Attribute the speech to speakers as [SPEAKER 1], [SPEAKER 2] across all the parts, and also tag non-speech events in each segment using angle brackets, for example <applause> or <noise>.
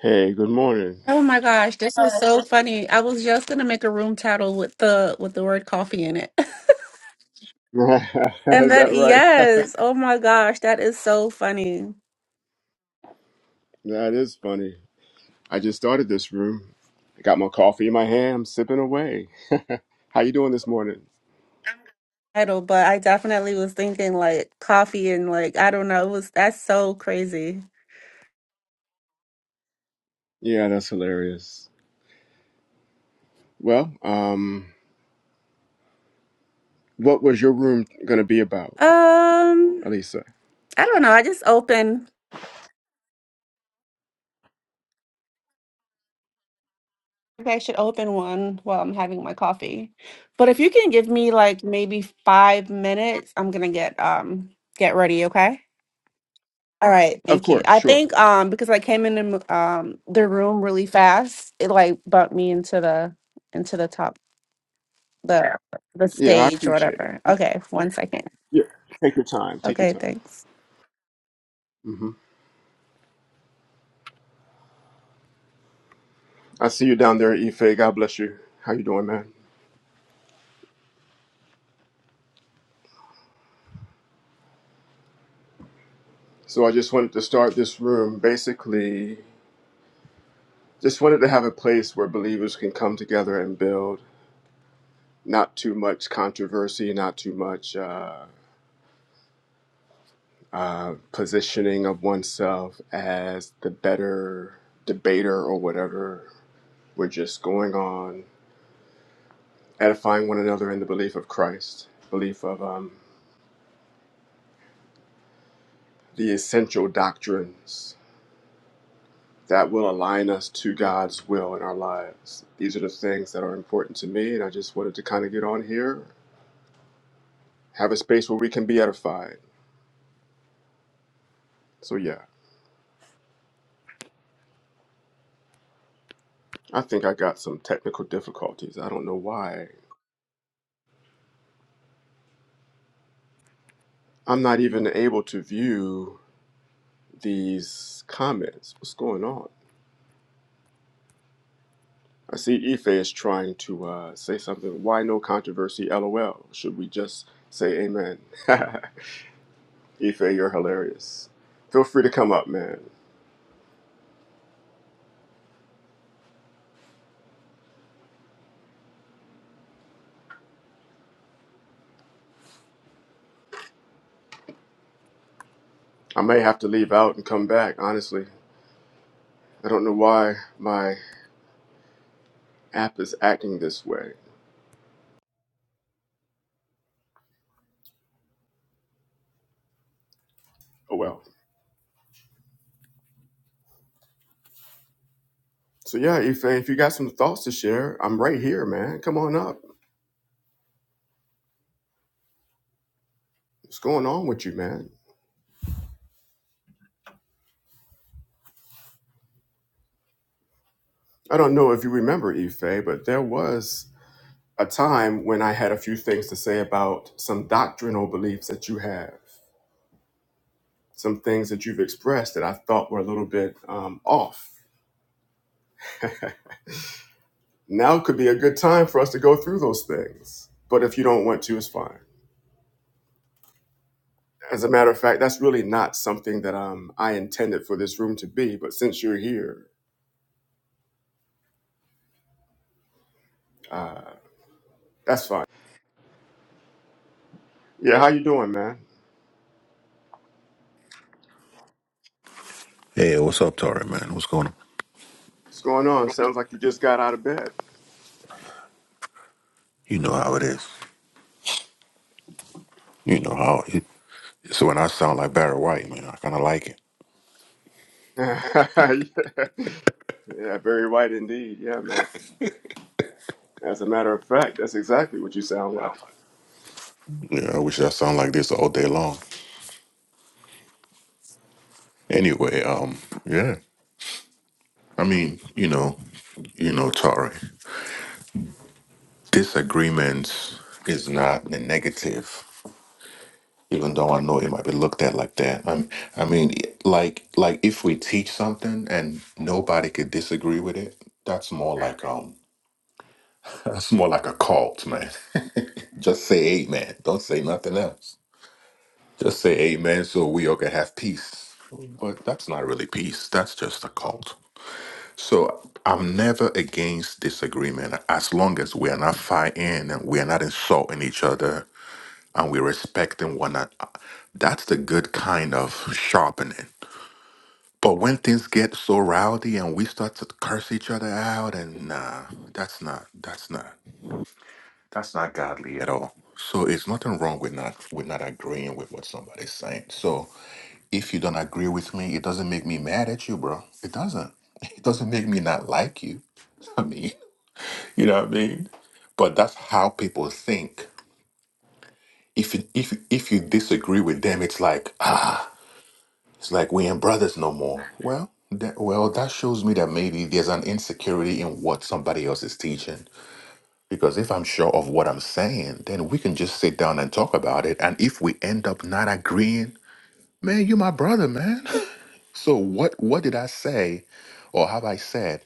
[SPEAKER 1] Hey, good morning.
[SPEAKER 2] Oh my gosh,
[SPEAKER 1] <laughs>
[SPEAKER 2] this is
[SPEAKER 1] is
[SPEAKER 2] so funny. I was just gonna make a room title with the with the word coffee in it. <laughs> And then
[SPEAKER 1] that right? <laughs>
[SPEAKER 2] yes, oh my gosh, that is so funny.
[SPEAKER 1] That is funny. I just started this room. I got my coffee in my hand. I'm sipping away. How you doing this morning?
[SPEAKER 2] Title, but I definitely was thinking like coffee and like I don't know, it was that's so crazy.
[SPEAKER 1] Yeah, that's hilarious. Well, um, what was your room gonna be about,
[SPEAKER 2] Um,
[SPEAKER 1] Elisa?
[SPEAKER 2] I don't know. I just open maybe I should open one while I'm having my coffee. But if you can give me like maybe five minutes, I'm gonna get um get ready, okay? All right,
[SPEAKER 1] Of
[SPEAKER 2] thank you.
[SPEAKER 1] course,
[SPEAKER 2] I think
[SPEAKER 1] sure.
[SPEAKER 2] um because I came in the mo- um the room really fast, it like bumped me into the into the top the the
[SPEAKER 1] Yeah, I
[SPEAKER 2] stage or
[SPEAKER 1] appreciate it.
[SPEAKER 2] whatever. Okay, one second.
[SPEAKER 1] Yeah, take your time. Take your
[SPEAKER 2] Okay,
[SPEAKER 1] time.
[SPEAKER 2] thanks.
[SPEAKER 1] hmm I see you down there, Ife. God bless you. How you doing, man? So I just wanted to start this room basically Just wanted to have a place where believers can come together and build. Not too much controversy, not too much uh, uh, positioning of oneself as the better debater or whatever. We're just going on edifying one another in the belief of Christ, belief of um, the essential doctrines that will align us to God's will in our lives. These are the things that are important to me, and I just wanted to kind of get on here, have a space where we can be edified. So, yeah. I think I got some technical difficulties. I don't know why. I'm not even able to view these comments. What's going on? I see Ife is trying to uh, say something. Why no controversy? LOL. Should we just say amen? <laughs> Ife, you're hilarious. Feel free to come up, man. I may have to leave out and come back, honestly. I don't know why my app is acting this way. Oh well. So yeah, Ife, if you got some thoughts to share, I'm right here, man. Come on up. What's going on with you, man? I don't know if you remember, Ife, but there was a time when I had a few things to say about some doctrinal beliefs that you have, some things that you've expressed that I thought were a little bit um, off. Now could be a good time for us to go through those things. But if you don't want to, it's fine. As a matter of fact, that's really not something that um, I intended for this room to be. But since you're here, uh, that's fine. Yeah, how you doing, man?
[SPEAKER 3] Hey, what's up, Tori, man? What's going on?
[SPEAKER 1] What's going on? Sounds like you just got out of bed.
[SPEAKER 3] You know how it is. You know how it. So when I sound like Barry White, man, I kind of like it.
[SPEAKER 1] <laughs> yeah. yeah, very white indeed. Yeah, man. As a matter of fact, that's exactly what you sound like.
[SPEAKER 3] Yeah, I wish I sound like this all day long. Anyway, um, yeah. I mean, you know, you know, Tori, disagreements is not a negative, even though I know it might be looked at like that. I'm, I mean, like, like if we teach something and nobody could disagree with it, that's more like um That's more like a cult, man. <laughs> Just say amen. Don't say nothing else. Just say amen so we all can have peace. But that's not really peace. That's just a cult. So I'm never against disagreement as long as we are not fighting and we are not insulting each other and we're respecting one another. That's the good kind of sharpening. But when things get so rowdy and we start to curse each other out and nah, that's not that's not. That's not godly at all. So it's nothing wrong with not with not agreeing with what somebody's saying. So if you don't agree with me, it doesn't make me mad at you, bro. It doesn't. <laughs> It doesn't make me not like you. <laughs> I mean, you know what I mean? But that's how people think. If you, if you- if you disagree with them, it's like ah, it's like we ain't brothers no more. Well, that, well, that shows me that maybe there's an insecurity in what somebody else is teaching Because if I'm sure of what I'm saying, then we can just sit down and talk about it. And if we end up not agreeing, man, you're my brother, man. <laughs> so what what did I say or have I said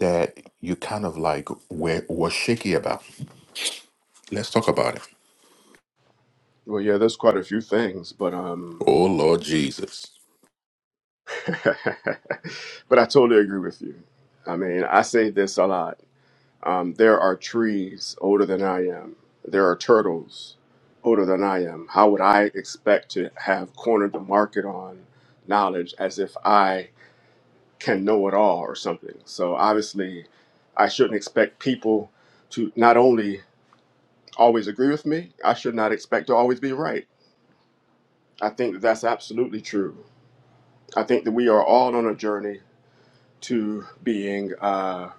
[SPEAKER 3] that you kind of like were, were shaky about? Let's talk about it.
[SPEAKER 1] Well, yeah, there's quite a few things, but um,
[SPEAKER 3] Oh Lord Jesus.
[SPEAKER 1] <laughs> but I totally agree with you. I mean, I say this a lot. Um, there are trees older than I am. There are turtles older than I am. How would I expect to have cornered the market on knowledge as if I can know it all or something. So obviously, I shouldn't expect people to not only always agree with me, I should not expect to always be right. I think that that's absolutely true. I think that we are all on a journey to being uh,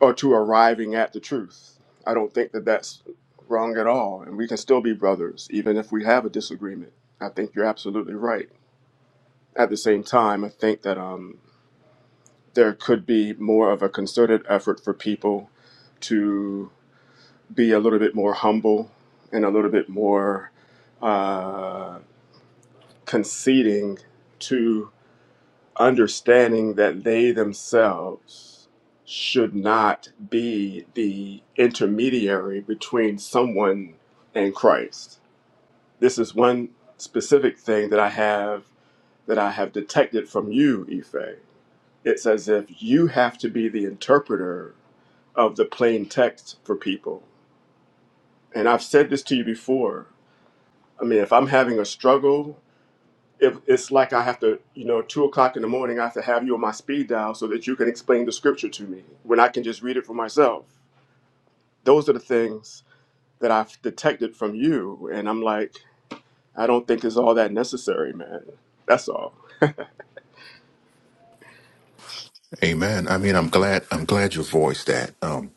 [SPEAKER 1] or to arriving at the truth. I don't think that that's wrong at all, and we can still be brothers even if we have a disagreement. I think you're absolutely right. At the same time, I think that um, there could be more of a concerted effort for people to be a little bit more humble and a little bit more uh, conceding to understanding that they themselves should not be the intermediary between someone and Christ. This is one specific thing that I have that I have detected from you, Ife. It's as if you have to be the interpreter of the plain text for people. And I've said this to you before I mean, if I'm having a struggle, if it's like I have to, you know, two o'clock in the morning, I have to have you on my speed dial so that you can explain the scripture to me when I can just read it for myself. Those are the things that I've detected from you, and I'm like, I don't think it's all that necessary, man. That's all.
[SPEAKER 3] Amen. I mean, I'm glad I'm glad you voiced that. Um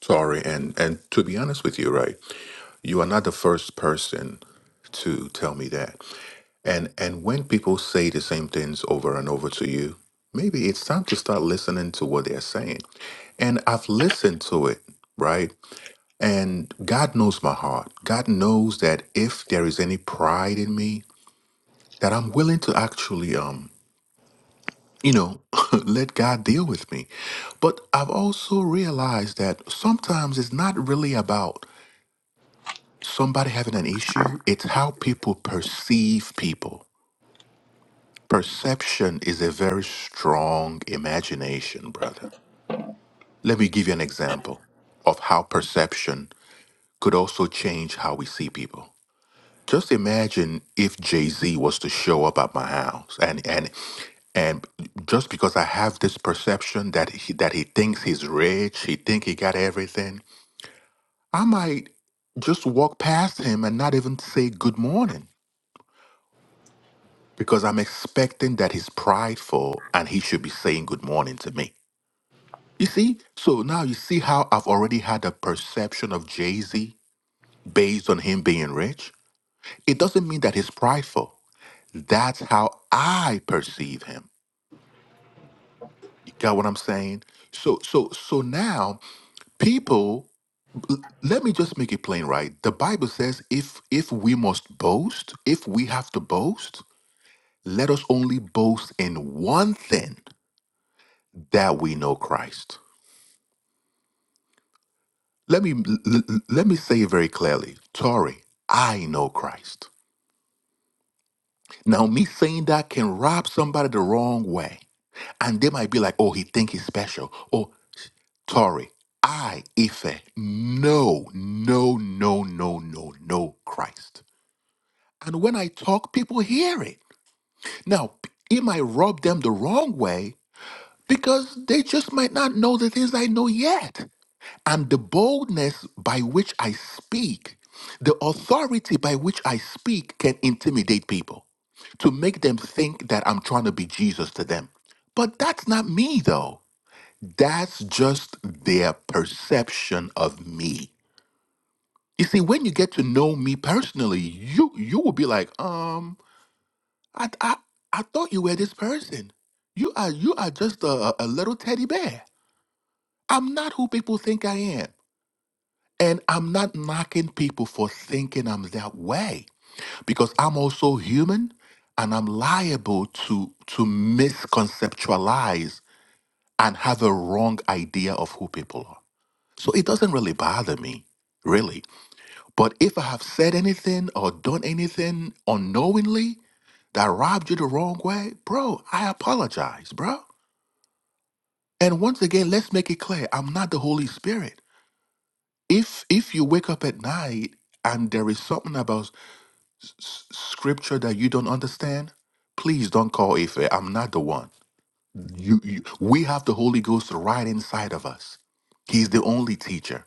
[SPEAKER 3] sorry and and to be honest with you, right? You are not the first person to tell me that. And and when people say the same things over and over to you, maybe it's time to start listening to what they're saying. And I've listened to it, right? And God knows my heart. God knows that if there is any pride in me, that I'm willing to actually um, you know, <laughs> let God deal with me. But I've also realized that sometimes it's not really about somebody having an issue, it's how people perceive people. Perception is a very strong imagination, brother. Let me give you an example of how perception could also change how we see people. Just imagine if Jay-Z was to show up at my house and and and just because I have this perception that he, that he thinks he's rich, he think he got everything, I might just walk past him and not even say good morning because I'm expecting that he's prideful and he should be saying good morning to me. You see? So now you see how I've already had a perception of Jay Z based on him being rich? It doesn't mean that he's prideful. That's how I perceive him. You got what I'm saying? So so so now people l- let me just make it plain right. The Bible says if if we must boast, if we have to boast, let us only boast in one thing that we know Christ. Let me l- l- let me say it very clearly. Tori, I know Christ. Now me saying that can rob somebody the wrong way. And they might be like, oh, he think he's special. Or Tori, I Ife. No, no, no, no, no, no, Christ. And when I talk, people hear it. Now, it might rub them the wrong way because they just might not know the things I know yet. I'm the boldness by which I speak. The authority by which I speak can intimidate people to make them think that I'm trying to be Jesus to them. But that's not me, though. That's just their perception of me. You see, when you get to know me personally, you you will be like, um, I I, I thought you were this person. You are you are just a, a a little teddy bear. I'm not who people think I am. And I'm not knocking people for thinking I'm that way because I'm also human and I'm liable to to misconceptualize and have a wrong idea of who people are. So it doesn't really bother me, really. But if I have said anything or done anything unknowingly that rubbed you the wrong way, bro, I apologize, bro. And once again, let's make it clear, I'm not the Holy Spirit. If if you wake up at night and there is something about s- scripture that you don't understand, please don't call Ife. I'm not the one. You, you, we have the Holy Ghost right inside of us. He's the only teacher.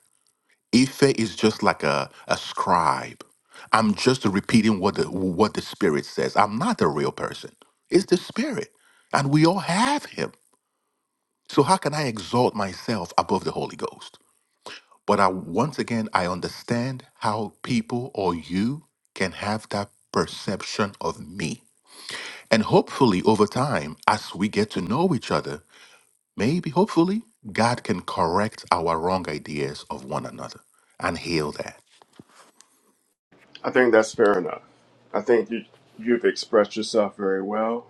[SPEAKER 3] Ife is just like a, a scribe. I'm just repeating what the what the spirit says. I'm not the real person. It's the spirit. And we all have him. So how can I exalt myself above the Holy Ghost? But I once again I understand how people or you can have that perception of me And hopefully, over time, as we get to know each other, maybe, hopefully, God can correct our wrong ideas of one another and heal that.
[SPEAKER 1] I think that's fair enough. I think you you've expressed yourself very well.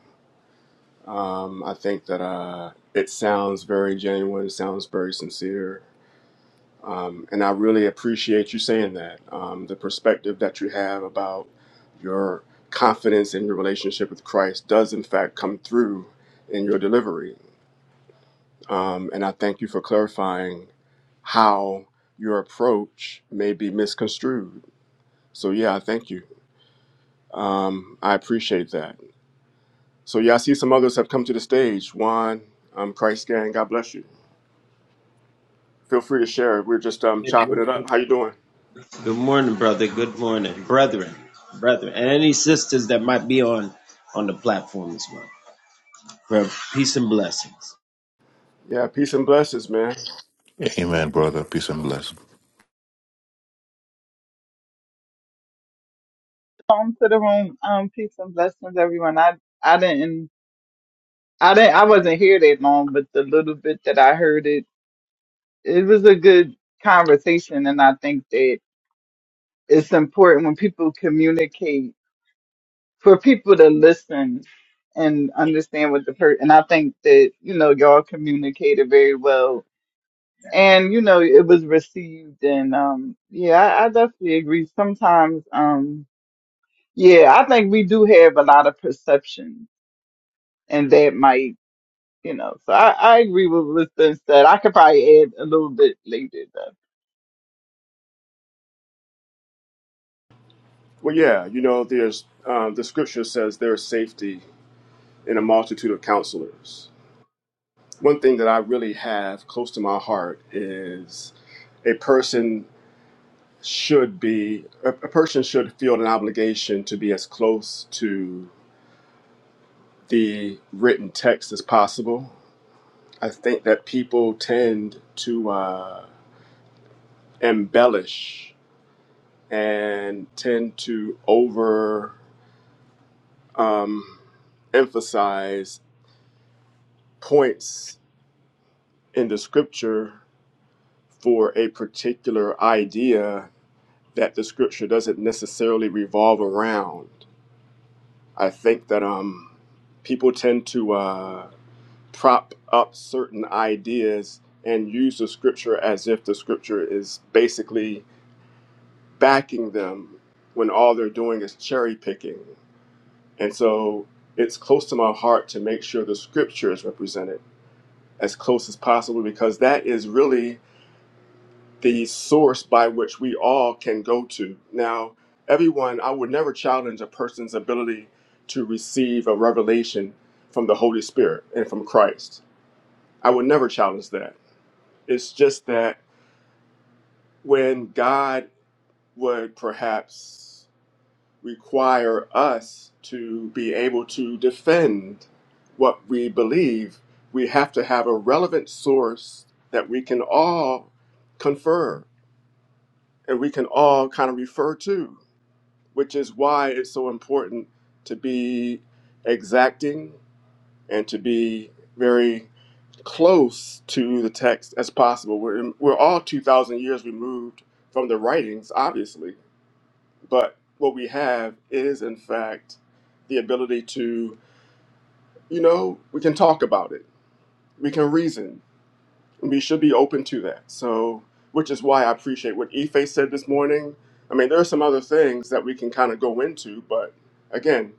[SPEAKER 1] Um, I think that uh, it sounds very genuine. It sounds very sincere. And I really appreciate you saying that. Um, the perspective that you have about your confidence in your relationship with Christ does, in fact, come through in your delivery. Um, and I thank you for clarifying how your approach may be misconstrued. So, yeah, I thank you. Um, I appreciate that. So, yeah, I see some others have come to the stage. Juan, um, Christ Gang, God bless you. Feel free to share. We're just um, chopping it up. How you doing? Yeah, peace and blessings, man.
[SPEAKER 3] Amen, brother. Peace and bless.
[SPEAKER 4] Welcome to the room. Um, peace and blessings, everyone. I I didn't I didn't I wasn't here that long, but the little bit that I heard it, it was a good conversation, and I think that it's important when people communicate for people to listen and understand what the person. And I think that you know y'all communicated very well, and you know it was received. And um, yeah, I, I definitely agree. Sometimes um, yeah, I think we do have a lot of perceptions and that might You know, so I, I agree with what's been said. I could probably add a little bit later though.
[SPEAKER 1] Well, yeah, you know, there's um, the scripture says there's safety in a multitude of counselors. One thing that I really have close to my heart is a person should be a, a person should feel an obligation to be as close to the written text as possible. I think that people tend to uh, embellish and tend to over um, emphasize points in the scripture for a particular idea that the scripture doesn't necessarily revolve around. I think that um, people tend to uh, prop up certain ideas and use the scripture as if the scripture is basically backing them when all they're doing is cherry picking. And so it's close to my heart to make sure the scripture is represented as close as possible because that is really the source by which we all can go to. Now, everyone, I would never challenge a person's ability to receive a revelation from the Holy Spirit and from Christ. I would never challenge that. It's just that when God would perhaps require us to be able to defend what we believe, we have to have a relevant source that we can all confer and we can all kind of refer to which is why it's so important to be exacting and to be very close to the text as possible. We're, we're all 2,000 years removed from the writings, obviously, but what we have is, in fact, the ability to, you know, we can talk about it, we can reason, and we should be open to that. So, which is why I appreciate what Ife said this morning. I mean, there are some other things that we can kind of go into, but again,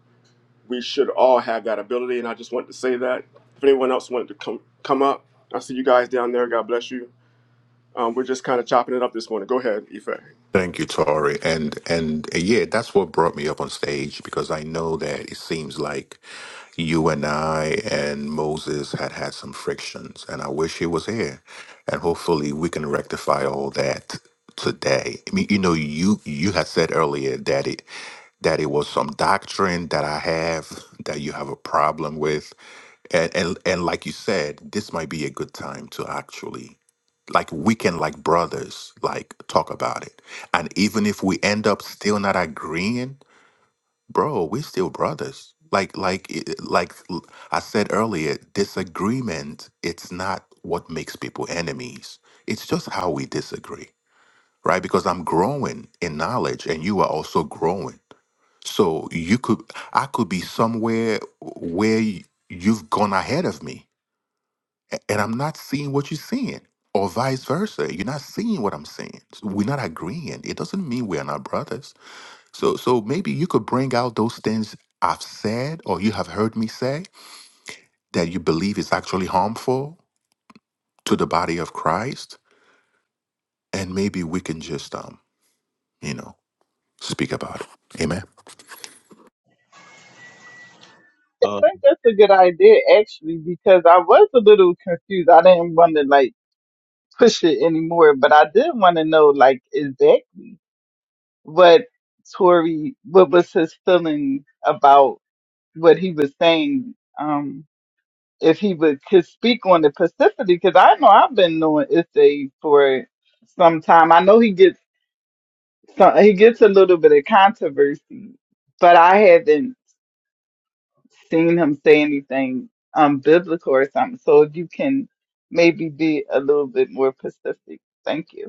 [SPEAKER 1] we should all have that ability. And I just wanted to say that. If anyone else wanted to come come up, I see you guys down there. God bless you. Um, we're just kind of chopping it up this morning. Go ahead, Ife.
[SPEAKER 3] Thank you, Tori. And and uh, yeah, that's what brought me up on stage because I know that it seems like you and I and Moses had had some frictions, and I wish he was here. And hopefully, we can rectify all that today. I mean, you know, you you had said earlier that it that it was some doctrine that I have that you have a problem with. And and, and like you said, this might be a good time to actually like we can like brothers like talk about it. And even if we end up still not agreeing, bro, we are still brothers. Like like it- like l- I said earlier, disagreement it's not what makes people enemies. It's just how we disagree, right? Because I'm growing in knowledge and you are also growing so you could, I could be somewhere where y- you've gone ahead of me, a- and I'm not seeing what you're seeing, or vice versa. You're not seeing what I'm seeing. So We're not agreeing. It doesn't mean we're not brothers. So, so maybe you could bring out those things I've said or you have heard me say that you believe is actually harmful to the body of Christ, and maybe we can just, um, you know, speak about it. Amen.
[SPEAKER 4] I think that's a good idea actually because I was a little confused. I didn't want to like push it anymore, but I did want to know like is that what Tori what was his feeling about what he was saying? Um if he would could speak on the Pacificity, because I know I've been knowing Issei for some time. I know he gets some, he gets a little bit of controversy, but I haven't seen him say anything um, biblical or something. So if you can maybe be a little bit more specific. Thank you.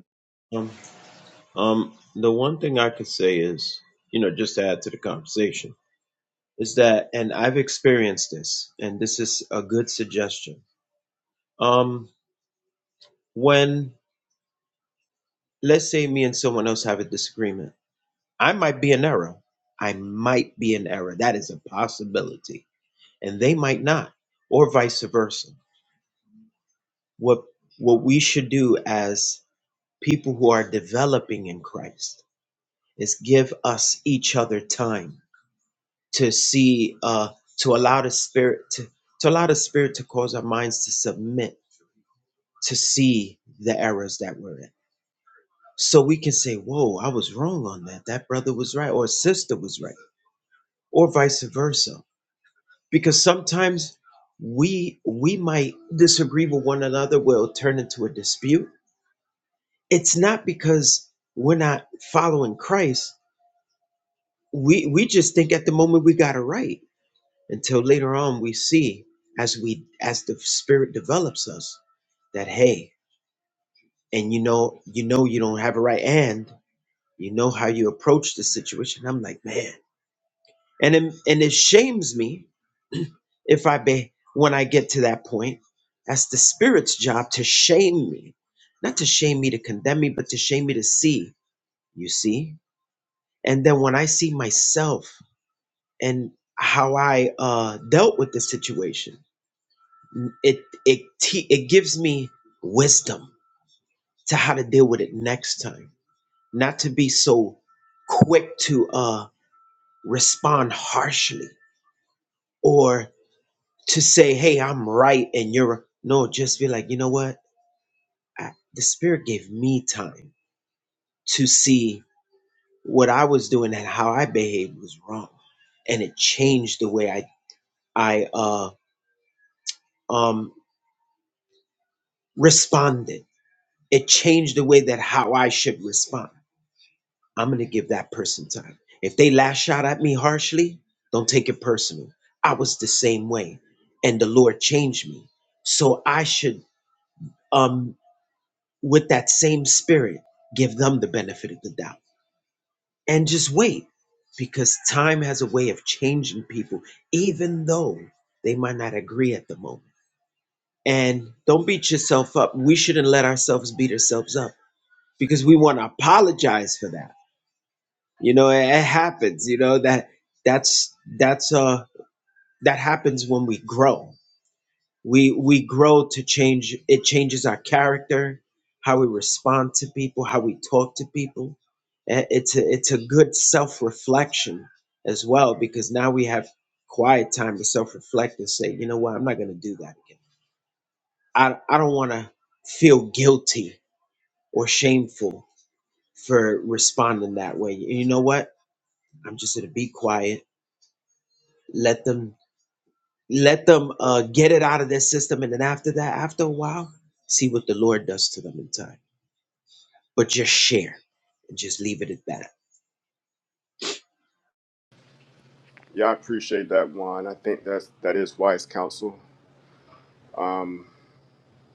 [SPEAKER 1] Yeah, I appreciate that one. I think that's that is wise counsel.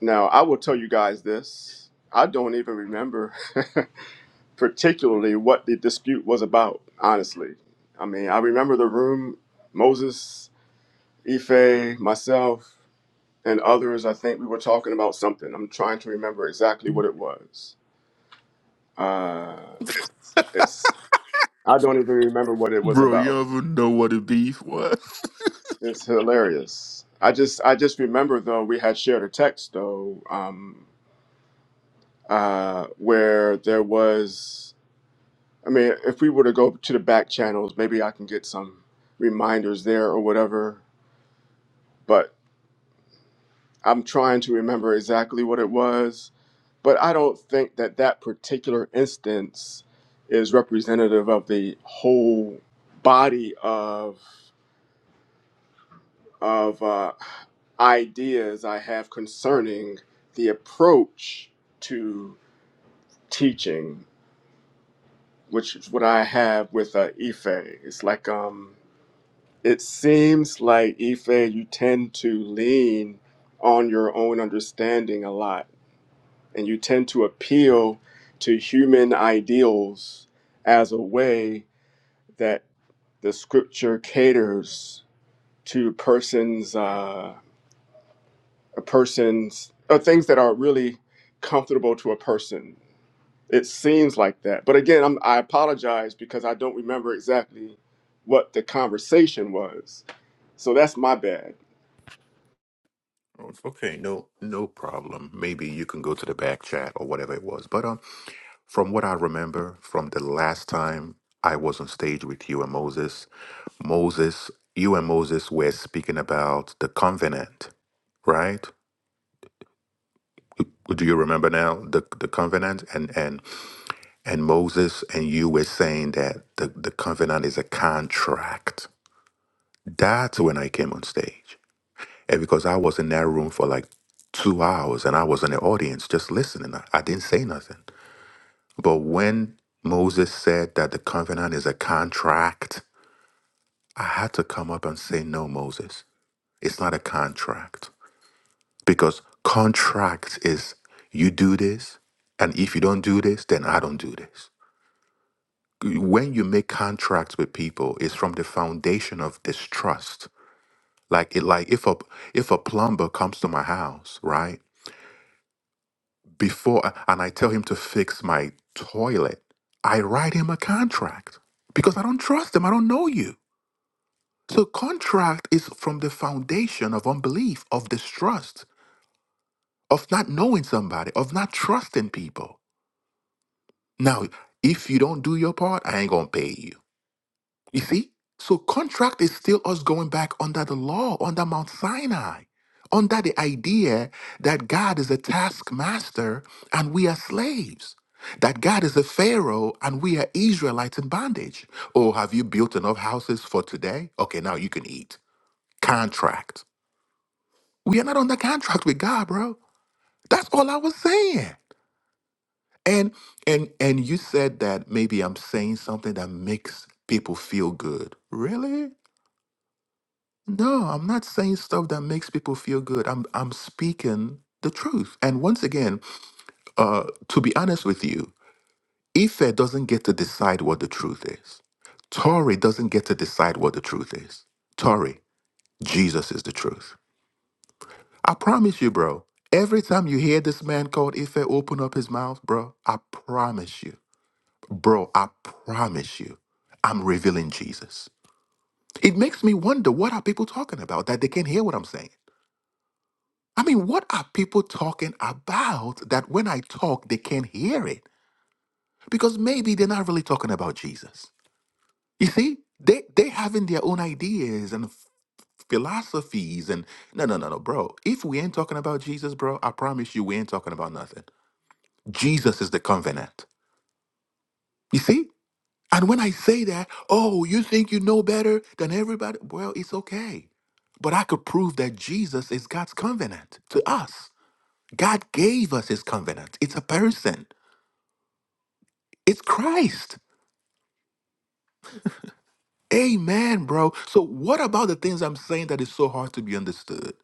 [SPEAKER 1] Now I will tell you guys this. I don't even remember <laughs> particularly what the dispute was about. Honestly, I mean, I remember the room. Moses, Ife, myself, and others. I think we were talking about something. I'm trying to remember exactly what it was Uh, it's I don't even remember what it was
[SPEAKER 3] Bro, you
[SPEAKER 1] about.
[SPEAKER 3] don't even know what a beef was.
[SPEAKER 1] It's hilarious. I just I just remember though we had shared a text though um, uh, where there was I mean if we were to go to the back channels maybe I can get some reminders there or whatever. But I'm trying to remember exactly what it was. But I don't think that that particular instance is representative of the whole body of of uh, ideas I have concerning the approach to teaching, which is what I have with uh, Ife. It's like um, it seems like Ife, you tend to lean on your own understanding a lot, and you tend to appeal to human ideals as a way that the scripture caters to persons. uh, a person's or things that aren't really comfortable to a person. It seems like that, but again, I'm, I apologize because I don't remember exactly what the conversation was. So that's my bad.
[SPEAKER 3] Oh, it's okay. No, no problem. Maybe you can go to the back chat or whatever it was. But um, from what I remember from the last time I was on stage with you and Moses, Moses, you and Moses were speaking about the covenant, right? Do you remember now the the covenant and and and Moses and you were saying that the the covenant is a contract. That's when I came on stage. And because I was in that room for like two hours and I was in the audience just listening, I, I didn't say nothing. But when Moses said that the covenant is a contract, I had to come up and say, No, Moses, it's not a contract. Because contract is you do this, and if you don't do this, then I don't do this. When you make contracts with people, it's from the foundation of distrust. Like it, like if a if a plumber comes to my house, right? before uh, and I tell him to fix my toilet, I write him a contract because I don't trust him. I don't know you. So contract is from the foundation of unbelief, of distrust, of not knowing somebody, of not trusting people. Now, if you don't do your part, I ain't gonna pay you. You see? So contract is still us going back under the law, under Mount Sinai, under the idea that God is a taskmaster and we are slaves. That God is a Pharaoh and we are Israelites in bondage. Oh, have you built enough houses for today? Okay, now you can eat. Contract. We are not under contract with God, bro. That's all I was saying. And and and you said that maybe I'm saying something that makes people feel good. Really? No, I'm not saying stuff that makes people feel good. I'm I'm speaking the truth. And once again, uh, to be honest with you, Ife doesn't get to decide what the truth is. Tory doesn't get to decide what the truth is. Tory, Jesus is the truth. I promise you, bro. Every time you hear this man called Ife open up his mouth, bro, I promise you, bro, I promise you, I'm revealing Jesus. It makes me wonder what are people talking about that they can't hear what I'm saying. I mean, what are people talking about that when I talk, they can't hear it? Because maybe they're not really talking about Jesus. You see, they they having their own ideas and philosophies and no no no no bro. If we ain't talking about Jesus, bro, I promise you we ain't talking about nothing. Jesus is the covenant. You see? And when I say that, oh, you think you know better than everybody? Well, it's okay. But I could prove that Jesus is God's covenant to us. God gave us his covenant. It's a person. It's Christ. Amen, bro. So, what about the things I'm saying that is so hard to be understood?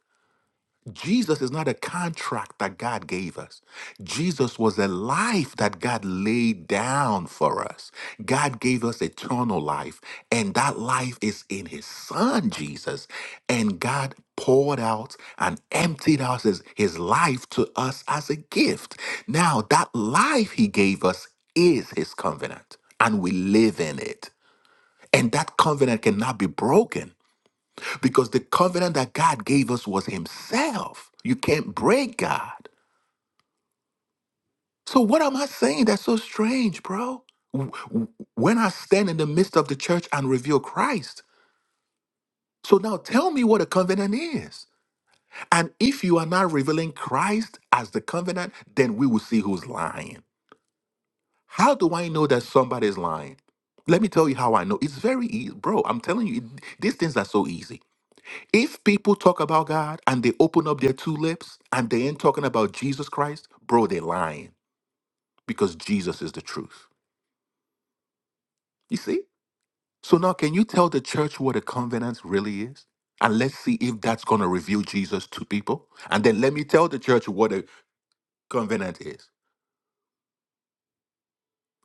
[SPEAKER 3] Jesus is not a contract that God gave us. Jesus was a life that God laid down for us. God gave us eternal life, and that life is in His Son, Jesus. And God poured out and emptied out His, his life to us as a gift. Now, that life He gave us is His covenant, and we live in it. And that covenant cannot be broken because the covenant that God gave us was Himself. You can't break God. So, what am I saying that's so strange, bro? W- w- When I stand in the midst of the church and reveal Christ. So, now tell me what a covenant is. And if you are not revealing Christ as the covenant, then we will see who's lying. How do I know that somebody is lying? Let me tell you how I know. It's very easy, bro. I'm telling you, it- these things are so easy. If people talk about God and they open up their two lips and they ain't talking about Jesus Christ, bro, they lying because Jesus is the truth. You see? So now, can you tell the church what a covenant really is? And let's see if that's going to reveal Jesus to people. And then let me tell the church what a covenant is.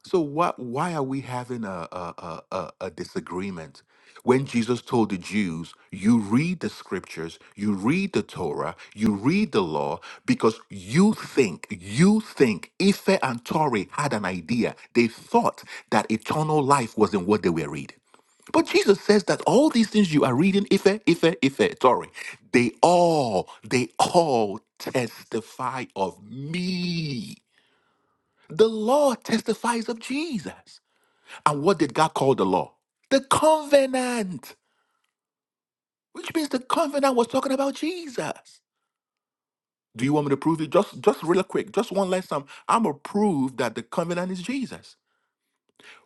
[SPEAKER 3] So why why are we having a a, a a a disagreement when Jesus told the Jews, "You read the scriptures, you read the Torah, you read the law, because you think you think Ife and Tori had an idea. They thought that eternal life was in what they were reading." But Jesus says that all these things you are reading, Ife, Ife, Ife, Tori, they all they all testify of me. The law testifies of Jesus. And what did God call the law? The covenant, which means the covenant was talking about Jesus. Do you want me to prove it? Just, just real quick, just one last time. I'm gonna prove that the covenant is Jesus.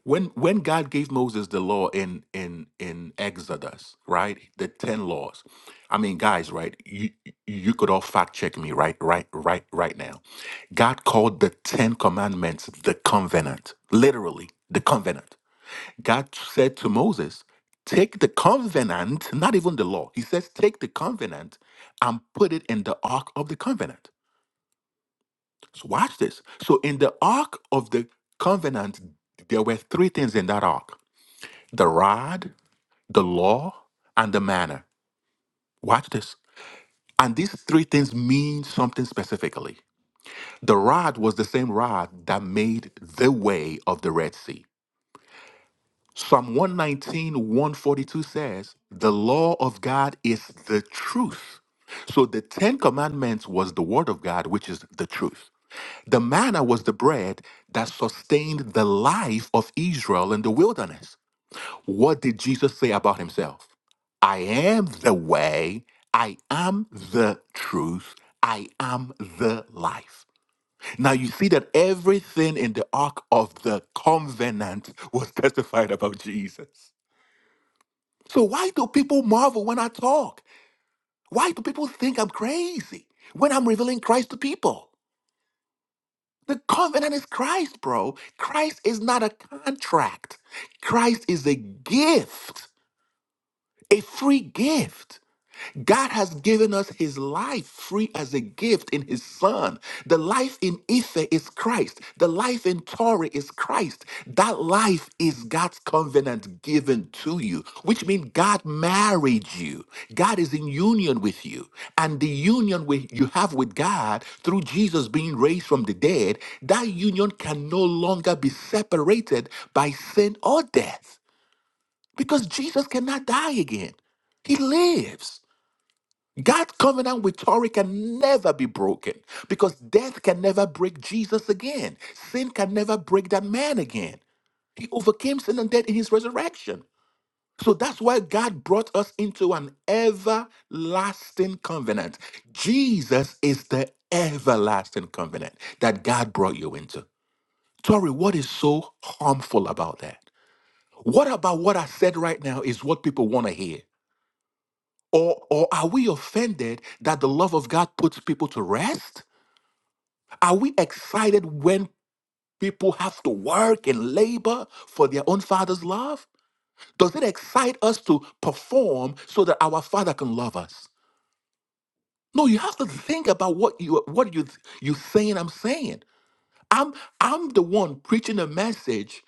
[SPEAKER 3] When, when God gave Moses the law in in in Exodus, right, the ten laws. I mean, guys, right? You you could all fact check me, right, right, right, right now. God called the ten commandments the covenant, literally the covenant. God said to Moses, Take the covenant, not even the law. He says, Take the covenant and put it in the ark of the covenant. So watch this. So in the ark of the covenant, there were three things in that ark the rod, the law, and the manna. Watch this. And these three things mean something specifically. The rod was the same rod that made the way of the Red Sea. Psalm one nineteen one forty two says, The law of God is the truth. So the Ten Commandments was the word of God, which is the truth. The manna was the bread that sustained the life of Israel in the wilderness. What did Jesus say about himself? I am the way, I am the truth, I am the life. Now you see that everything in the ark of the covenant <laughs> was testified about Jesus. So why do people marvel when I talk? Why do people think I'm crazy when I'm revealing Christ to people? The covenant is Christ, bro. Christ is not a contract. Christ is a gift, a free gift. God has given us his life free as a gift in his son. The life in Ife is Christ. The life in Tori is Christ. That life is God's covenant given to you, which means God married you. God is in union with you. And the union with, you have with God through Jesus being raised from the dead, that union can no longer be separated by sin or death because Jesus cannot die again. He lives. God's covenant with Tori can never be broken because death can never break Jesus again. Sin can never break that man again. He overcame sin and death in his resurrection. So that's why God brought us into an everlasting covenant. Jesus is the everlasting covenant that God brought you into. Tori, what is so harmful about that? What about what I said right now is what people want to hear? Or, or are we offended that the love of God puts people to rest? Are we excited when people have to work and labor for their own Father's love? Does it excite us to perform so that our Father can love us? No, you have to think about what you what you you saying. I'm saying. I'm I'm the one preaching a message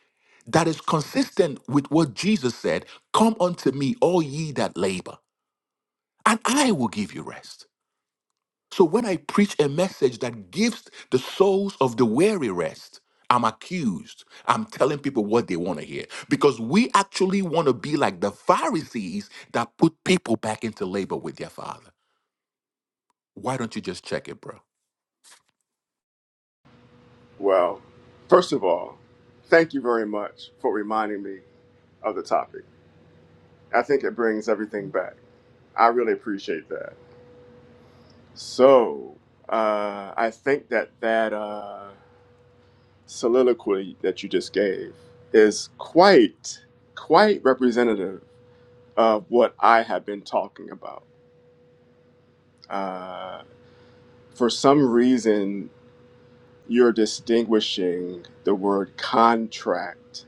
[SPEAKER 3] that is consistent with what Jesus said. Come unto me, all ye that labor, and I will give you rest. So when I preach a message that gives the souls of the weary rest, I'm accused. I'm telling people what they want to hear because we actually want to be like the Pharisees that put people back into labor with their father. Why don't you just check it, bro?
[SPEAKER 1] Well, first of all, thank you very much for reminding me of the topic. I think it brings everything back. I really appreciate that. So uh, I think that that. Uh, soliloquy that you just gave is quite quite representative of what I have been talking about. Uh, for some reason, you're distinguishing the word contract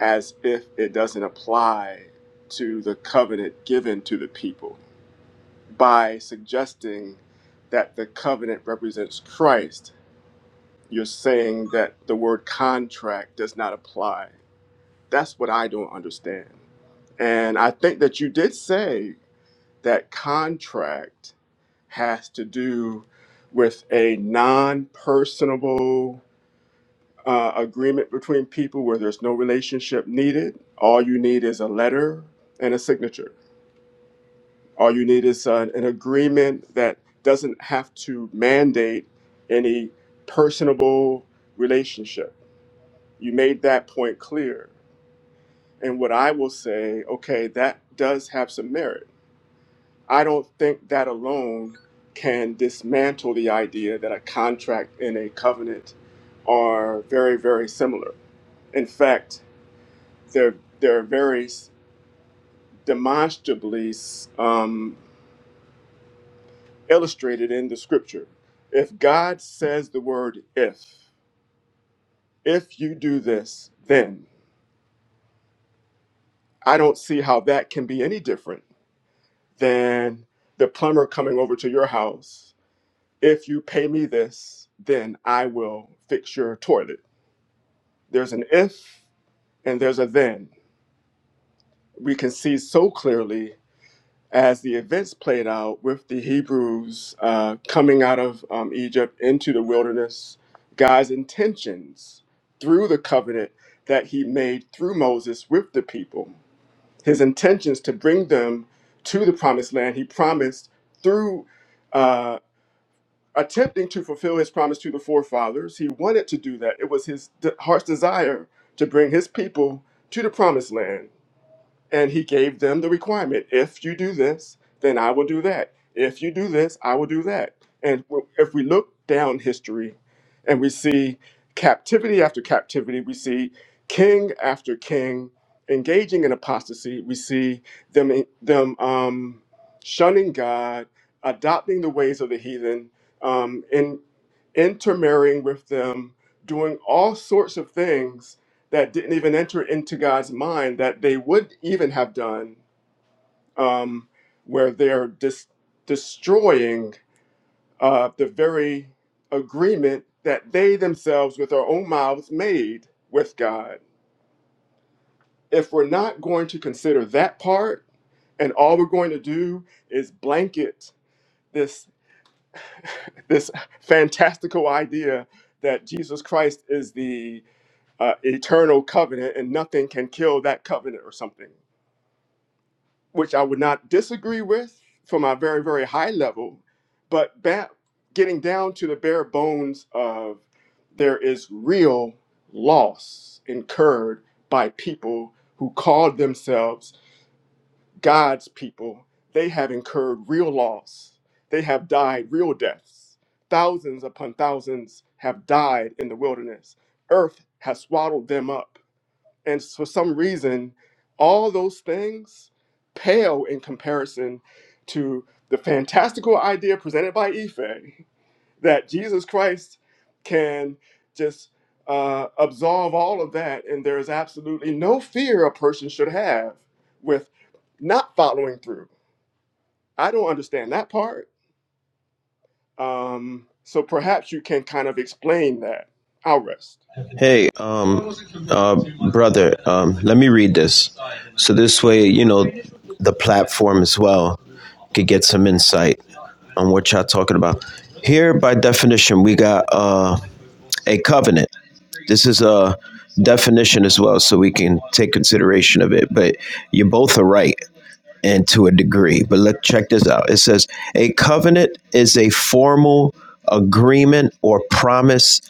[SPEAKER 1] as if it doesn't apply to the covenant given to the people by suggesting that the covenant represents Christ. You're saying that the word contract does not apply That's what I don't understand. And I think that you did say that contract has to do with a non personable uh, agreement between people where there's no relationship needed. All you need is a letter and a signature. All you need is an, an agreement that doesn't have to mandate any personable relationship. You made that point clear. And what I will say, okay, that does have some merit. I don't think that alone can dismantle the idea that a contract and a covenant are very, very similar. In fact, they're they're very demonstrably um, illustrated in the scripture. If God says the word "if," if you do this, then I don't see how that can be any different than the plumber coming over to your house if you pay me this, then I will fix your toilet. There's an if and there's a then. We can see so clearly as the events played out with the Hebrews uh, coming out of um, Egypt into the wilderness, God's intentions through the covenant that he made through Moses with the people, his intentions to bring them to the promised land. He promised through uh, attempting to fulfill his promise to the forefathers. He wanted to do that. It was his de- heart's desire to bring his people to the promised land. And he gave them the requirement if you do this, then I will do that. If you do this, I will do that. And w- if we look down history and we see captivity after captivity, we see king after king engaging in apostasy, we see them, them um, shunning God, adopting the ways of the heathen, um, in, intermarrying with them, doing all sorts of things that didn't even enter into God's mind that they would even have done, um, where they're dis- destroying uh, the very agreement that they themselves, with their own mouths, made with God. If we're not going to consider that part, and all we're going to do is blanket this <laughs> this fantastical idea that Jesus Christ is the uh, eternal covenant, and nothing can kill that covenant or something which I would not disagree with from a very, very high level, but ba- getting down to the bare bones of there is real loss incurred by people who called themselves God's people. They have incurred real loss. They have died real deaths. Thousands upon thousands have died in the wilderness. Earth has swallowed them up and for some reason, all those things pale in comparison to the fantastical idea presented by Ife that Jesus Christ can just uh, absolve all of that, and there is absolutely no fear a person should have with not following through. I don't understand that part. Um, so perhaps you can kind of explain that. I'll rest.
[SPEAKER 5] Hey, um, uh, brother, um, let me read this. So this way, you know, the platform as well could get some insight on what y'all talking about. Here, by definition, we got uh, a covenant. This is a definition as well, so we can take consideration of it. But you both are right and to a degree. But let check this out. It says a covenant is a formal agreement or promise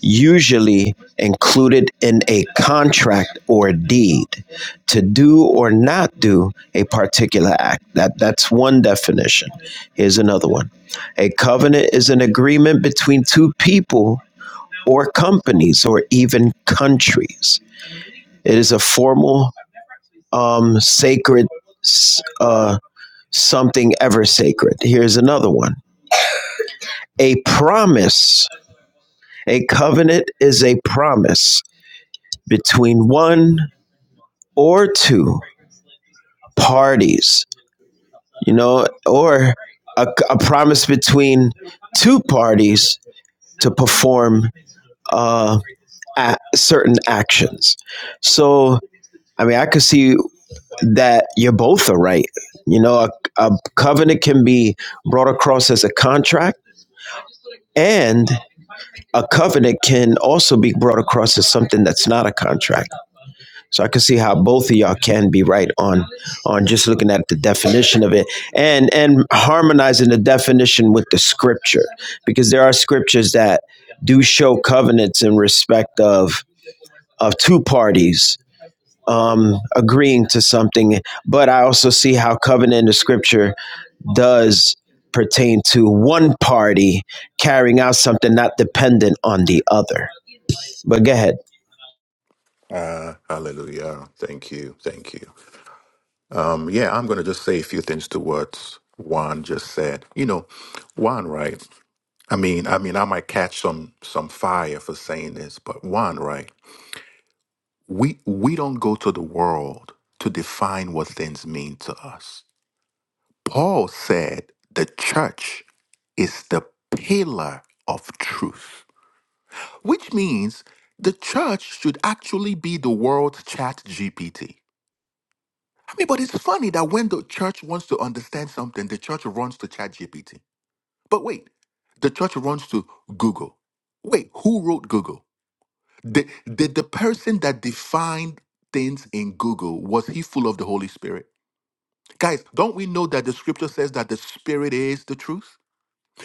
[SPEAKER 5] usually included in a contract or deed to do or not do a particular act. That that's one definition. Here's another one. A covenant is an agreement between two people or companies or even countries. It is a formal um, sacred uh, something ever sacred. Here's another one a promise. A covenant is a promise between one or two parties, you know, or a, a promise between two parties to perform uh, a- certain actions. So, I mean, I could see that you both are right. You know, a, a covenant can be brought across as a contract, and a covenant can also be brought across as something that's not a contract. So I can see how both of y'all can be right on on just looking at the definition of it and and harmonizing the definition with the scripture because there are scriptures that do show covenants in respect of of two parties um agreeing to something but I also see how covenant in the scripture does pertain to one party carrying out something not dependent on the other. But go ahead.
[SPEAKER 3] Uh, hallelujah. Thank you. Thank you. Um, yeah, I'm going to just say a few things to what Juan just said. You know, Juan, right? I mean, I mean, I might catch some some fire for saying this, but Juan, right? we we don't go to the world to define what things mean to us paul said the church is the pillar of truth which means the church should actually be the world's chat gpt i mean but it's funny that when the church wants to understand something the church runs to chat gpt but wait the church runs to google wait who wrote google The did the person that defined things in Google, was he full of the Holy Spirit? Guys, don't we know that the scripture says that the spirit is the truth?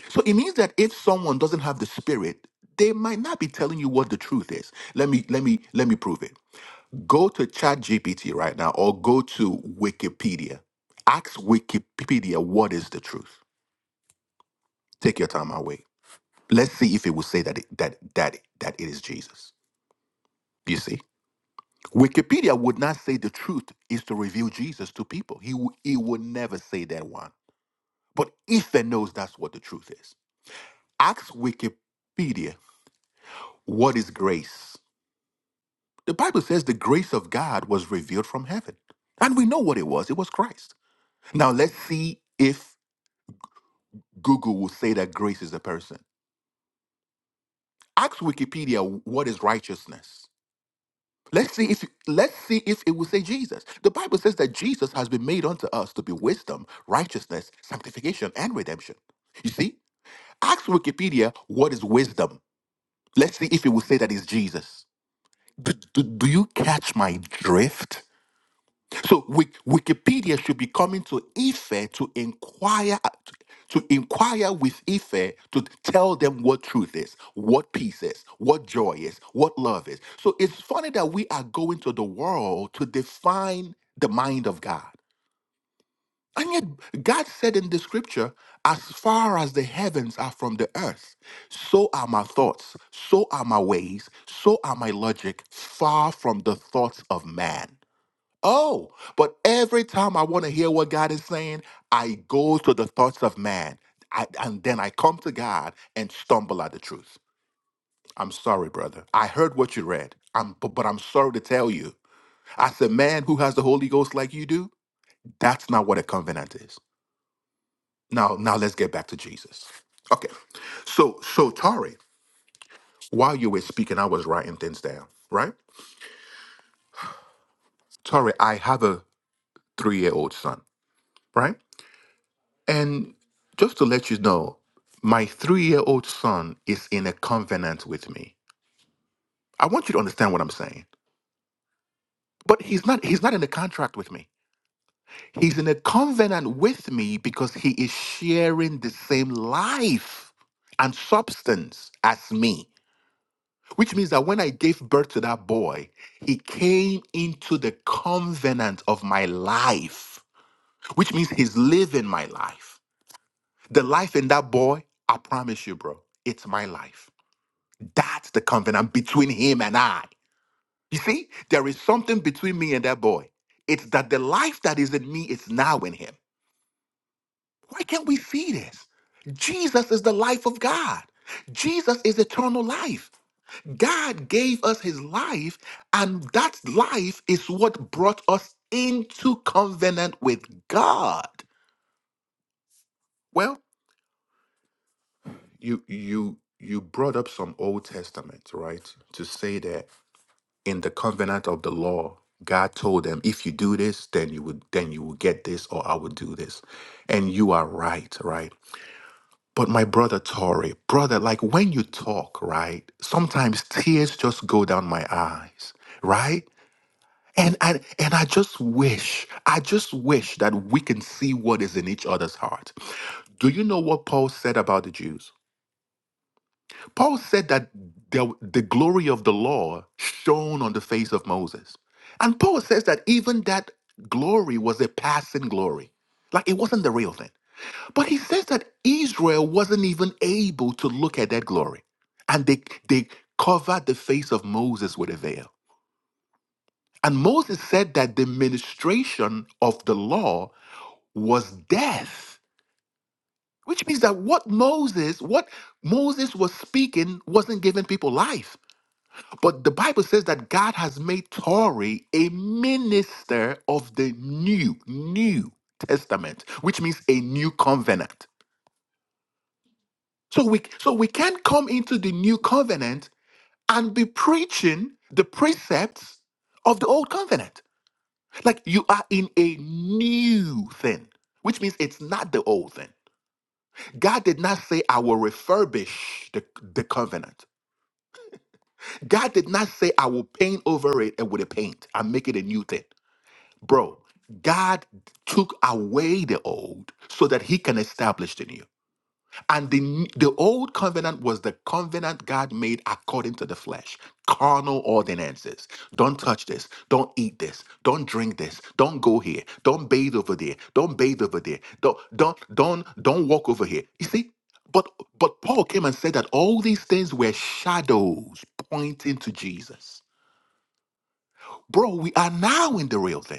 [SPEAKER 3] So it means that if someone doesn't have the spirit, they might not be telling you what the truth is. Let me let me let me prove it. Go to ChatGPT right now or go to Wikipedia. Ask Wikipedia what is the truth. Take your time away. Let's see if it will say that it, that that that it is Jesus. You see? Wikipedia would not say the truth is to reveal Jesus to people. He, w- he would never say that one. But Ethan knows that's what the truth is. Ask Wikipedia, what is grace? The Bible says the grace of God was revealed from heaven. And we know what it was it was Christ. Now let's see if Google will say that grace is a person. Ask Wikipedia, what is righteousness? Let's see if let's see if it will say Jesus. The Bible says that Jesus has been made unto us to be wisdom, righteousness, sanctification, and redemption. You see, ask Wikipedia what is wisdom. Let's see if it will say that is Jesus. Do, do, do you catch my drift? So Wik- Wikipedia should be coming to Ife to inquire to inquire with Ife to tell them what truth is, what peace is, what joy is, what love is. So it's funny that we are going to the world to define the mind of God. And yet God said in the scripture, as far as the heavens are from the earth, so are my thoughts, so are my ways, so are my logic, far from the thoughts of man. Oh, but every time I want to hear what God is saying, I go to the thoughts of man. I, and then I come to God and stumble at the truth. I'm sorry, brother. I heard what you read. I'm, but, but I'm sorry to tell you, as a man who has the Holy Ghost like you do, that's not what a covenant is. Now, now let's get back to Jesus. Okay. So, so Tori, while you were speaking, I was writing things down, right? Tori, I have a three-year-old son, right? And just to let you know, my three year old son is in a covenant with me. I want you to understand what I'm saying. But he's not he's not in a contract with me. He's in a covenant with me because he is sharing the same life and substance as me. Which means that when I gave birth to that boy, he came into the covenant of my life, which means he's living my life. The life in that boy, I promise you, bro, it's my life. That's the covenant between him and I. You see, there is something between me and that boy. It's that the life that is in me is now in him. Why can't we see this? Jesus is the life of God. Jesus is eternal life. God gave us his life, and that life is what brought us into covenant with God. Well, you you you brought up some Old Testament, right? To say that. in the covenant of the law, God told them, if you do this, then you would then you will get this, or I will do this. And you are right, right? But my brother Tori, brother, like when you talk, right? Sometimes tears just go down my eyes, right? And and and I just wish, I just wish that we can see what is in each other's heart. Do you know what Paul said about the Jews? Paul said that the, the glory of the law shone on the face of Moses. And Paul says that even that glory was a passing glory. Like it wasn't the real thing. But he says that Israel wasn't even able to look at that glory. And they, they covered the face of Moses with a veil. And Moses said that the ministration of the law was death, which means that what Moses, what Moses was speaking wasn't giving people life. But the Bible says that God has made Tori a minister of the new, new testament, which means a new covenant. So we so we can't come into the new covenant and be preaching the precepts of the old covenant. Like you are in a new thing, which means it's not the old thing. God did not say I will refurbish the, the covenant. God did not say I will paint over it and with a paint and make it a new thing. Bro, God took away the old so that he can establish the new. And the, the old covenant was the covenant God made according to the flesh, carnal ordinances. Don't touch this. Don't eat this. Don't drink this. Don't go here. Don't bathe over there. Don't bathe over there. Don't don't don't don't walk over here. You see? But but Paul came and said that all these things were shadows pointing to Jesus. Bro, we are now in the real thing.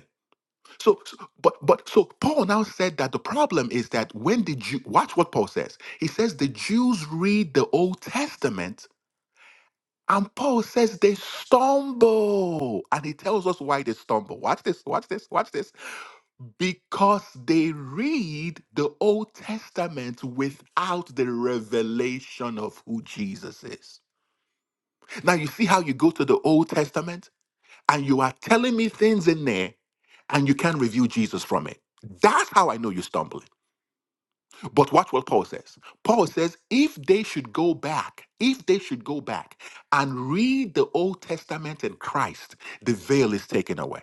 [SPEAKER 3] So, so- but but so Paul now said that the problem is that when the Jew watch what Paul says. He says the Jews read the Old Testament, and Paul says they stumble, and he tells us why they stumble. Watch this, watch this, watch this. Because they read the Old Testament without the revelation of who Jesus is. Now you see how you go to the Old Testament and you are telling me things in there and you can't review Jesus from it. That's how I know you're stumbling. But watch what Paul says. Paul says, if they should go back, if they should go back and read the Old Testament in Christ, the veil is taken away.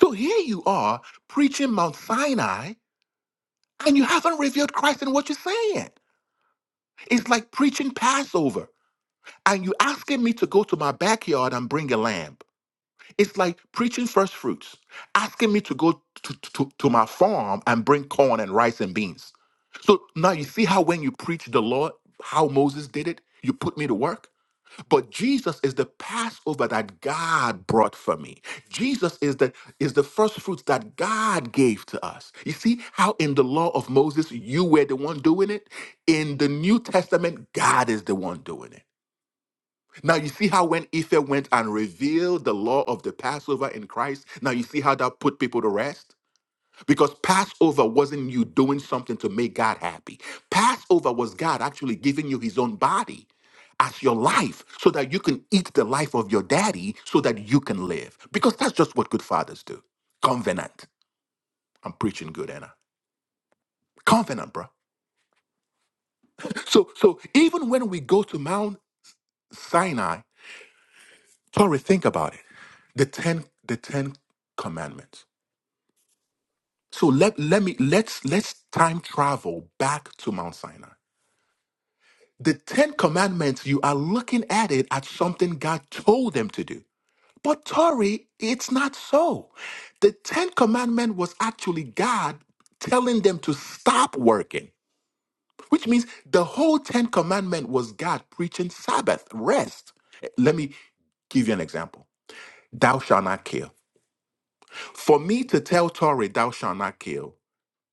[SPEAKER 3] So here you are preaching Mount Sinai and you haven't revealed Christ in what you're saying. It's like preaching Passover and you asking me to go to my backyard and bring a lamb. It's like preaching first fruits, asking me to go to, to, to my farm and bring corn and rice and beans. So now you see how when you preach the Lord, how Moses did it, you put me to work. But Jesus is the Passover that God brought for me. Jesus is the is the first fruits that God gave to us. You see how in the law of Moses you were the one doing it? In the New Testament, God is the one doing it. Now you see how when Ether went and revealed the law of the Passover in Christ, now you see how that put people to rest? Because Passover wasn't you doing something to make God happy. Passover was God actually giving you his own body as your life so that you can eat the life of your daddy so that you can live. Because that's just what good fathers do. Covenant. I'm preaching good, Anna. Covenant, bro. So so even when we go to Mount Sinai, Tori, think about it. The ten the ten commandments So let let me let's let's time travel back to Mount Sinai. The Ten Commandments, you are looking at it as something God told them to do. But Tori, it's not so. The Ten Commandment was actually God telling them to stop working, which means the whole Ten Commandment was God preaching Sabbath, rest. Let me give you an example. Thou shalt not kill. For me to tell Tori, thou shalt not kill,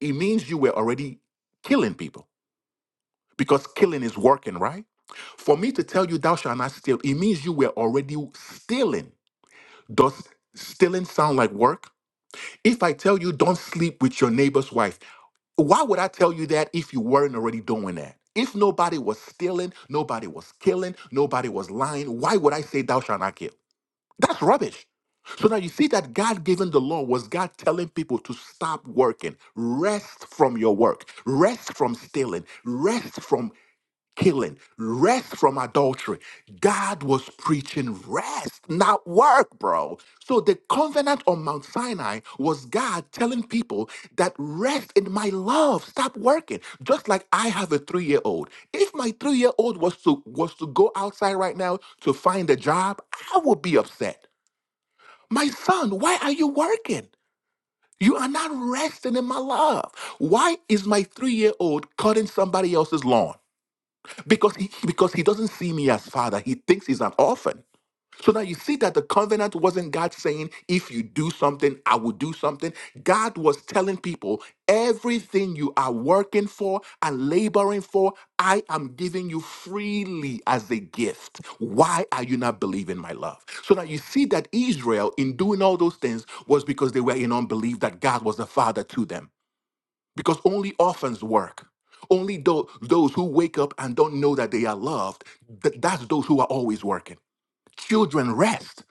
[SPEAKER 3] it means you were already killing people because killing is working, right? For me to tell you thou shalt not steal, it means you were already stealing. Does stealing sound like work? If I tell you don't sleep with your neighbor's wife, why would I tell you that if you weren't already doing that? If nobody was stealing, nobody was killing, nobody was lying, why would I say thou shalt not kill? That's rubbish. So now you see that God giving the law was God telling people to stop working, rest from your work, rest from stealing, rest from killing, rest from adultery. God was preaching rest, not work, bro. So the covenant on Mount Sinai was God telling people that rest in my love, stop working. Just like I have a three-year-old. If my three-year-old was to was to go outside right now to find a job, I would be upset. My son, why are you working? You are not resting in my love. Why is my three year old cutting somebody else's lawn? because he, because he doesn't see me as father he thinks he's an orphan so now you see that the covenant wasn't god saying if you do something i will do something god was telling people everything you are working for and laboring for i am giving you freely as a gift why are you not believing my love so now you see that israel in doing all those things was because they were in unbelief that god was the father to them because only orphans work. Only tho- those who wake up and don't know that they are loved, th- that's those who are always working. Children rest.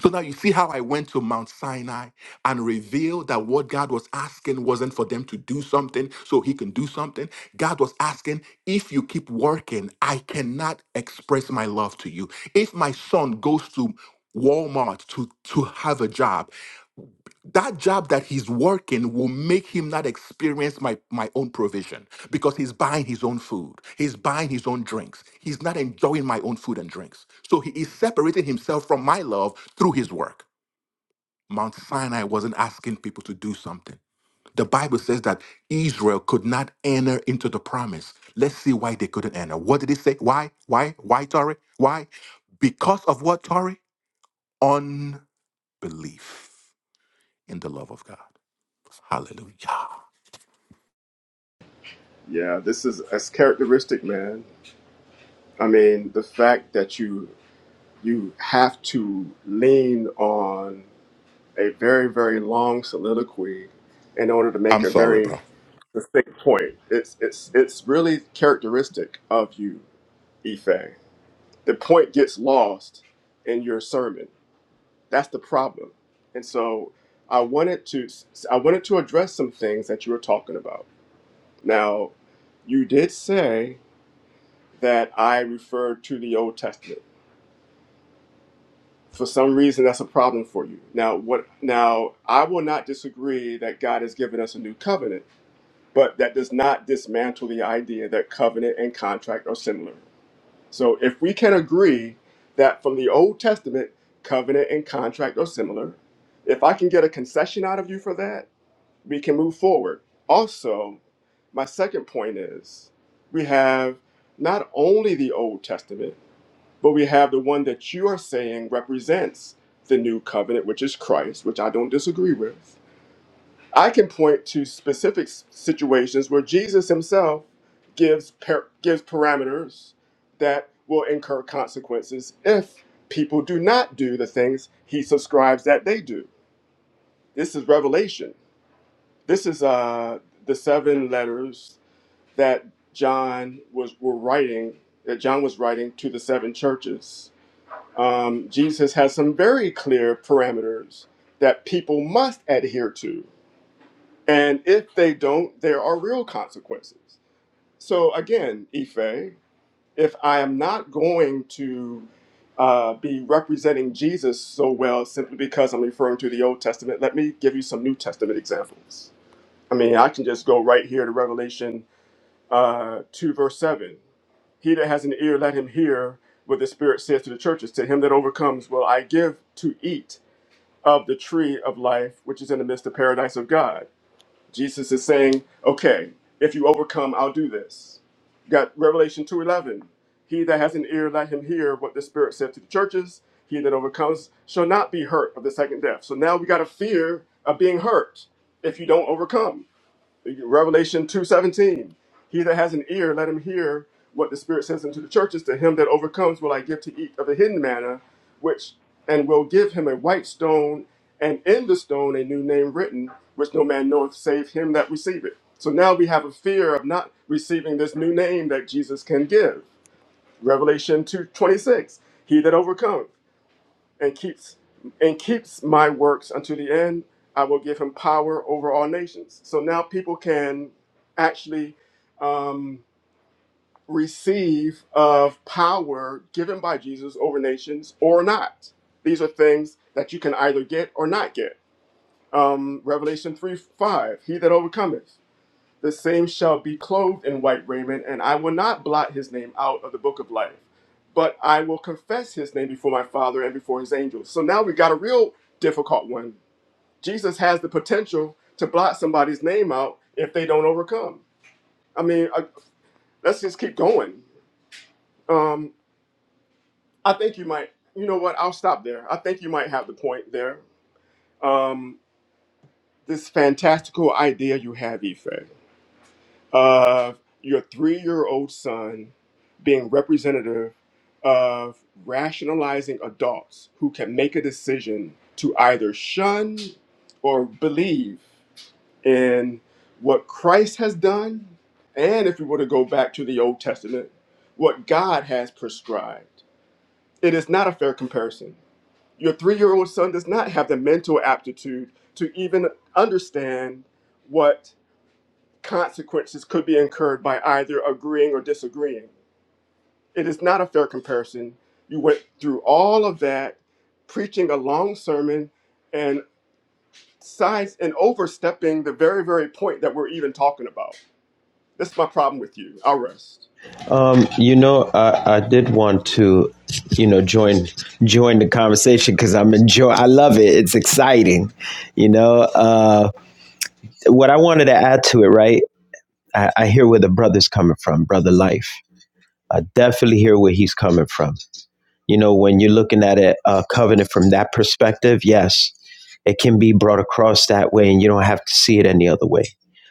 [SPEAKER 3] So now you see how I went to Mount Sinai and revealed that what God was asking wasn't for them to do something so he can do something. God was asking, if you keep working, I cannot express my love to you. If my son goes to Walmart to, to have a job, that job that he's working will make him not experience my, my own provision because he's buying his own food. He's buying his own drinks. He's not enjoying my own food and drinks. So he is separating himself from my love through his work. Mount Sinai wasn't asking people to do something. The Bible says that Israel could not enter into the promise. Let's see why they couldn't enter. What did it say? Why? Why? Why, Tori? Why? Because of what, Tori? Unbelief in the love of God. Hallelujah.
[SPEAKER 1] Yeah, this is as characteristic, man. I mean, the fact that you you have to lean on a very, very long soliloquy in order to make
[SPEAKER 3] I'm
[SPEAKER 1] a
[SPEAKER 3] sorry, bro.
[SPEAKER 1] very distinct point. It's it's it's really characteristic of you, Ife. The point gets lost in your sermon. That's the problem. And so I wanted to I wanted to address some things that you were talking about. Now, you did say that I referred to the Old Testament. for some reason that's a problem for you now what now i will not disagree that god has given us a new covenant but that does not dismantle the idea that covenant and contract are similar so if we can agree that from the old testament covenant and contract are similar if i can get a concession out of you for that we can move forward also my second point is we have not only the old testament but we have the one that you are saying represents the new covenant, which is Christ, which I don't disagree with. I can point to specific s- situations where Jesus himself gives, par- gives parameters that will incur consequences if people do not do the things he subscribes that they do. This is Revelation. This is uh, the seven letters that John was were writing, that John was writing to the seven churches um, Jesus has some very clear parameters that people must adhere to. And if they don't, there are real consequences. So, again, Ife, if I am not going to uh, be representing Jesus so well simply because I'm referring to the Old Testament, let me give you some New Testament examples. I mean, I can just go right here to Revelation uh, 2 verse 7. He that has an ear, let him hear what the Spirit says to the churches. To him that overcomes, will I give to eat of the tree of life, which is in the midst of paradise of God. Jesus is saying, okay, if you overcome, I'll do this. You got Revelation 2.11. He that has an ear, let him hear what the Spirit said to the churches. He that overcomes shall not be hurt of the second death. So now we got a fear of being hurt if you don't overcome. Revelation 2.17, he that has an ear, let him hear what the Spirit says unto the churches. To him that overcomes will I give to eat of the hidden manna, which, and will give him a white stone, and in the stone a new name written, which no man knoweth save him that receive it. So now we have a fear of not receiving this new name that Jesus can give. Revelation 2.26, he that overcomes and keeps and keeps my works unto the end i will give him power over all nations so now people can actually um, receive of power given by jesus over nations or not these are things that you can either get or not get um, revelation 3 5 he that overcometh the same shall be clothed in white raiment, and I will not blot his name out of the book of life, but I will confess his name before my Father and before his angels. So now we got a real difficult one. Jesus has the potential to blot somebody's name out if they don't overcome. I mean, uh, let's just keep going. Um, I think you might, you know what, I'll stop there. I think you might have the point there. Um, this fantastical idea you have, Ife. of your three year old son being representative of rationalizing adults who can make a decision to either shun or believe in what Christ has done, and if we were to go back to the Old Testament, what God has prescribed. It is not a fair comparison. Your three year old son does not have the mental aptitude to even understand what consequences could be incurred by either agreeing or disagreeing. It is not a fair comparison. You went through all of that, preaching a long sermon and sides and overstepping the very, very point that we're even talking about. This is my problem with you. I'll rest.
[SPEAKER 5] Um, you know, I, I did want to, you know, join join the conversation because I'm enjoy. I love it. It's exciting. You know, uh, what I wanted to add to it, right? I, I hear where the brother's coming from, brother life. I definitely hear where he's coming from. You know, when you're looking at a, a covenant from that perspective, yes, it can be brought across that way and you don't have to see it any other way.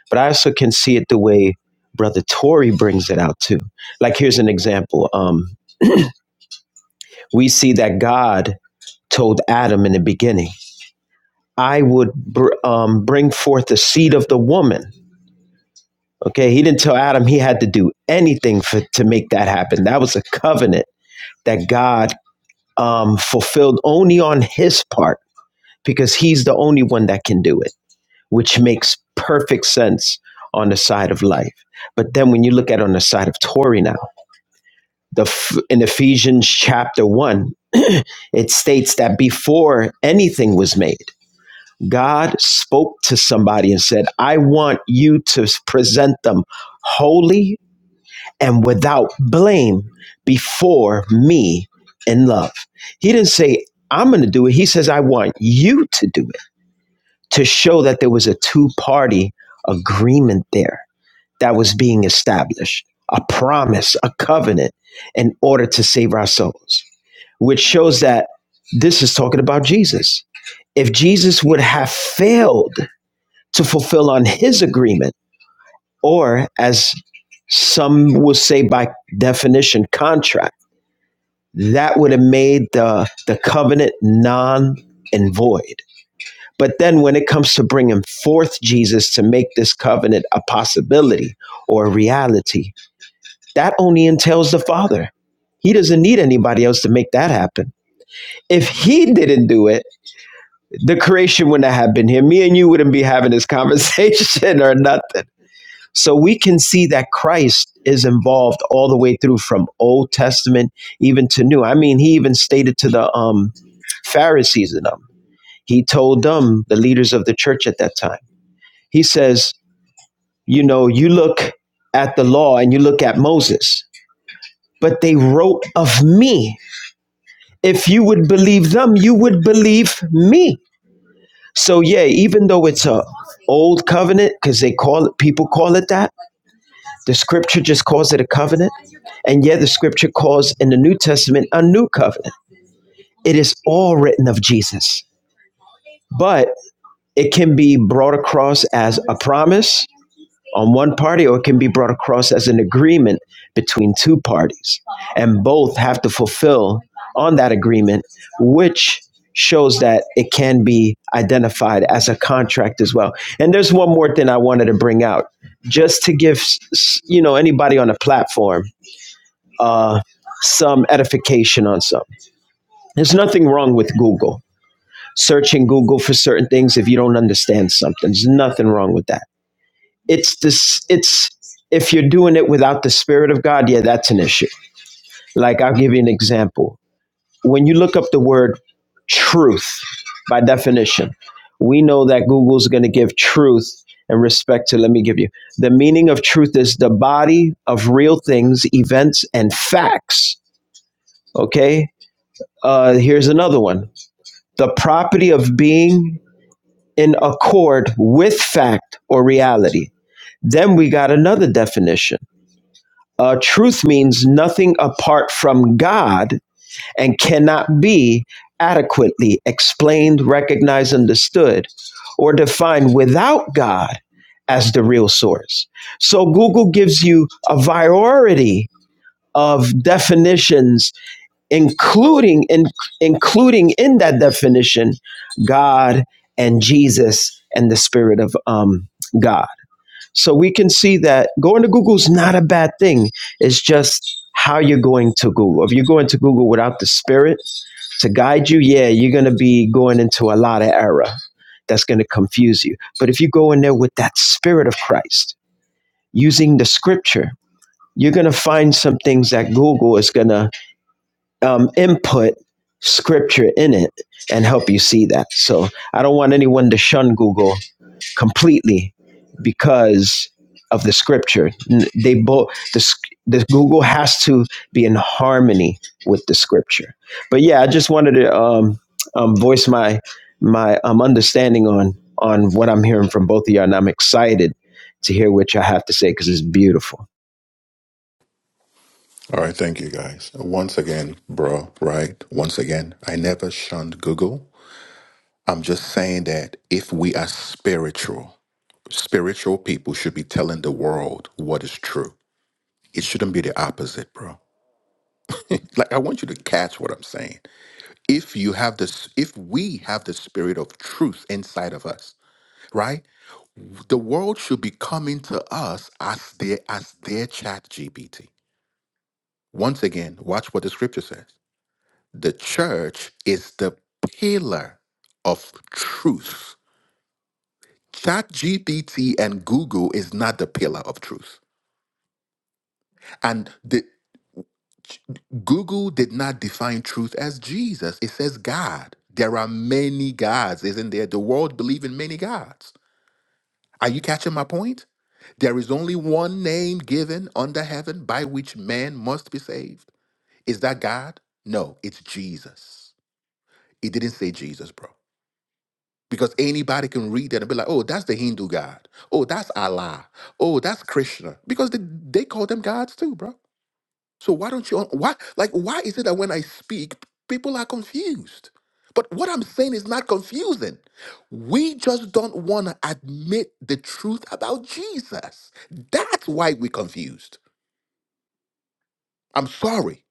[SPEAKER 5] But I also can see it the way Brother Tory brings it out too. Like here's an example. Um, we see that God told Adam in the beginning, I would br- um, bring forth the seed of the woman. Okay, he didn't tell Adam he had to do anything for, to make that happen. That was a covenant that God um, fulfilled only on his part because he's the only one that can do it, which makes perfect sense on the side of life. But then when you look at it on the side of Tory now, the in Ephesians chapter 1, <clears throat> it states that before anything was made, God spoke to somebody and said, "I want you to present them holy and without blame before me in love." He didn't say I'm going to do it. He says, I want you to do it to show that there was a two party agreement there that was being established, a promise, a covenant in order to save our souls, which shows that this is talking about Jesus. If Jesus would have failed to fulfill on his agreement, or as some will say by definition, contract, that would have made the, the covenant non and void. But then when it comes to bringing forth Jesus to make this covenant a possibility or a reality, that only entails the Father. He doesn't need anybody else to make that happen. If he didn't do it, the creation wouldn't have been here. Me and you wouldn't be having this conversation <laughs> or nothing. So we can see that Christ is involved all the way through from Old Testament even to New. I mean, he even stated to the um, Pharisees and them. He told them, the leaders of the church at that time He says, you know, you look at the law and you look at Moses, but they wrote of me. If you would believe them, you would believe me. So yeah, even though it's a old covenant, because they call it people call it that, the scripture just calls it a covenant. And yet the scripture calls in the New Testament a new covenant. It is all written of Jesus. But it can be brought across as a promise on one party or it can be brought across as an agreement between two parties. And both have to fulfill on that agreement, which shows that it can be identified as a contract as well. And there's one more thing I wanted to bring out just to give you know anybody on the platform uh, some edification on something. There's nothing wrong with Google. Searching Google for certain things if you don't understand something. There's nothing wrong with that it's this it's if you're doing it without the spirit of god yeah that's an issue like i'll give you an example when you look up the word truth by definition we know that google's going to give truth and respect to let me give you the meaning of truth is the body of real things events and facts okay uh here's another one the property of being in accord with fact or reality then we got another definition Uh, truth means nothing apart from God and cannot be adequately explained, recognized, understood, or defined without God as the real source. So Google gives you a variety of definitions, including in, including in that definition, God and Jesus and the Spirit of um, God so we can see that going to Google is not a bad thing. It's just how you're going to Google. If you're going to Google without the spirit to guide you, yeah, you're going to be going into a lot of error that's going to confuse you. But if you go in there with that spirit of Christ, using the scripture, you're going to find some things that Google is going to um, input scripture in it and help you see that. So I don't want anyone to shun Google completely because of the scripture. They both the the Google has to be in harmony with the scripture. But yeah, I just wanted to um, um, voice my my um, understanding on on what I'm hearing from both of y'all, and I'm excited to hear what y'all have to say because it's beautiful.
[SPEAKER 3] All right, thank you guys. Once again, bro, right? Once again, I never shunned Google. I'm just saying that if we are spiritual, spiritual people should be telling the world what is true. It shouldn't be the opposite, bro. <laughs> like I want you to catch what I'm saying. If you have this if we have the spirit of truth inside of us, right? The world should be coming to us as their as their chat GPT. Once again, watch what the scripture says. the church is the pillar of truth. ChatGPT and Google is not the pillar of truth. And the, Google did not define truth as Jesus. It says God. There are many gods, isn't there? The world believes in many gods. Are you catching my point? There is only one name given under heaven by which man must be saved. Is that God? No, it's Jesus. It didn't say Jesus, bro. Because anybody can read that and be like, oh, that's the Hindu God. Oh, that's Allah. Oh, that's Krishna. Because they, they call them gods too, bro. So why don't you, why, like, why is it that when I speak, people are confused? But what I'm saying is not confusing. We just don't want to admit the truth about Jesus. That's why we're confused. I'm sorry.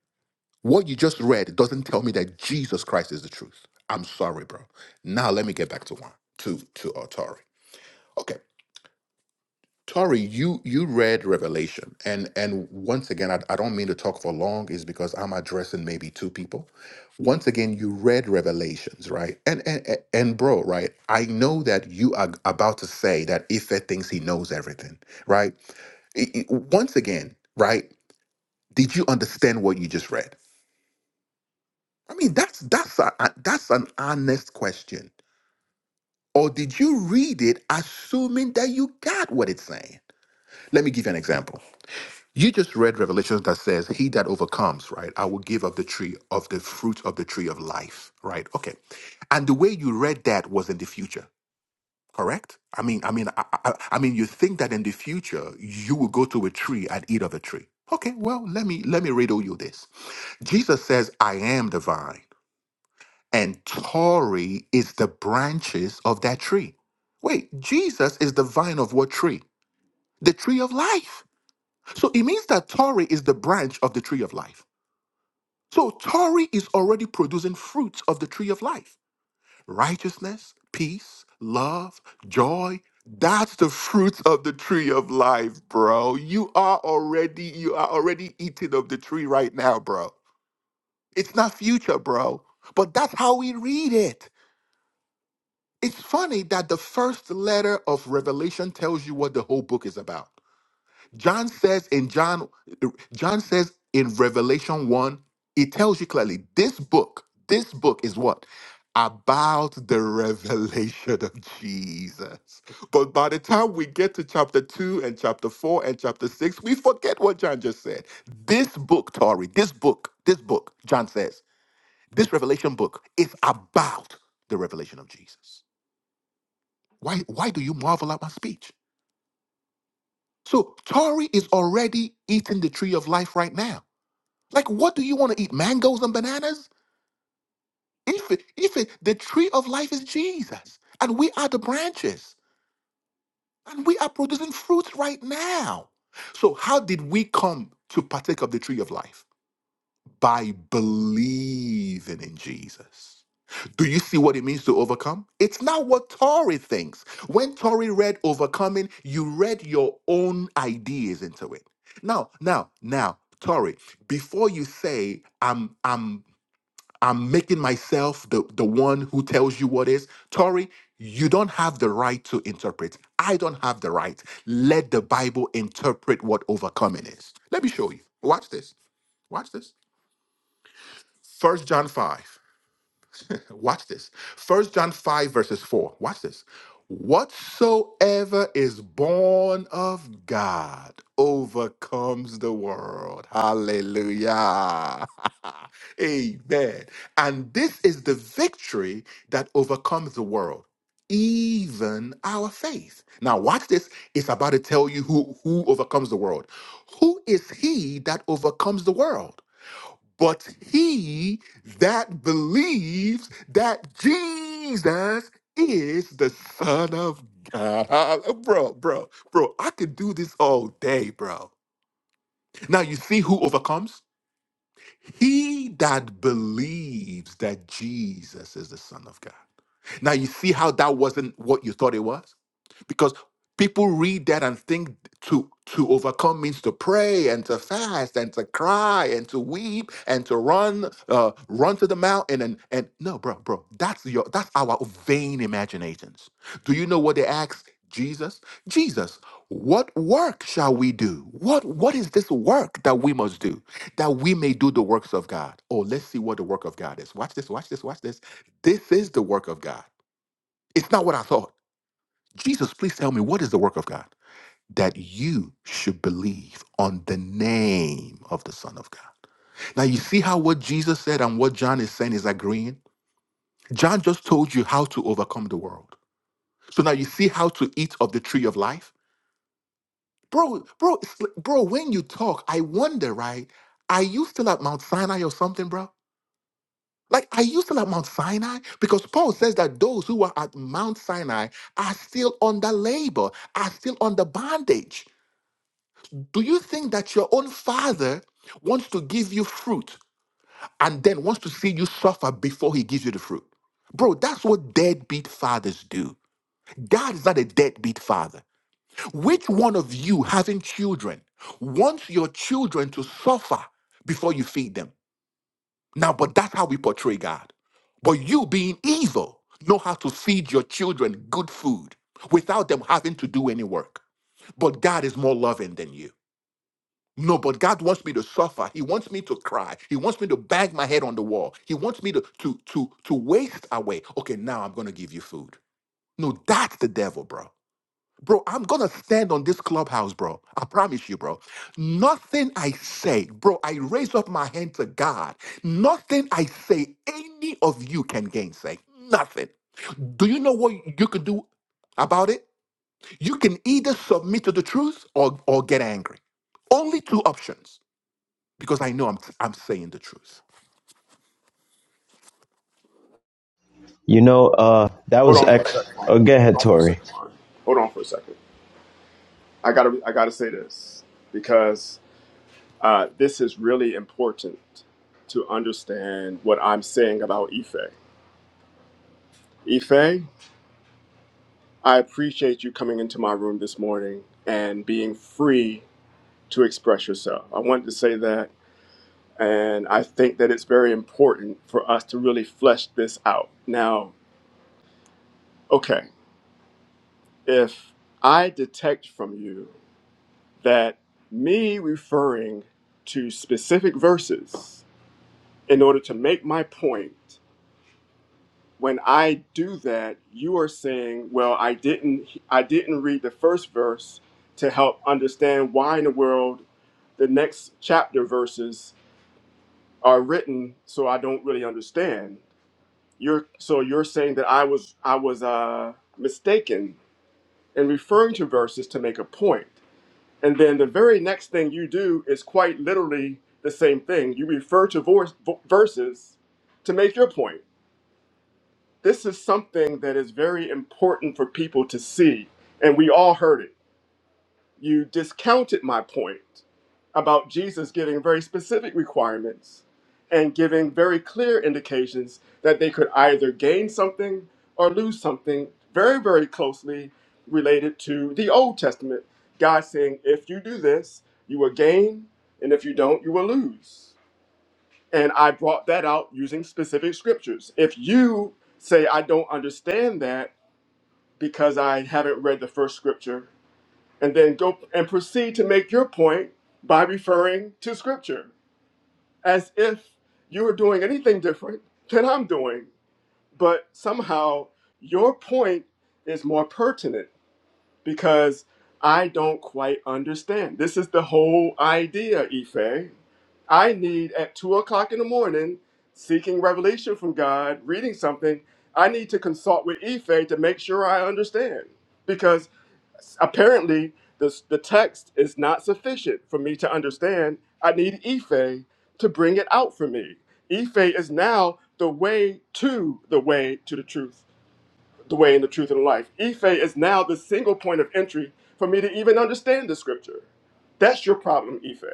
[SPEAKER 3] What you just read doesn't tell me that Jesus Christ is the truth. I'm sorry, bro. Now let me get back to one, to to Atari. Okay. Tori, you you read Revelation, and and once again, I, I don't mean to talk for long, is because I'm addressing maybe two people. Once again, you read Revelations, right? And and and and bro, right? I know that you are about to say that Ife thinks he knows everything, right? I- I- once again, right? Did you understand what you just read? I mean, that's that's a, a- that's an honest question. Or did you read it assuming that you got what it's saying? Let me give you an example You just read Revelations that says, He that overcomes, right? I will give of the tree of the fruit of the tree of life, right? Okay. And the way you read that was in the future, correct? I mean, I mean, I, I, I mean, you think that in the future you will go to a tree and eat of the tree. Okay, well, let me let me riddle you this. Jesus says, I am the vine, and Tory is the branches of that tree. Wait, Jesus is the vine of what tree? The tree of life. So it means that Tory is the branch of the tree of life. So Tori is already producing fruits of the tree of life righteousness, peace, love, joy. That's the fruits of the tree of life, bro. You are already you are already eating of the tree right now, bro. It's not future, bro. But that's how we read it. It's funny that the first letter of Revelation tells you what the whole book is about. John says in John, John says in Revelation 1, it tells you clearly this book, this book is what? About the <laughs> revelation of Jesus. But by the time we get to chapter 2 and chapter 4 and chapter 6, we forget what John just said. This book, Tori, this book, this book, John says, this revelation book is about the revelation of Jesus. Why, why do you marvel at my speech? So Tori is already eating the tree of life right now. Like, what do you want to eat? Mangoes and bananas? If it, if it, the tree of life is Jesus, and we are the branches, and we are producing fruits right now. So, how did we come to partake of the tree of life? By believing in Jesus. Do you see what it means to overcome? It's not what Tori thinks. When Tori read overcoming, you read your own ideas into it. Now, now, now, Tori, before you say I'm I'm I'm making myself the, the one who tells you what is. Tori, you don't have the right to interpret. I don't have the right. Let the Bible interpret what overcoming is. Let me show you. Watch this. Watch this. First John 5. <laughs> Watch this. First John 5, verses 4. Watch this. Whatsoever is born of God overcomes the world. Hallelujah. <laughs> Amen. And this is the victory that overcomes the world, even our faith. Now, watch this. It's about to tell you who, who overcomes the world. Who is he that overcomes the world? But he that believes that Jesus is the Son of God. Ah, Bro, bro, bro, I could do this all day, bro. Now, you see who overcomes? He that believes that Jesus is the Son of God. Now you see how that wasn't what you thought it was? Because people read that and think to to overcome means to pray and to fast and to cry and to weep and to run uh run to the mountain and and no bro bro that's your that's our vain imaginations do you know what they asked jesus jesus what work shall we do what what is this work that we must do that we may do the works of god oh let's see what the work of god is watch this watch this watch this this is the work of god it's not what I thought. Jesus, please tell me what is the work of God? That you should believe on the name of the Son of God. Now, you see how what Jesus said and what John is saying is agreeing? John just told you how to overcome the world. So now you see how to eat of the tree of life? Bro, bro, it's, like- bro, when you talk, I wonder, right? Are you still at Mount Sinai or something, bro? Like, are you still at Mount Sinai? Because Paul says that those who are at Mount Sinai are still under labor, are still under bondage. Do you think that your own father wants to give you fruit and then wants to see you suffer before he gives you the fruit? Bro, that's what deadbeat fathers do. God is not a deadbeat father. Which one of you having children wants your children to suffer before you feed them? Now, but that's how we portray God. But you being evil know how to feed your children good food without them having to do any work. But God is more loving than you. No, but God wants me to suffer. He wants me to cry. He wants me to bang my head on the wall. He wants me to to to to waste away. Okay, now I'm gonna give you food. No, that's the devil, bro. Bro, I'm gonna stand on this clubhouse, bro. I promise you, bro. Nothing I say, bro, I raise up my hand to God. Nothing I say, any of you can gainsay. Nothing. Do you know what you could do about it? You can either submit to the truth or, or get angry. Only two options, because I know I'm, I'm saying the truth.
[SPEAKER 5] You know, uh, that
[SPEAKER 1] Hold
[SPEAKER 5] was
[SPEAKER 1] on for a
[SPEAKER 5] ex.
[SPEAKER 1] second,
[SPEAKER 5] Oh,
[SPEAKER 1] Juan.
[SPEAKER 5] go ahead,
[SPEAKER 1] Hold on for a
[SPEAKER 5] Tori.
[SPEAKER 1] second, Juan. Hold on for a second. I gotta I gotta say this because uh, this is really important to understand what I'm saying about Ife. Ife, I appreciate you coming into my room this morning and being free to express yourself. I wanted to say that, and I think that it's very important for us to really flesh this out. Now, okay, if I detect from you that me referring to specific verses in order to make my point when I do that, you are saying, well, I didn't I didn't read the first verse to help understand why in the world the next chapter verses are written so I don't really understand. You're so you're saying that I was I was uh, mistaken in referring to verses to make a point. And then the very next thing you do is quite literally the same thing. You refer to voice, v- verses to make your point. this is something that is very important for people to see, and we all heard it. You discounted my point about Jesus giving very specific requirements and giving very clear indications that they could either gain something or lose something, very, very closely related to the Old Testament. God saying, if you do this, you will gain, and if you don't, you will lose. And I brought that out using specific scriptures. If you say, I don't understand that because I haven't read the first scripture, and then go and proceed to make your point by referring to scripture as if you were doing anything different than I'm doing. But somehow your point is more pertinent because I don't quite understand. This is the whole idea, Ife. I need at two o'clock in the morning, seeking revelation from God, reading something, I need to consult with Ife to make sure I understand. Because apparently this, the text is not sufficient for me to understand. I need Ife to bring it out for me. Ife is now the way to the way to the truth the way and the truth and the life. Ife is now the single point of entry for me to even understand the scripture. That's your problem, Ife.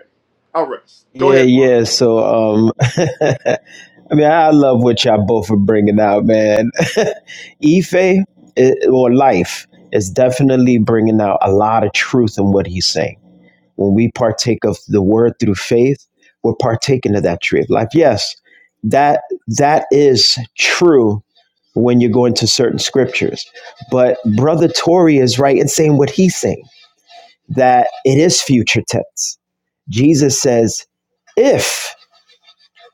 [SPEAKER 1] All right, go
[SPEAKER 5] Yeah,
[SPEAKER 1] ahead, Juan.
[SPEAKER 5] yeah. So, um, <laughs> I mean, I love what y'all both are bringing out, man. <laughs> Ife i- or life is definitely bringing out a lot of truth in what he's saying. When we partake of the word through faith, we're partaking of that tree of life. Yes, that that is true when you go into certain scriptures. But Brother Tory is right in saying what he's saying that it is future tense. Jesus says, if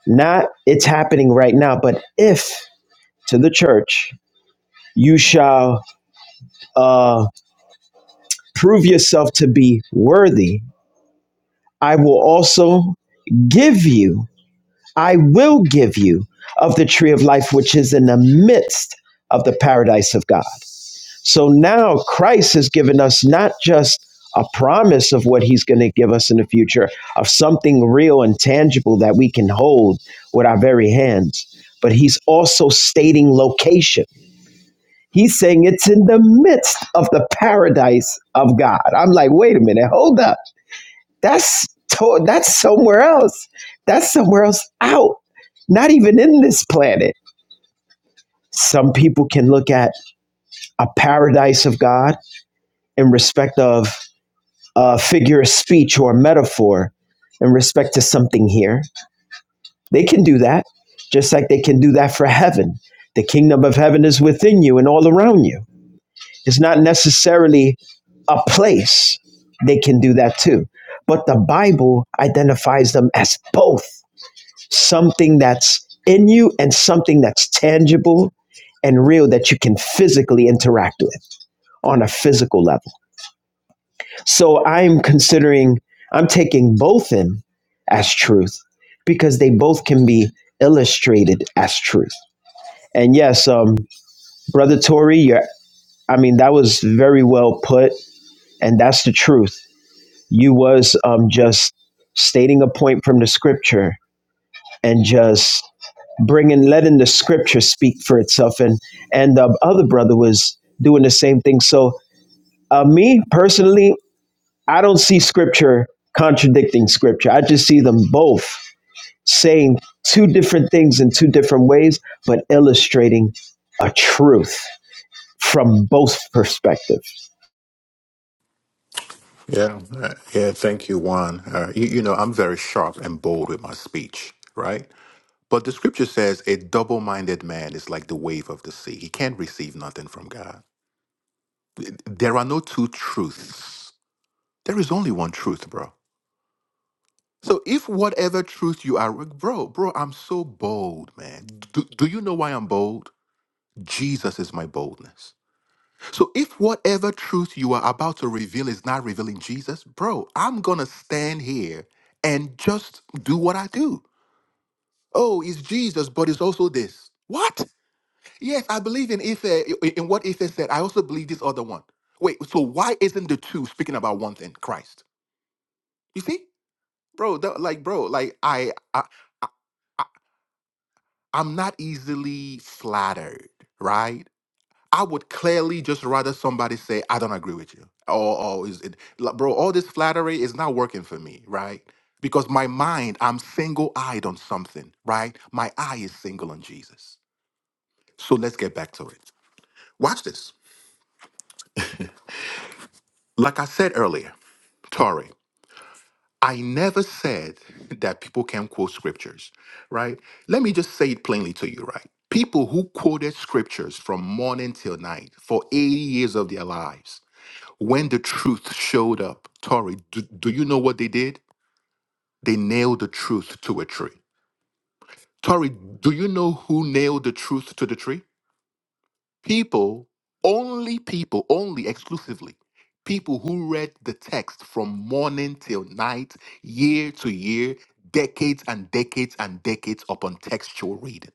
[SPEAKER 5] not, it's happening right now, but if to the church, you shall uh, prove yourself to be worthy. I will also give you, I will give you of the tree of life, which is in the midst of the paradise of God. So now Christ has given us not just a promise of what he's going to give us in the future, of something real and tangible that we can hold with our very hands, but he's also stating location He's saying it's in the midst of the paradise of God. I'm like, wait a minute, hold up. That's to- that's somewhere else. That's somewhere else out. Not even in this planet. Some people can look at a paradise of God in respect of a figure of speech or a metaphor in respect to something here. They can do that, just like they can do that for heaven. The kingdom of heaven is within you and all around you It's not necessarily a place they can do that too. But the Bible identifies them as both something that's in you and something that's tangible and real that you can physically interact with on a physical level. So I'm considering, I'm taking both in as truth because they both can be illustrated as truth. And yes, um, Brother Tory, you're, I mean, that was very well put. And that's the truth You was um, just stating a point from the scripture and just bringing letting the scripture speak for itself and and the other brother was doing the same thing so uh, me personally i don't see scripture contradicting scripture i just see them both saying two different things in two different ways but illustrating a truth from both perspectives
[SPEAKER 3] Yeah, uh, yeah. Thank you, Juan. Uh, you, you know, I'm very sharp and bold with my speech, right? But the scripture says a double minded man is like the wave of the sea. He can't receive nothing from God. There are no two truths. There is only one truth, bro. So if whatever truth you are, bro, bro, I'm so bold, man. Do, do you know why I'm bold? Jesus is my boldness. So if whatever truth you are about to reveal is not revealing Jesus, bro, I'm going to stand here and just do what I do. Oh, it's Jesus, but it's also this. What? Yes, I believe in Ife, in what Ife said. I also believe this other one. Wait, so why isn't the two speaking about one thing, Christ? You see, bro, the- like, bro, like, I, I, I, I- I'm not easily flattered, right? I would clearly just rather somebody say, I don't agree with you. Or, or is it, like, bro, all this flattery is not working for me, right? Because my mind, I'm single eyed on something, right? My eye is single on Jesus. So let's get back to it. Watch this. Like I said earlier, Tori, I never said that people can quote scriptures, right? Let me just say it plainly to you, right? People who quoted scriptures from morning till night for 80 years of their lives, when the truth showed up, Tori, do, do you know what they did? They nailed the truth to a tree. Tori, do you know who nailed the truth to the tree? People, only people, only exclusively people who read the text from morning till night, year to year, decades and decades and decades upon textual reading.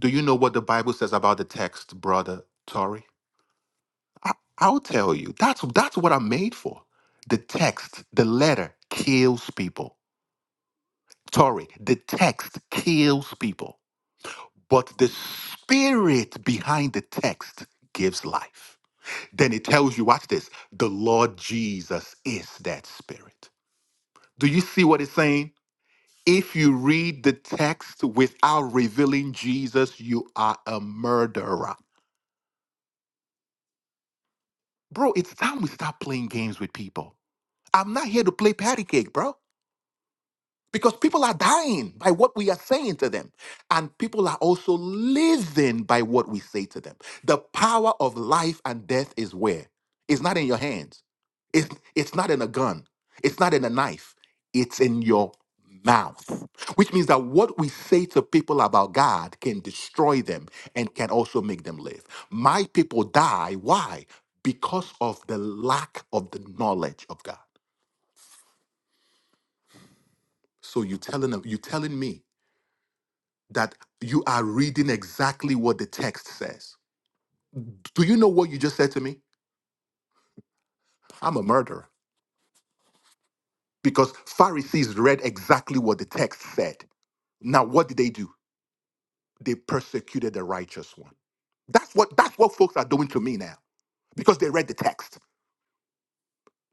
[SPEAKER 3] Do you know what the Bible says about the text, brother Tori? I, I'll tell you. That's that's what I'm made for. The text, the letter kills people. Tori, the text kills people, but the spirit behind the text gives life. Then it tells you, watch this, the Lord Jesus is that spirit. Do you see what it's saying? If you read the text without revealing Jesus, you are a murderer. Bro, it's time we stop playing games with people. I'm not here to play patty cake, bro. because people are dying by what we are saying to them and people are also living by what we say to them the power of life and death is where it's not in your hands it's, it's not in a gun it's not in a knife it's in your mouth which means that what we say to people about god can destroy them and can also make them live my people die why because of the lack of the knowledge of god so you telling them you telling me that you are reading exactly what the text says. Do you know what you just said to me? I'm a murderer. Because Pharisees read exactly what the text said. Now, what did they do? They persecuted the righteous one. That's what that's what folks are doing to me now because they read the text.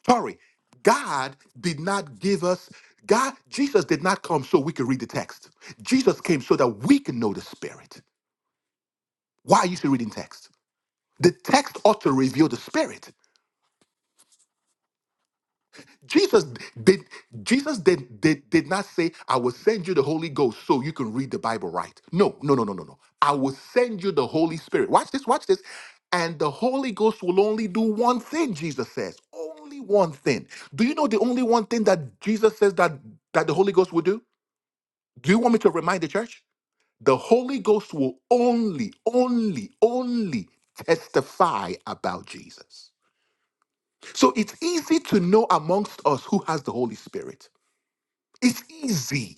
[SPEAKER 3] Sorry, God did not give us God, Jesus did not come so we could read the text. Jesus came so that we can know the spirit. Why are you still reading text? The text ought to reveal the spirit. Jesus did Jesus did, did did not say, I will send you the Holy Ghost so you can read the Bible right. No, no, no, no, no, no. I will send you the Holy Spirit. Watch this, watch this. And the Holy Ghost will only do one thing, Jesus says. Only one thing. Do you know the only one thing that Jesus says that, that the Holy Ghost will do? Do you want me to remind the church? The Holy Ghost will only, only, only testify about Jesus. So it's easy to know amongst us who has the Holy Spirit it's easy.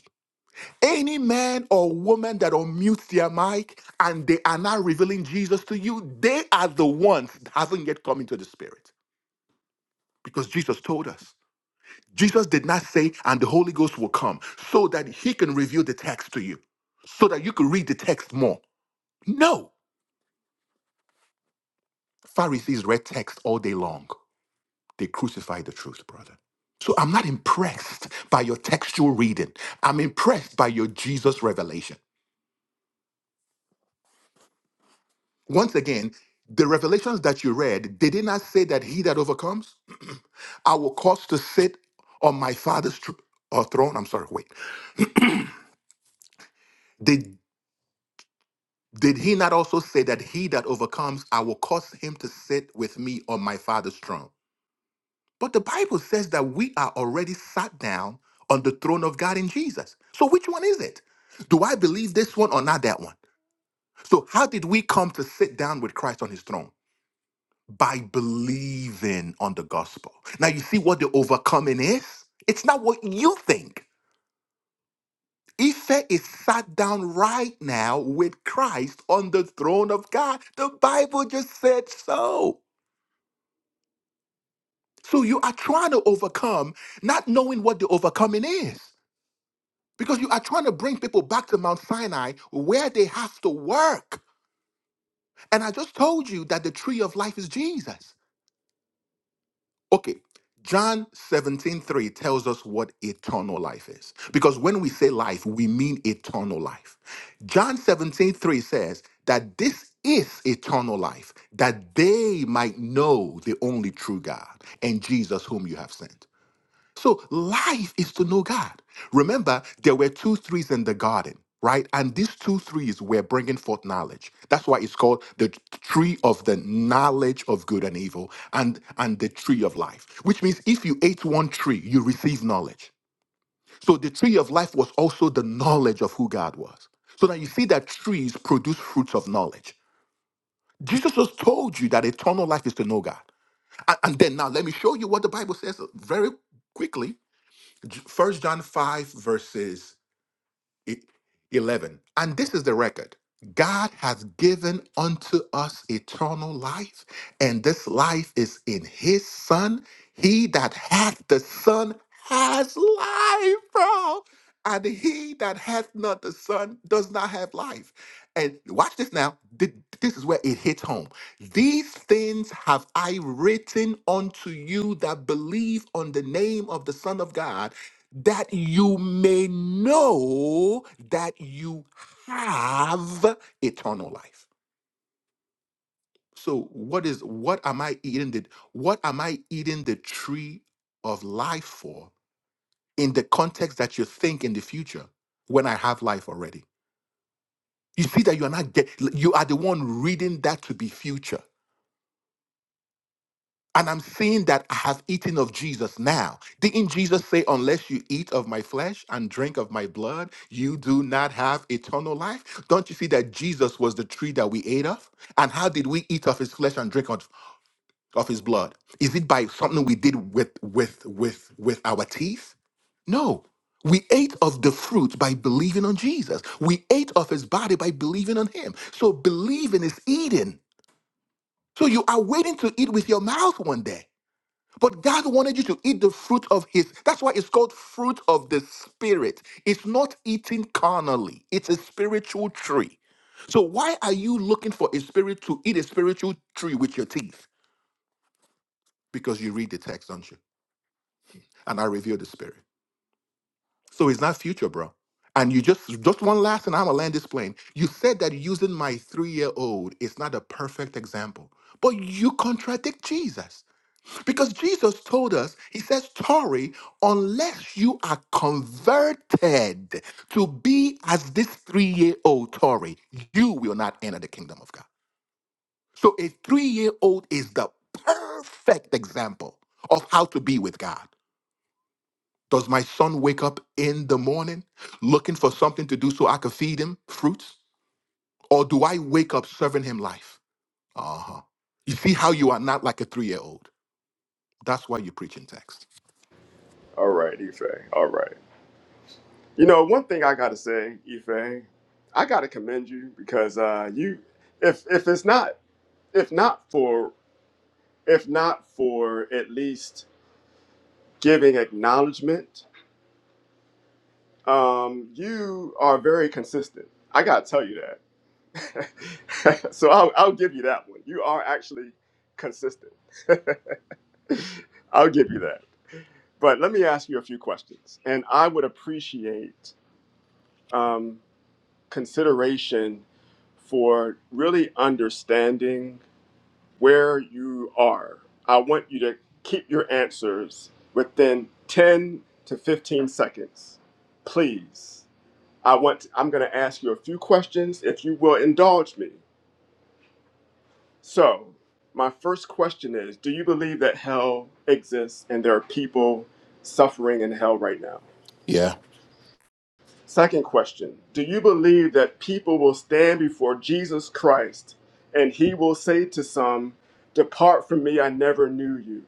[SPEAKER 3] Any man or woman that unmutes their mic and they are now revealing Jesus to you, they are the ones that haven't yet come into the Spirit because Jesus told us. Jesus did not say, and the Holy Ghost will come so that he can reveal the text to you, so that you could read the text more. No. Pharisees read text all day long. They crucified the truth, brother. So I'm not impressed by your textual reading. I'm impressed by your Jesus revelation. Once again, the revelations that you read, they did not say that he that overcomes, <clears throat> I will cause to sit on my father's tr- or throne. I'm sorry, wait. Did did he not also say that he that overcomes, I will cause him to sit with me on my father's throne? But the Bible says that we are already sat down on the throne of God in Jesus. So which one is it? Do I believe this one or not that one? So how did we come to sit down with Christ on his throne? by believing on the gospel. Now, you see what the overcoming is? It's not what you think. Ife is sat down right now with Christ on the throne of God. The Bible just said so. So you are trying to overcome, not knowing what the overcoming is. Because you are trying to bring people back to Mount Sinai where they have to work. And I just told you that the tree of life is Jesus. Okay. John 17 3 tells us what eternal life is. Because when we say life, we mean eternal life. John 17 3 says that this is eternal life, that they might know the only true God and Jesus whom you have sent. So life is to know God. Remember, there were two threes in the garden, right? And these two threes were bringing forth knowledge. That's why it's called the tree of the knowledge of good and evil and, and the tree of life, which means if you ate one tree, you receive knowledge. So the tree of life was also the knowledge of who God was. So now you see that trees produce fruits of knowledge. Jesus just told you that eternal life is to know God. And, and then now let me show you what the Bible says very quickly First John 5 verses e- 11. And this is the record. God hath given unto us eternal life, and this life is in his son. He that hath the son has life, bro. And he that hath not the son does not have life. And watch this now. Th- This is where it hits home. These things have I written unto you that believe on the name of the Son of God that you may know that you have eternal life. So what is what am I eating the what am I eating the tree of life for in the context that you think in the future when I have life already? You see that you are not get, you are the one reading that to be future. And I'm seeing that I have eaten of Jesus now. Didn't Jesus say, Unless you eat of my flesh and drink of my blood, you do not have eternal life? Don't you see that Jesus was the tree that we ate of? And how did we eat of his flesh and drink of, of his blood? Is it by something we did with with with with our teeth? No. We ate of the fruit by believing on Jesus. We ate of his body by believing on him. So believing is eating. So you are waiting to eat with your mouth one day. But God wanted you to eat the fruit of His. That's why it's called fruit of the Spirit. It's not eating carnally, it's a spiritual tree. So, why are you looking for a spirit to eat a spiritual tree with your teeth? Because you read the text, don't you? And I reveal the Spirit. So, it's not future, bro. And you just, just one last, and I'm gonna land this plane. You said that using my three year old is not a perfect example, but you contradict Jesus. Because Jesus told us, he says, Tori, unless you are converted to be as this three year old Tori, you will not enter the kingdom of God. So a three year old is the perfect example of how to be with God. Does my son wake up in the morning looking for something to do so I could feed him fruits? Or do I wake up serving him life? Uh huh. You see how you are not like a three year old. That's why you preach in text.
[SPEAKER 1] All right, Ife. All right. You know, one thing I gotta say, Ife, I gotta commend you because uh, you, if if it's not, if not for, if not for at least giving acknowledgement, um, you are very consistent. I gotta tell you that. <laughs> so I'll, I'll give you that one. You are actually consistent. <laughs> I'll give you that. But let me ask you a few questions. And I would appreciate um, consideration for really understanding where you are. I want you to keep your answers within 10 to 15 seconds. Please. I want I'm going to ask you a few questions if you will indulge me. So, my first question is Do you believe that hell exists and there are people suffering in hell right now?
[SPEAKER 3] Yeah.
[SPEAKER 1] Second question Do you believe that people will stand before Jesus Christ and he will say to some, Depart from me, I never knew you?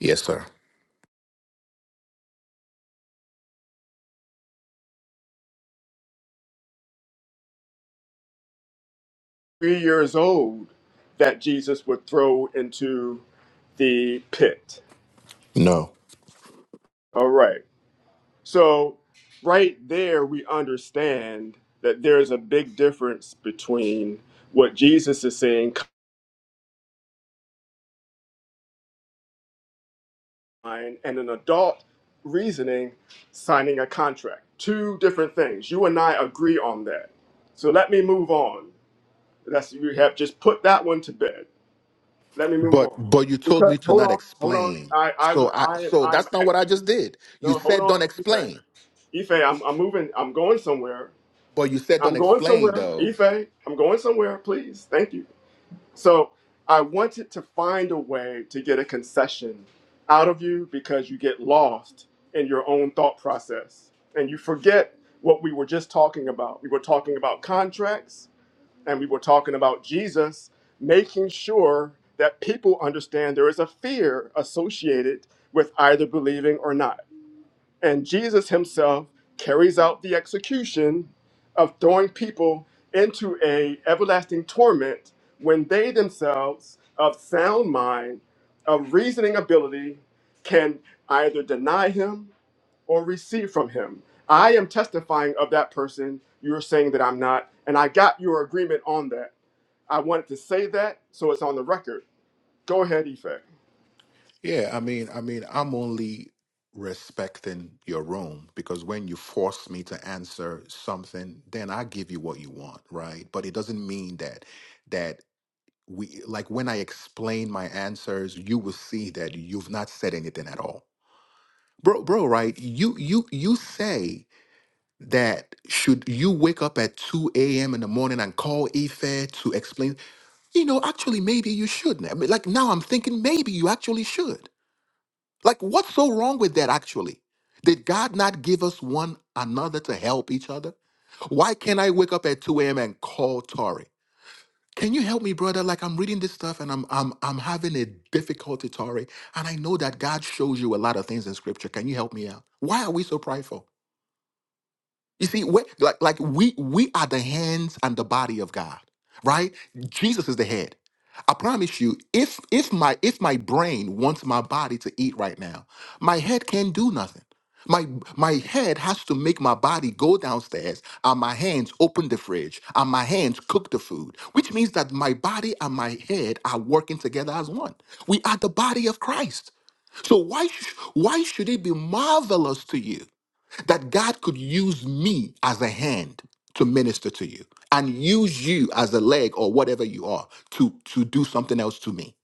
[SPEAKER 3] Yes, sir.
[SPEAKER 1] Three years old that Jesus would throw into the pit.
[SPEAKER 3] No.
[SPEAKER 1] All right. So, right there, we understand that there is a big difference between what Jesus is saying kind, and an adult reasoning signing a contract. Two different things. You and I agree on that. So, let me move on. That's you have just put that one to bed. Let me move
[SPEAKER 3] But
[SPEAKER 1] on.
[SPEAKER 3] but you told
[SPEAKER 1] Because
[SPEAKER 3] me to
[SPEAKER 1] hold
[SPEAKER 3] not
[SPEAKER 1] on, hold on.
[SPEAKER 3] explain.
[SPEAKER 1] I I
[SPEAKER 3] So I
[SPEAKER 1] I am
[SPEAKER 3] so
[SPEAKER 1] I am
[SPEAKER 3] that's not what I
[SPEAKER 1] actually
[SPEAKER 3] just did. You
[SPEAKER 1] no. Hold
[SPEAKER 3] said don't
[SPEAKER 1] on, Ife.
[SPEAKER 3] explain.
[SPEAKER 1] Ife, I'm I'm moving. I'm going somewhere.
[SPEAKER 3] But you said
[SPEAKER 1] I'm
[SPEAKER 3] don't
[SPEAKER 1] going
[SPEAKER 3] explain
[SPEAKER 1] somewhere,
[SPEAKER 3] though.
[SPEAKER 1] Ife. I'm going somewhere, please. Thank you. So I wanted to find a way to get a concession out of you because you get lost in your own thought process and you forget what we were just talking about. We were talking about contracts and we were talking about Jesus making sure that people understand there is a fear associated with either believing or not. And Jesus himself carries out the execution of throwing people into a everlasting torment when they themselves of sound mind, of reasoning ability, can either deny him or receive from him. I am testifying of that person. You are saying that I'm not, and I got your agreement on that. I wanted to say that so it's on the record. Go ahead, Ife.
[SPEAKER 3] Yeah, I mean, I mean, I'm only respecting your room because when you force me to answer something, then I give you what you want, right? But it doesn't mean that that we like when I explain my answers, you will see that you've not said anything at all. Bro, bro, right? You you you say that should you wake up at 2 a.m. in the morning and call Ife to explain, you know, actually, maybe you shouldn't. I mean, like now I'm thinking maybe you actually should. Like, what's so wrong with that actually? Did God not give us one another to help each other? Why can't I wake up at 2 a.m. and call Tori? Can you help me, brother? Like I'm reading this stuff and I'm I'm I'm having a difficulty, Tori. And I know that God shows you a lot of things in scripture. Can you help me out? Why are we so prideful? You see, we, like like we we are the hands and the body of God, right? Jesus is the head. I promise you, if if my if my brain wants my body to eat right now, my head can't do nothing. My my head has to make my body go downstairs and my hands open the fridge and my hands cook the food, which means that my body and my head are working together as one. We are the body of Christ. So why sh- why should it be marvelous to you that God could use me as a hand to minister to you and use you as a leg or whatever you are to, to do something else to me.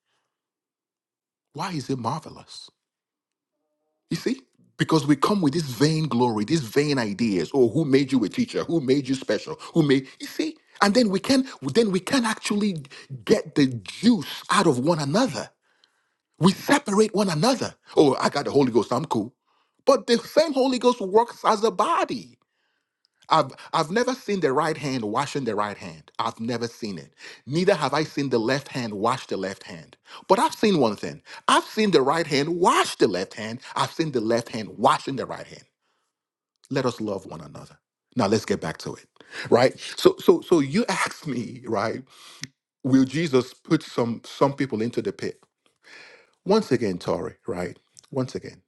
[SPEAKER 3] Why is it marvelous? You see? Because we come with this vain glory, these vain ideas. Oh, who made you a teacher? Who made you special? Who made you see? And then we can then we can actually get the juice out of one another. We separate one another. Oh, I got the Holy Ghost, I'm cool. But the same Holy Ghost works as a body. I've, I've never seen the right hand washing the right hand. I've never seen it. Neither have I seen the left hand wash the left hand. But I've seen one thing. I've seen the right hand wash the left hand. I've seen the left hand washing the right hand. Let us love one another. Now let's get back to it. Right? So so so you <laughs> asked me, right? Will Jesus put some some people into the pit? Once again, Tori, right? Once again,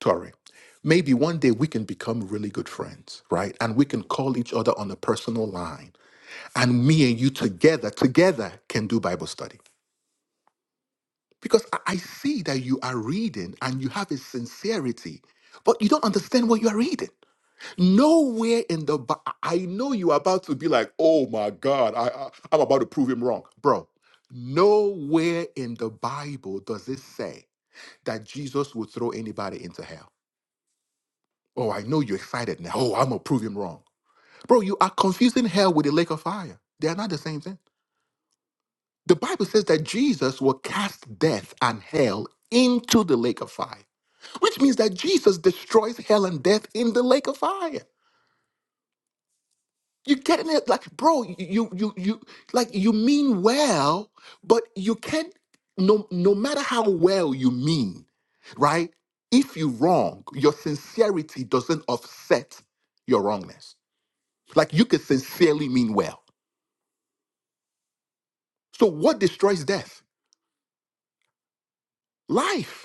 [SPEAKER 3] Tori maybe one day we can become really good friends, right? And we can call each other on a personal line and me and you together, together can do Bible study. Because I I see that you are reading and you have a sincerity, but you don't understand what you are reading. Nowhere in the Bi- I know you are about to be like, oh my God, I, I, I'm about to prove him wrong. Bro, nowhere in the Bible does it say that Jesus would throw anybody into hell. Oh, I know you're excited now. Oh, I'm going to prove him wrong. Bro, you are confusing hell with a lake of fire. They are not the same thing. The Bible says that Jesus will cast death and hell into the lake of fire, which means that Jesus destroys hell and death in the lake of fire. You getting it? Like, bro, you you you like you mean well, but you can't no no matter how well you mean, right? If you wrong, your sincerity doesn't offset your wrongness. Like you could sincerely mean well. So what destroys death? Life.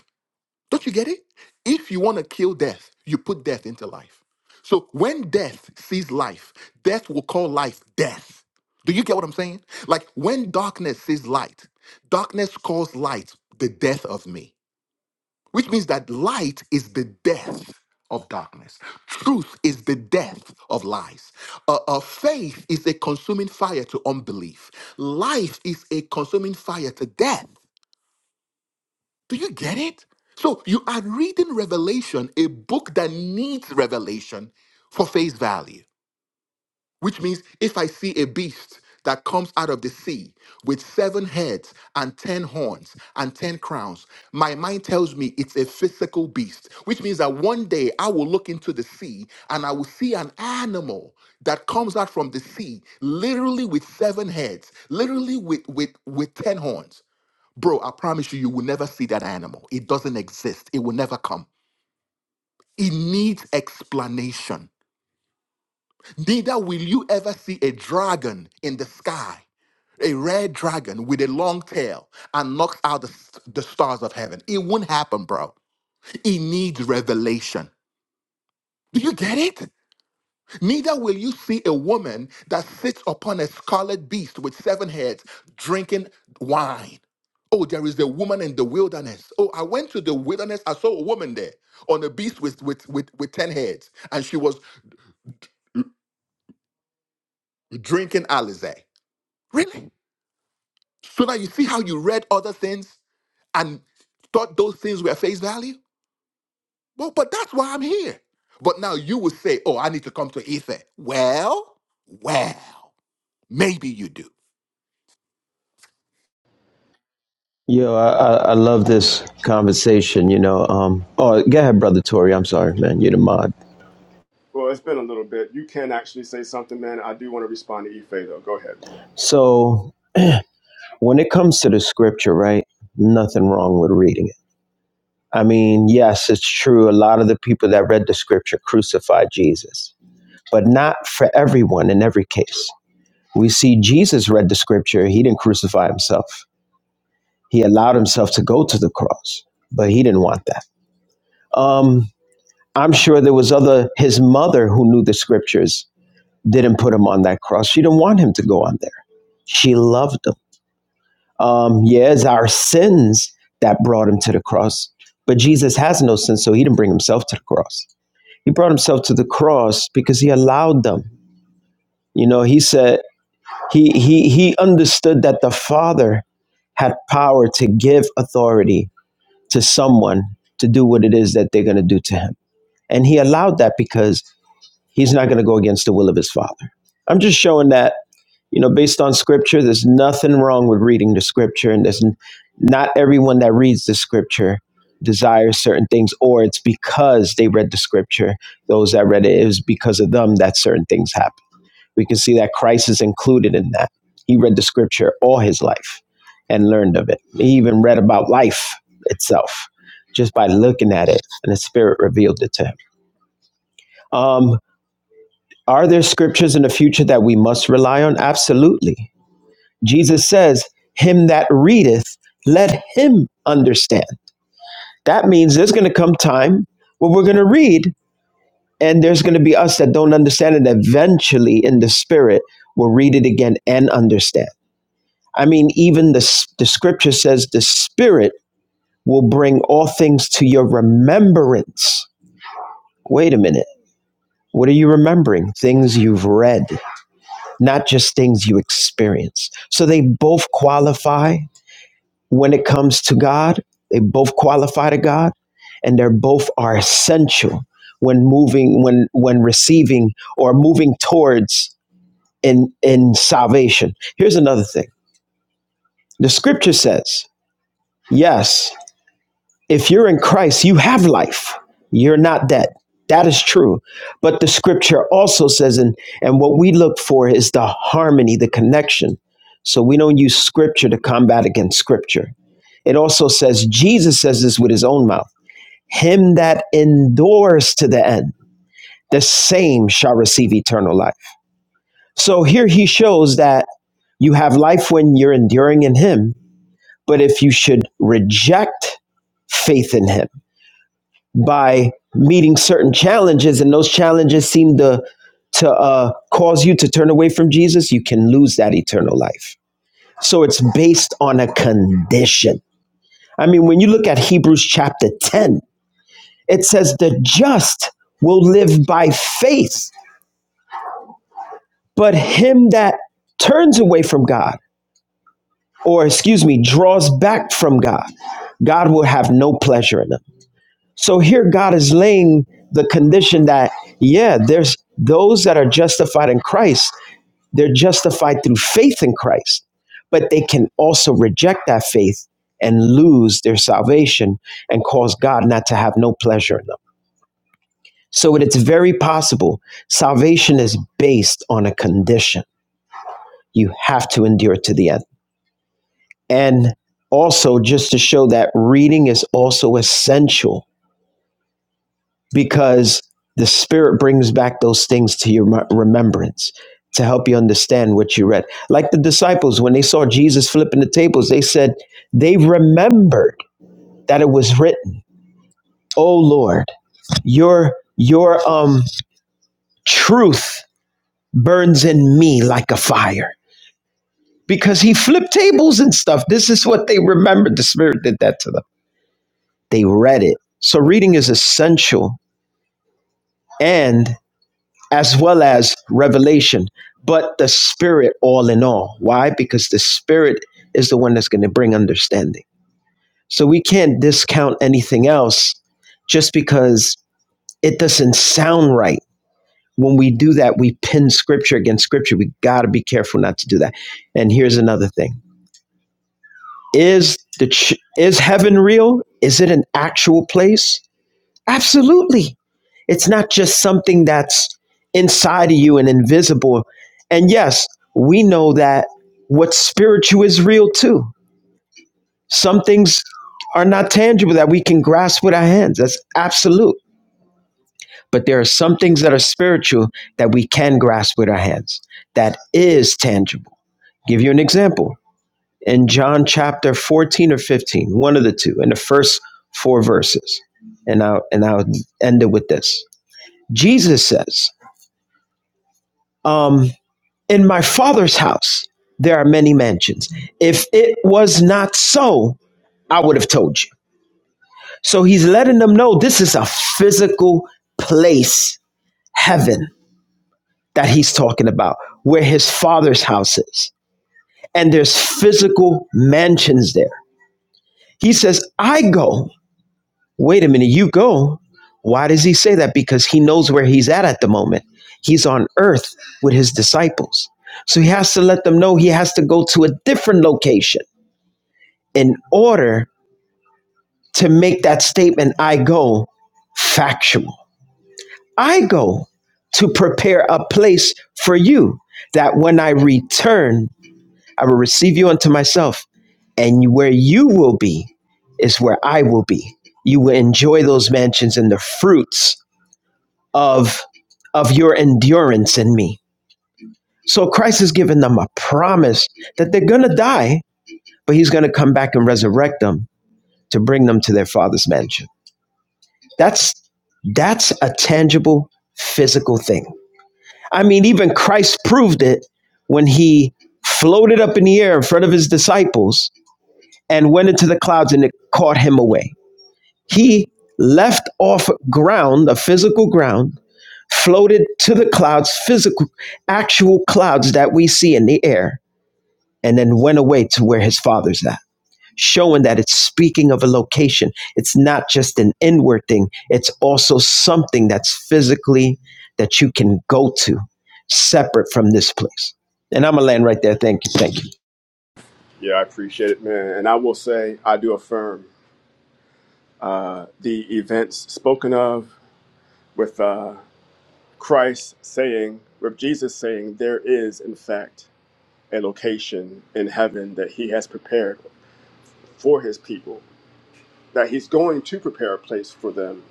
[SPEAKER 3] Don't you get it? If you want to kill death, you put death into life. So when death sees life, death will call life death. Do you get what I'm saying? Like when darkness sees light, darkness calls light the death of me, which means that light is the death of darkness. Truth is the death of lies. Uh, uh, faith is a consuming fire to unbelief. Life is a consuming fire to death. Do you get it? So you are reading Revelation, a book that needs revelation for face value, which means if I see a beast that comes out of the sea with seven heads and ten horns and ten crowns, my mind tells me it's a physical beast, which means that one day I will look into the sea and I will see an animal that comes out from the sea, literally with seven heads, literally with, with, with ten horns. Bro, I promise you, you will never see that animal. It doesn't exist. It will never come. It needs explanation. Neither will you ever see a dragon in the sky, a red dragon with a long tail and knocks out the, the stars of heaven. It won't happen, bro. It needs revelation. Do you get it? Neither will you see a woman that sits upon a scarlet beast with seven heads drinking wine. Oh, there is the woman in the wilderness. Oh, I went to the wilderness. I saw a woman there on a beast with, with, with, with 10 heads, and she was drinking Alizé. Really? So now you see how you read other things and thought those things were face value? Well, but that's why I'm here. But now you will say, oh, I need to come to Ether. Well, well, maybe you do.
[SPEAKER 5] Yo, I, I, I love this conversation, you know. Um, oh, go ahead, Brother Tori. I'm sorry, man. You're the mod.
[SPEAKER 1] Well, it's been a little bit. You can actually say something, man. I do want to respond to Ife though. Go ahead, Juan.
[SPEAKER 5] So, when it comes to the scripture, right, nothing wrong with reading it. I mean, yes, it's true. A lot of the people that read the scripture crucified Jesus, but not for everyone in every case. We see Jesus read the scripture, he didn't crucify himself, he allowed himself to go to the cross, but he didn't want that. Um, I'm sure there was other his mother who knew the scriptures didn't put him on that cross. She didn't want him to go on there. She loved him. Um, yeah, it's our sins that brought him to the cross. But Jesus has no sin, so he didn't bring himself to the cross. He brought himself to the cross because he allowed them. You know, he said he he he understood that the Father had power to give authority to someone to do what it is that they're going to do to him. And he allowed that because he's not going to go against the will of his father. I'm just showing that you know, based on scripture, there's nothing wrong with reading the scripture, and there's n- not everyone that reads the scripture desires certain things, or it's because they read the scripture. Those that read it, it was because of them that certain things happen. We can see that Christ is included in that. He read the scripture all his life and learned of it. He even read about life itself just by looking at it, and the Spirit revealed it to him. Um, are there scriptures in the future that we must rely on? Absolutely Jesus says, Him that readeth, let him understand. That means there's going to come time where we're going to read, and there's going to be us that don't understand it. Eventually, in the spirit, we'll read it again and understand. I mean, even the, the scripture says the spirit will bring all things to your remembrance. Wait a minute. What are you remembering? Things you've read, not just things you experience. So they both qualify when it comes to God. They both qualify to God and they're both are essential when moving when when receiving or moving towards in in salvation. Here's another thing. The scripture says, yes, if you're in Christ, you have life. You're not dead. That is true. But the scripture also says and and what we look for is the harmony, the connection. So we don't use scripture to combat against scripture It also says, Jesus says this with his own mouth Him that endures to the end, the same shall receive eternal life. So here he shows that you have life when you're enduring in him, but if you should reject faith in him by meeting certain challenges and those challenges seem to to uh, cause you to turn away from Jesus, you can lose that eternal life. So it's based on a condition. I mean, when you look at Hebrews chapter 10, It says, The just will live by faith, but him that turns away from God, or excuse me, draws back from God, God will have no pleasure in them. So here God is laying the condition that, yeah, there's those that are justified in Christ, they're justified through faith in Christ, but they can also reject that faith and lose their salvation and cause God not to have no pleasure in them. So it's very possible salvation is based on a condition. You have to endure to the end. And also, just to show that reading is also essential because the Spirit brings back those things to your remembrance to help you understand what you read. Like the disciples, when they saw Jesus flipping the tables, they said, they remembered that it was written, Oh Lord, your, your um, truth burns in me like a fire because he flipped tables and stuff. This is what they remembered. The Spirit did that to them. They read it. So reading is essential and as well as revelation, but the Spirit all in all. Why? Because the Spirit is the one that's going to bring understanding. So we can't discount anything else just because it doesn't sound right. When we do that, we pin scripture against scripture. We got to be careful not to do that. And here's another thing Is the ch- is heaven real? Is it an actual place? Absolutely. It's not just something that's inside of you and invisible. And yes, we know that what's spiritual is real too. Some things are not tangible that we can grasp with our hands. That's absolute. But there are some things that are spiritual that we can grasp with our hands. That is tangible. Give you an example. in John chapter 14 or fifteen, one of the two, in the first four verses. And I'll, and I'll end it with this. Jesus says, um, In my Father's house, there are many mansions. If it was not so, I would have told you. So he's letting them know this is a physical place, heaven, that he's talking about, where his Father's house is. And there's physical mansions there. He says, I go wait a minute, you go. Why does he say that? Because he knows where he's at at the moment. He's on earth with his disciples. So he has to let them know he has to go to a different location in order to make that statement, I go, factual. I go to prepare a place for you that when I return, I will receive you unto myself. And where you will be is where I will be. You will enjoy those mansions and the fruits of of your endurance in me. So Christ has given them a promise that they're going to die, but he's going to come back and resurrect them to bring them to their father's mansion. That's that's a tangible physical thing. I mean even Christ proved it when he floated up in the air in front of his disciples and went into the clouds and it caught him away. He left off ground, a physical ground floated to the clouds, physical, actual clouds that we see in the air, and then went away to where his father's at, showing that it's speaking of a location. It's not just an inward thing, it's also something that's physically that you can go to separate from this place. And I'm going to land right there. Thank you. Thank
[SPEAKER 1] Yeah, I appreciate it, man. And I will say, I do affirm uh, the events spoken of with uh, Christ saying, with Jesus saying, there is, in fact, a location in heaven that he has prepared for his people, that he's going to prepare a place for them.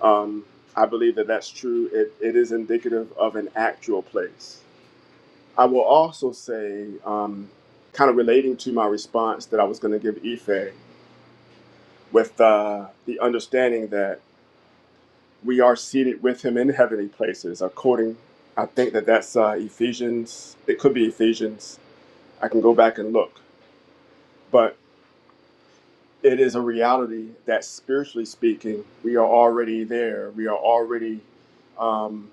[SPEAKER 1] Um, I believe that that's true. It, it is indicative of an actual place. I will also say, um, kind of relating to my response that I was going to give Ife, with uh, the understanding that we are seated with him in heavenly places according i think that that's uh, ephesians it could be ephesians i can go back and look but it is a reality that spiritually speaking we are already there we are already um,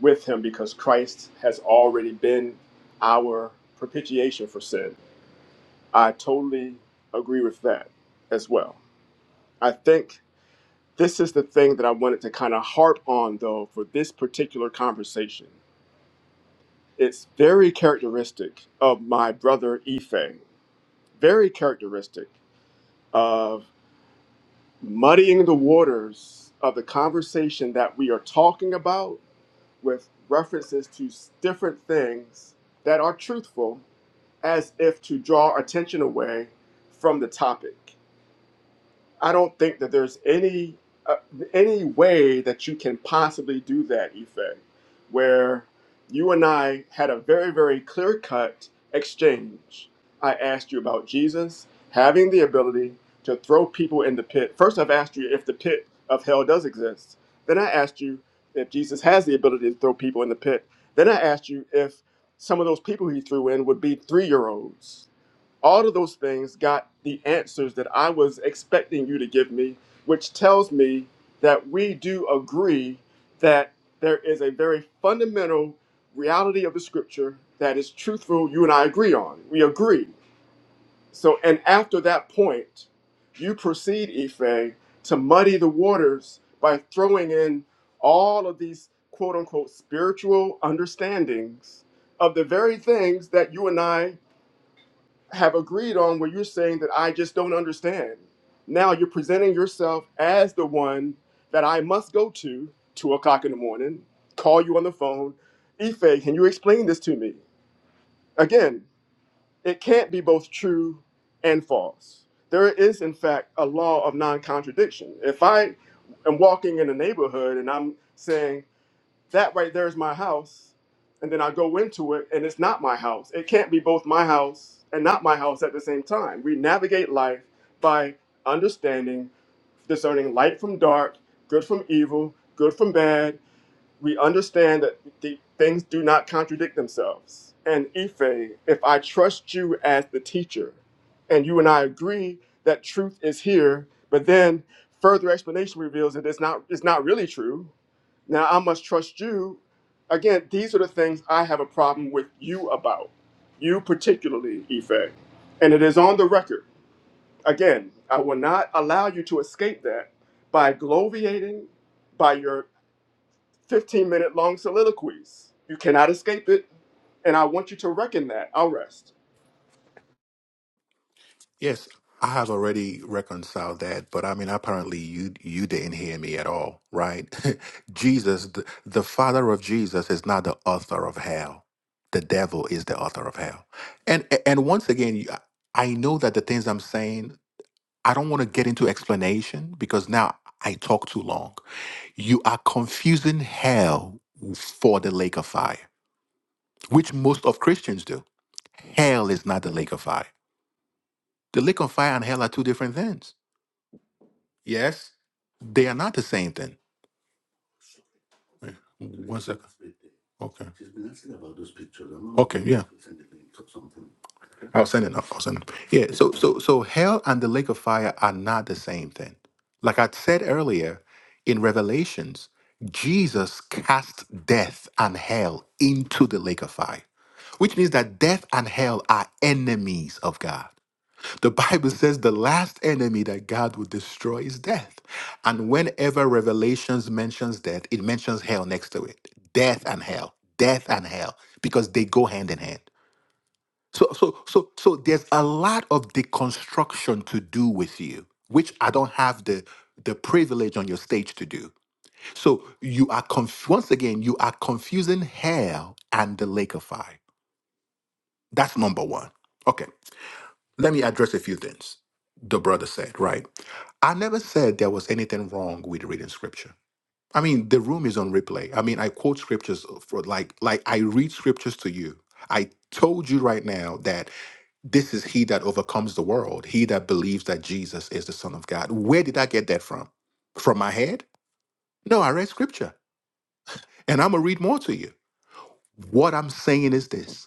[SPEAKER 1] with him because christ has already been our propitiation for sin i totally agree with that as well i think This is the thing that I wanted to kind of harp on, though, for this particular conversation. It's very characteristic of my brother Ife, very characteristic of muddying the waters of the conversation that we are talking about with references to s- different things that are truthful as if to draw attention away from the topic. I don't think that there's any uh, any way that you can possibly do that, Ife, where you and I had a very very clear cut exchange. I asked you about Jesus having the ability to throw people in the pit. First, I've asked you if the pit of hell does exist. Then I asked you if Jesus has the ability to throw people in the pit. Then I asked you if some of those people he threw in would be three year olds all of those things got the answers that I was expecting you to give me, which tells me that we do agree that there is a very fundamental reality of the scripture that is truthful, you and I agree on. We agree. So, and after that point, you proceed, Ife, to muddy the waters by throwing in all of these quote unquote spiritual understandings of the very things that you and I have agreed on where you're saying that I just don't understand. Now you're presenting yourself as the one that I must go to two o'clock in the morning, call you on the phone. Ife, can you explain this to me? Again, it can't be both true and false. There is, in fact, a law of non contradiction. If I am walking in a neighborhood and I'm saying, that right there is my house and then i go into it and it's not my house it can't be both my house and not my house at the same time we navigate life by understanding discerning light from dark good from evil good from bad we understand that the things do not contradict themselves. And Ife, if I trust you as the teacher, and you and I agree that truth is here, but then further explanation reveals that it's not it's not really true. Now I must trust you. Again, these are the things I have a problem with you about. You particularly, Ife. And it is on the record. Again, I will not allow you to escape that by gloviating, by your 15 minute long soliloquies. You cannot escape it. And I want you to reckon that. I'll rest.
[SPEAKER 3] Yes, I have already reconciled that, but I mean, apparently you you didn't hear me at all, right? <laughs> Jesus, the, the father of Jesus, is not the author of hell. The devil is the author of hell. And and once again, you- I know that the things I'm saying, I don't want to get into explanation because now I talk too long. You are confusing hell for the lake of fire, which most of Christians do. Hell is not the lake of fire. The lake of fire and hell are two different things. Yes, they are not the same thing. Wait, One second. Okay. Okay. Yeah. I'll send it. I'll send it. Yeah. So so so hell and the lake of fire are not the same thing. Like I said earlier, in Revelations, Jesus cast death and hell into the lake of fire, which means that death and hell are enemies of God. The Bible says the last enemy that God will destroy is death. And whenever Revelations mentions death, it mentions hell next to it. Death and hell. Death and hell. Because they go hand in hand. So so so so there's a lot of deconstruction to do with you, which I don't have the the privilege on your stage to do. So you are conf- once again, you are confusing hell and the lake of fire. That's number one. Okay. Let me address a few things the brother said, right? I never said there was anything wrong with reading scripture. I mean, the room is on replay. I mean, I quote scriptures for like like I read scriptures to you. I told you right now that this is he that overcomes the world, he that believes that Jesus is the son of God. Where did I get that from? From my head? No, I read scripture. And I'm going to read more to you. What I'm saying is this.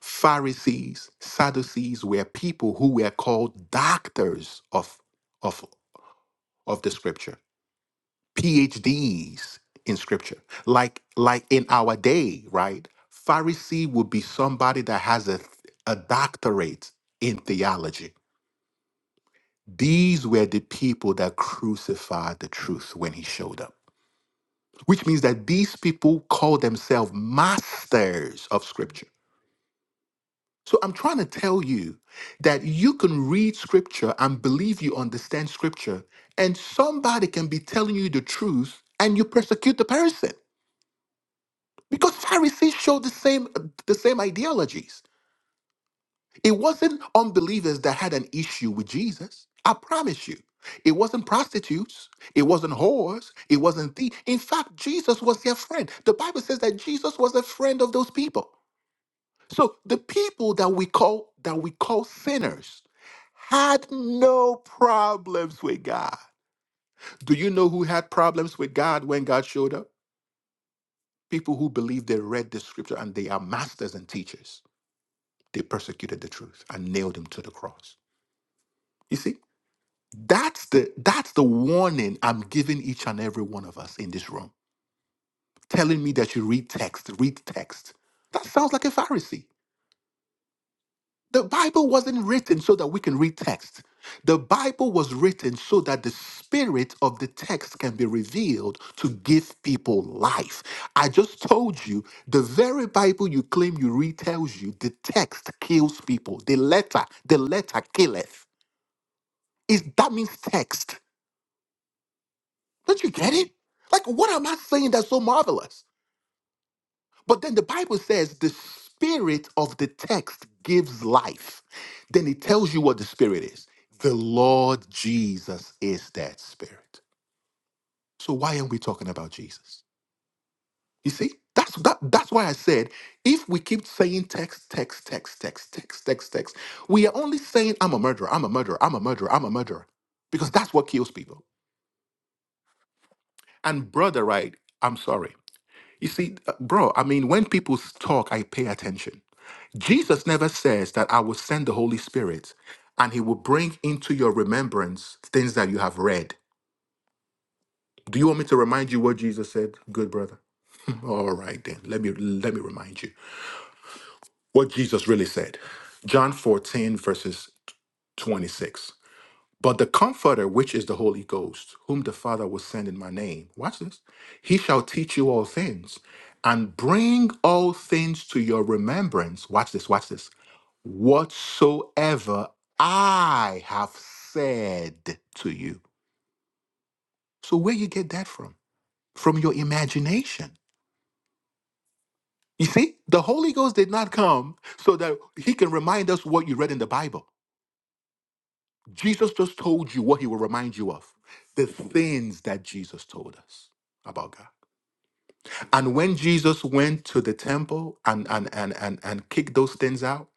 [SPEAKER 3] Pharisees, Sadducees were people who were called doctors of of of the scripture, PhDs in scripture. Like like in our day, right? Pharisee would be somebody that has a a doctorate in theology. These were the people that crucified the truth when he showed up. Which means that these people call themselves masters of scripture So I'm trying to tell you that you can read scripture and believe you understand scripture, and somebody can be telling you the truth and you persecute the person. Because Pharisees showed the same the same ideologies. It wasn't unbelievers that had an issue with Jesus. I promise you. It wasn't prostitutes. It wasn't whores. It wasn't thieves. In fact, Jesus was their friend. The Bible says that Jesus was a friend of those people. So the people that we call that we call sinners had no problems with God. Do you know who had problems with God when God showed up? People who believed they read the scripture and they are masters and teachers. They persecuted the truth and nailed him to the cross. You see? That's the that's the warning I'm giving each and every one of us in this room. Telling me that you read text, read text. That sounds like a Pharisee. The Bible wasn't written so that we can read text. The Bible was written so that the spirit of the text can be revealed to give people life. I just told you the very Bible you claim you read tells you the text kills people. The letter, the letter killeth. Is that means text? Don't you get it? Like, what am I saying that's so marvelous? But then the Bible says the spirit of the text gives life. Then it tells you what the spirit is. The Lord Jesus is that spirit. So why aren't we talking about Jesus? You see, that's that, that's why I said if we keep saying text, text, text, text, text, text, text, we are only saying I'm a murderer, I'm a murderer, I'm a murderer, I'm a murderer, because that's what kills people. And brother, right? I'm sorry. You see, uh, bro. I mean, when people talk, I pay attention. Jesus never says that I will send the Holy Spirit and he will bring into your remembrance things that you have read. Do you want me to remind you what Jesus said, good brother? <laughs> All right then. Let me let me remind you what Jesus really said. John 14 verses 26. But the Comforter, which is the Holy Ghost, whom the Father will send in my name, watch this, he shall teach you all things and bring all things to your remembrance. Watch this, watch this. Whatsoever I have said to you. So, where you get that from? From your imagination. You see, the Holy Ghost did not come so that he can remind us what you read in the Bible. Jesus just told you what he will remind you of the things that Jesus told us about God. And when Jesus went to the temple and, and, and, and, and kicked those things out,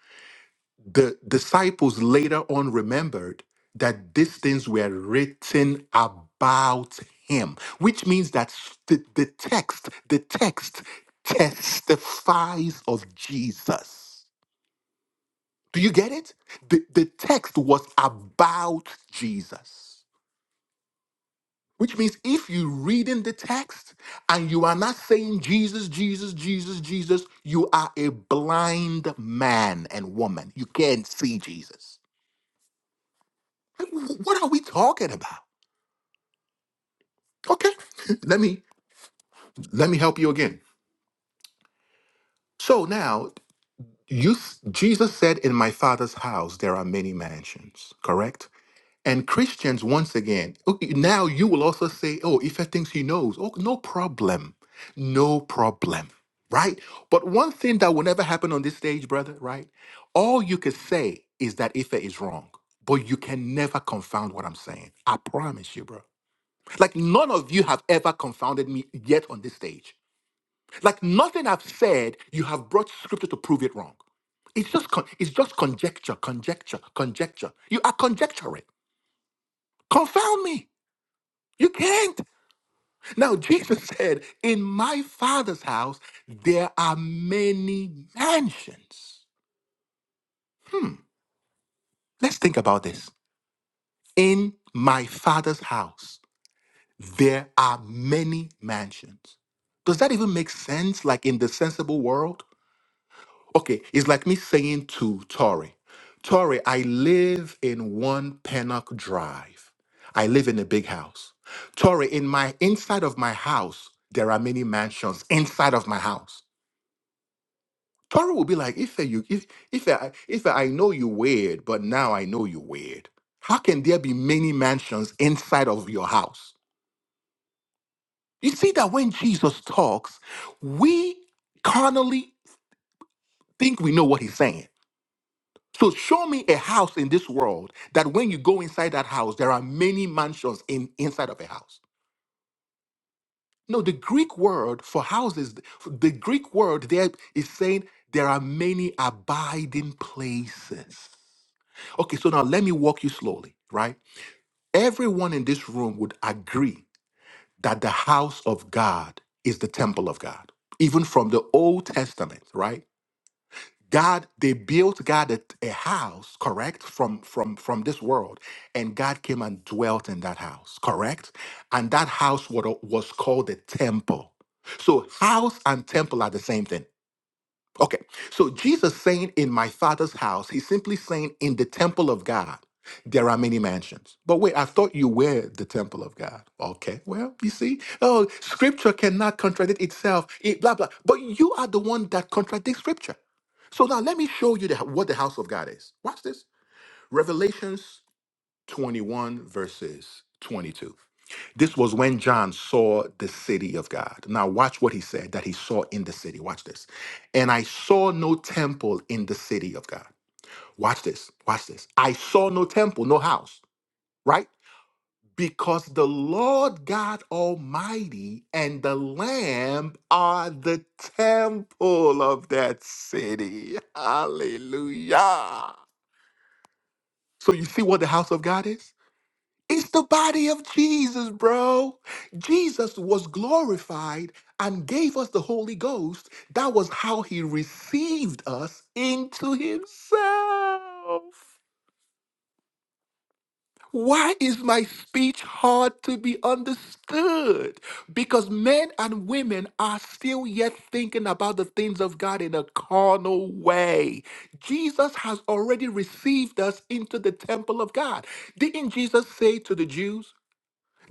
[SPEAKER 3] the disciples later on remembered that these things were written about him, which means that s- the, the text, the text testifies of Jesus. Do you get it? The, the text was about Jesus. Which means if you reading the text and you are not saying Jesus, Jesus, Jesus, Jesus, you are a blind man and woman. You can't see Jesus. Like, wh- What are we talking about? Okay, <laughs> let me let me help you again. So now, you Jesus said, "In my Father's house there are many mansions." Correct? And Christians, once again, okay, now you will also say, oh, if he thinks he knows, oh, no problem. No problem. Right? But one thing that will never happen on this stage, brother, right? All you could say is that Ife is wrong, but you can never confound what I'm saying. I promise you, bro. Like, none of you have ever confounded me yet on this stage. Like, nothing I've said, you have brought scripture to prove it wrong. It's just, con- it's just conjecture, conjecture, conjecture. You are conjecturing. Confound me. You can't. Now, Jesus said, In my Father's house, there are many mansions. Hmm. Let's think about this. In my Father's house, there are many mansions. Does that even make sense, like in the sensible world? Okay, it's like me saying to Tori, Tori, I live in one Pennock Drive. I live in a big house. Tori, in my inside of my house, there are many mansions inside of my house. Tori will be like, if you if if I if I know you weird, but now I know you weird. How can there be many mansions inside of your house? You see that when Jesus talks, we carnally think we know what he's saying So show me a house in this world that when you go inside that house, there are many mansions in inside of a house. No, the Greek word for houses, the Greek word there is saying there are many abiding places. Okay, so now let me walk you slowly, right? Everyone in this room would agree that the house of God is the temple of God, even from the Old Testament, right? God, they built God a, a house, correct, from from from this world, and God came and dwelt in that house, correct, and that house was was called the temple. So house and temple are the same thing. Okay, so Jesus saying in my father's house, he's simply saying in the temple of God, there are many mansions. But wait, I thought you were the temple of God. Okay, well, you see, oh, scripture cannot contradict itself, it, blah, blah. But you are the one that contradicts scripture. So now let me show you the, what the house of God is. Watch this. Revelations 21, verses 22. This was when John saw the city of God. Now, watch what he said that he saw in the city. Watch this. And I saw no temple in the city of God. Watch this. Watch this. I saw no temple, no house, right? Because the Lord God Almighty and the Lamb are the temple of that city. <laughs> Hallelujah. So, you see what the house of God is? It's the body of Jesus, bro. Jesus was glorified and gave us the Holy Ghost. That was how he received us into himself. Why is my speech hard to be understood? Because men and women are still yet thinking about the things of God in a carnal way. Jesus has already received us into the temple of God. Didn't Jesus say to the Jews,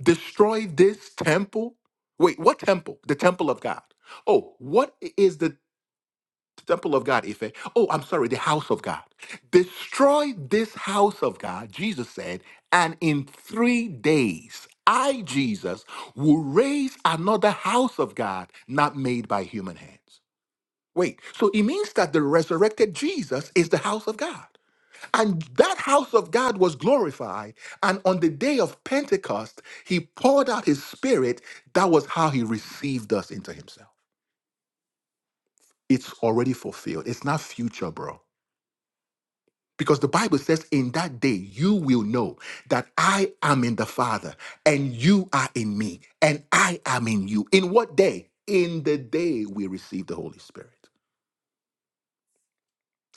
[SPEAKER 3] destroy this temple? Wait, what temple? The temple of God. Oh, what is the temple of God, Ife? Oh, I'm sorry, the house of God. Destroy this house of God, Jesus said, and in three days, I, Jesus, will raise another house of God not made by human hands. Wait, so it means that the resurrected Jesus is the house of God. And that house of God was glorified. And on the day of Pentecost, he poured out his spirit. That was how he received us into himself. It's already fulfilled. It's not future, bro. Because the Bible says, in that day, you will know that I am in the Father, and you are in me, and I am in you. In what day? In the day we receive the Holy Spirit.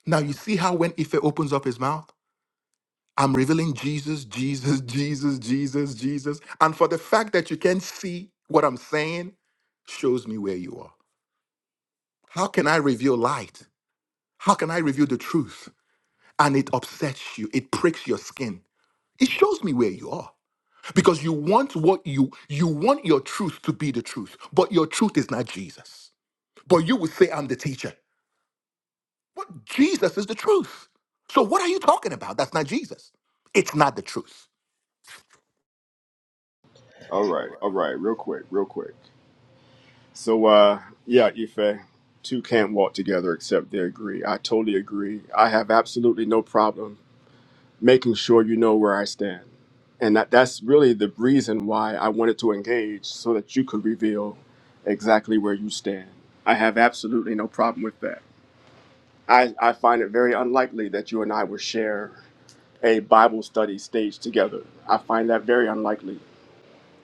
[SPEAKER 3] Now, you see how when Ife opens up his mouth? I'm revealing Jesus, Jesus, Jesus, Jesus, Jesus. And for the fact that you can't see what I'm saying, shows me where you are. How can I reveal light? How can I reveal the truth? And it upsets you, it pricks your skin. It shows me where you are. Because you want what you you want your truth to be the truth, but your truth is not Jesus. But you would say I'm the teacher. But Jesus is the truth. So what are you talking about? That's not Jesus. It's not the truth.
[SPEAKER 1] All right, all right, real quick, real quick. So, uh, yeah, Ife, two can't walk together except they agree. I totally agree. I have absolutely no problem making sure you know where I stand. And that, that's really the reason why I wanted to engage so that you could reveal exactly where you stand. I have absolutely no problem with that. I, I find it very unlikely that you and I will share a Bible study staged together. I find that very unlikely.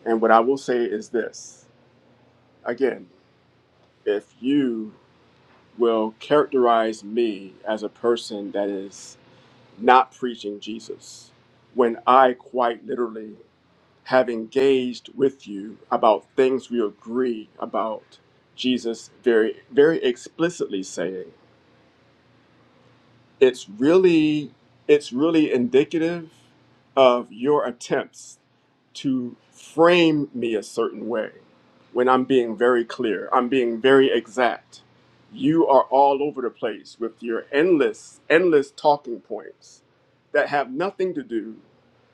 [SPEAKER 1] And what I will say is this again, if you will characterize me as a person that is not preaching Jesus, when I quite literally have engaged with you about things we agree about Jesus very, very explicitly saying. it's really it's really indicative of your attempts to frame me a certain way when i'm being very clear i'm being very exact you are all over the place with your endless endless talking points that have nothing to do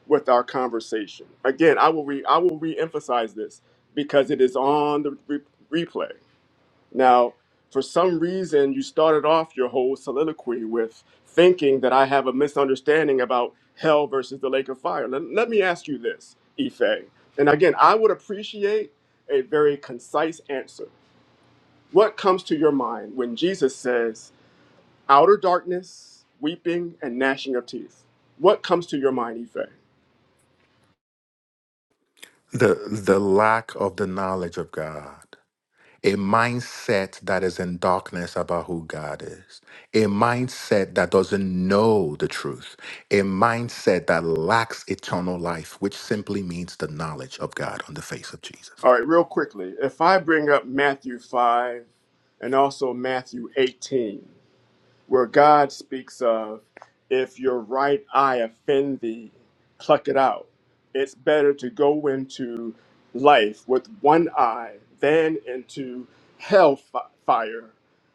[SPEAKER 1] with our conversation again i will re i will re-emphasize this because it is on the re- replay now, for some reason, you started off your whole soliloquy with thinking that I have a misunderstanding about hell versus the lake of fire. Let, let me ask you this, Ife. And again, I would appreciate a very concise answer. What comes to your mind when Jesus says, outer darkness, weeping, and gnashing of teeth? What comes to your mind, Ife?
[SPEAKER 3] the the lack of the knowledge of God, a mindset that is in darkness about who God is, a mindset that doesn't know the truth, a mindset that lacks eternal life, which simply means the knowledge of God on the face of Jesus.
[SPEAKER 1] All right, real quickly, if I bring up Matthew 5 and also Matthew 18. where God speaks of, if your right eye offend thee, pluck it out. It's better to go into life with one eye than into hell fi- fire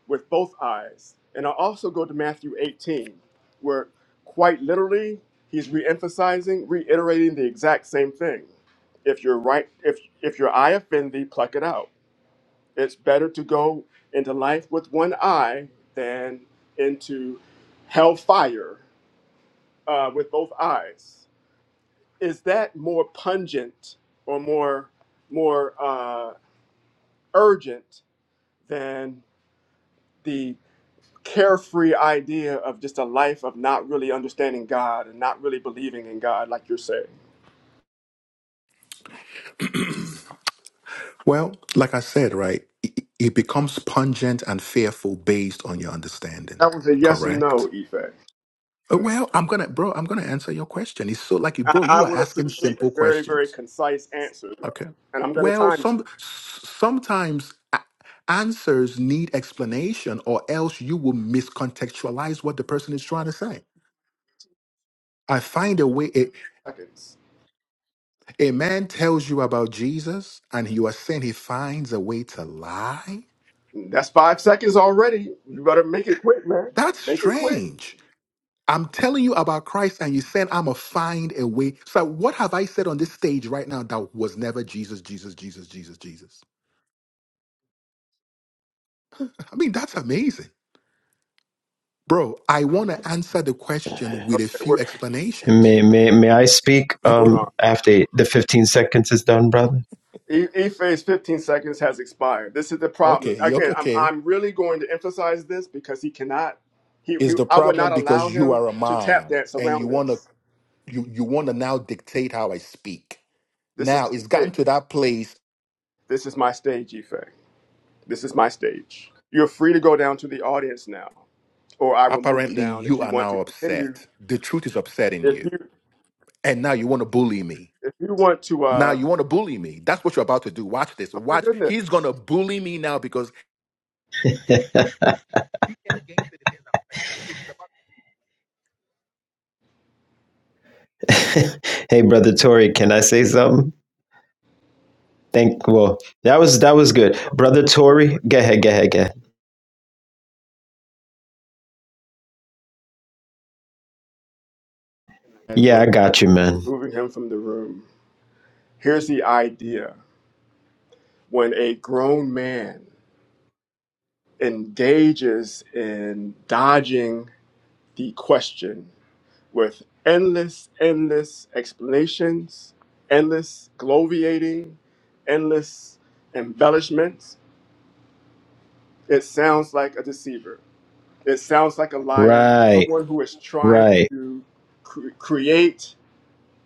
[SPEAKER 1] with both eyes. And I'll also go to Matthew 18, where quite literally he's re-emphasizing, reiterating the exact same thing. If your right, if if your eye offend thee, pluck it out. It's better to go into life with one eye than into hellfire uh, with both eyes. Is that more pungent or more more uh, urgent than the carefree idea of just a life of not really understanding God and not really believing in God, like you're saying?
[SPEAKER 3] Well, like I said, right, it, it becomes pungent and fearful based on your understanding.
[SPEAKER 1] That was a yes or no,
[SPEAKER 3] Correct.
[SPEAKER 1] Ife.
[SPEAKER 3] Uh, Well, I'm gonna, bro. I'm gonna answer your question. It's so like, you-
[SPEAKER 1] I,
[SPEAKER 3] bro, you
[SPEAKER 1] I
[SPEAKER 3] are
[SPEAKER 1] would
[SPEAKER 3] asking
[SPEAKER 1] appreciate a
[SPEAKER 3] simple
[SPEAKER 1] very, very
[SPEAKER 3] questions.
[SPEAKER 1] concise answer, though.
[SPEAKER 3] Okay.
[SPEAKER 1] And I'm going to
[SPEAKER 3] Well,
[SPEAKER 1] time you.
[SPEAKER 3] some s- sometimes a- answers need explanation, or else you will miscontextualize what the person is trying to say. I find a way. A,
[SPEAKER 1] Seconds.
[SPEAKER 3] a man tells you about Jesus, and you are saying he finds a way to lie.
[SPEAKER 1] That's five seconds already. You better make it quick, man.
[SPEAKER 3] That's
[SPEAKER 1] Make it quick.
[SPEAKER 3] strange. I'm telling you about Christ, and you're saying I'm a find a way. So, what have I said on this stage right now that was never Jesus, Jesus, Jesus, Jesus, Jesus? I mean, that's amazing. Bro, I want
[SPEAKER 5] you.
[SPEAKER 3] to answer the question with a
[SPEAKER 1] Okay, wait,
[SPEAKER 3] few explanations.
[SPEAKER 5] May may may I speak
[SPEAKER 1] hold on.
[SPEAKER 5] um after the 15 seconds is done, brother?
[SPEAKER 1] E E phase 15 seconds has expired. This is the problem.
[SPEAKER 3] Okay, you-
[SPEAKER 1] Again,
[SPEAKER 3] okay,
[SPEAKER 1] I'm
[SPEAKER 3] okay.
[SPEAKER 1] I'm really going to emphasize this because he cannot. He, he
[SPEAKER 3] Is the
[SPEAKER 1] I would not
[SPEAKER 3] problem
[SPEAKER 1] allow
[SPEAKER 3] because you
[SPEAKER 1] him
[SPEAKER 3] are a
[SPEAKER 1] to tap
[SPEAKER 3] man
[SPEAKER 1] dance
[SPEAKER 3] and you
[SPEAKER 1] around
[SPEAKER 3] want to
[SPEAKER 1] this.
[SPEAKER 3] you you want to now dictate how I speak?
[SPEAKER 1] This is
[SPEAKER 3] Now it's
[SPEAKER 1] hey,
[SPEAKER 3] gotten to that place.
[SPEAKER 1] this is my stage, Ife. This is my stage. You're free to go down to the audience now, or I will move you
[SPEAKER 3] Apparently,
[SPEAKER 1] down if
[SPEAKER 3] you
[SPEAKER 1] you
[SPEAKER 3] are
[SPEAKER 1] want to
[SPEAKER 3] now
[SPEAKER 1] continue.
[SPEAKER 3] upset. The truth is upsetting
[SPEAKER 1] If
[SPEAKER 3] you,
[SPEAKER 1] you
[SPEAKER 3] and now you want to bully me.
[SPEAKER 1] if you want to,
[SPEAKER 3] Now
[SPEAKER 1] uh,
[SPEAKER 3] you want to bully me. That's what you're about to do. Watch this.
[SPEAKER 1] oh my
[SPEAKER 3] Watch.
[SPEAKER 1] goodness,
[SPEAKER 3] He's gonna bully me now because
[SPEAKER 5] <laughs> hey, brother Tori, can I say something? Thank well, that was that was good. Brother Tori, go ahead, go ahead, go ahead. Yeah,
[SPEAKER 1] Edward,
[SPEAKER 5] I got you, man.
[SPEAKER 1] removing him from the room. Here's the idea when a grown man engages in dodging the question with endless, endless explanations, endless gloviating, endless embellishments, it sounds like a deceiver. It sounds like a liar,
[SPEAKER 5] Right,
[SPEAKER 1] someone who is trying
[SPEAKER 5] right.
[SPEAKER 1] to cre- create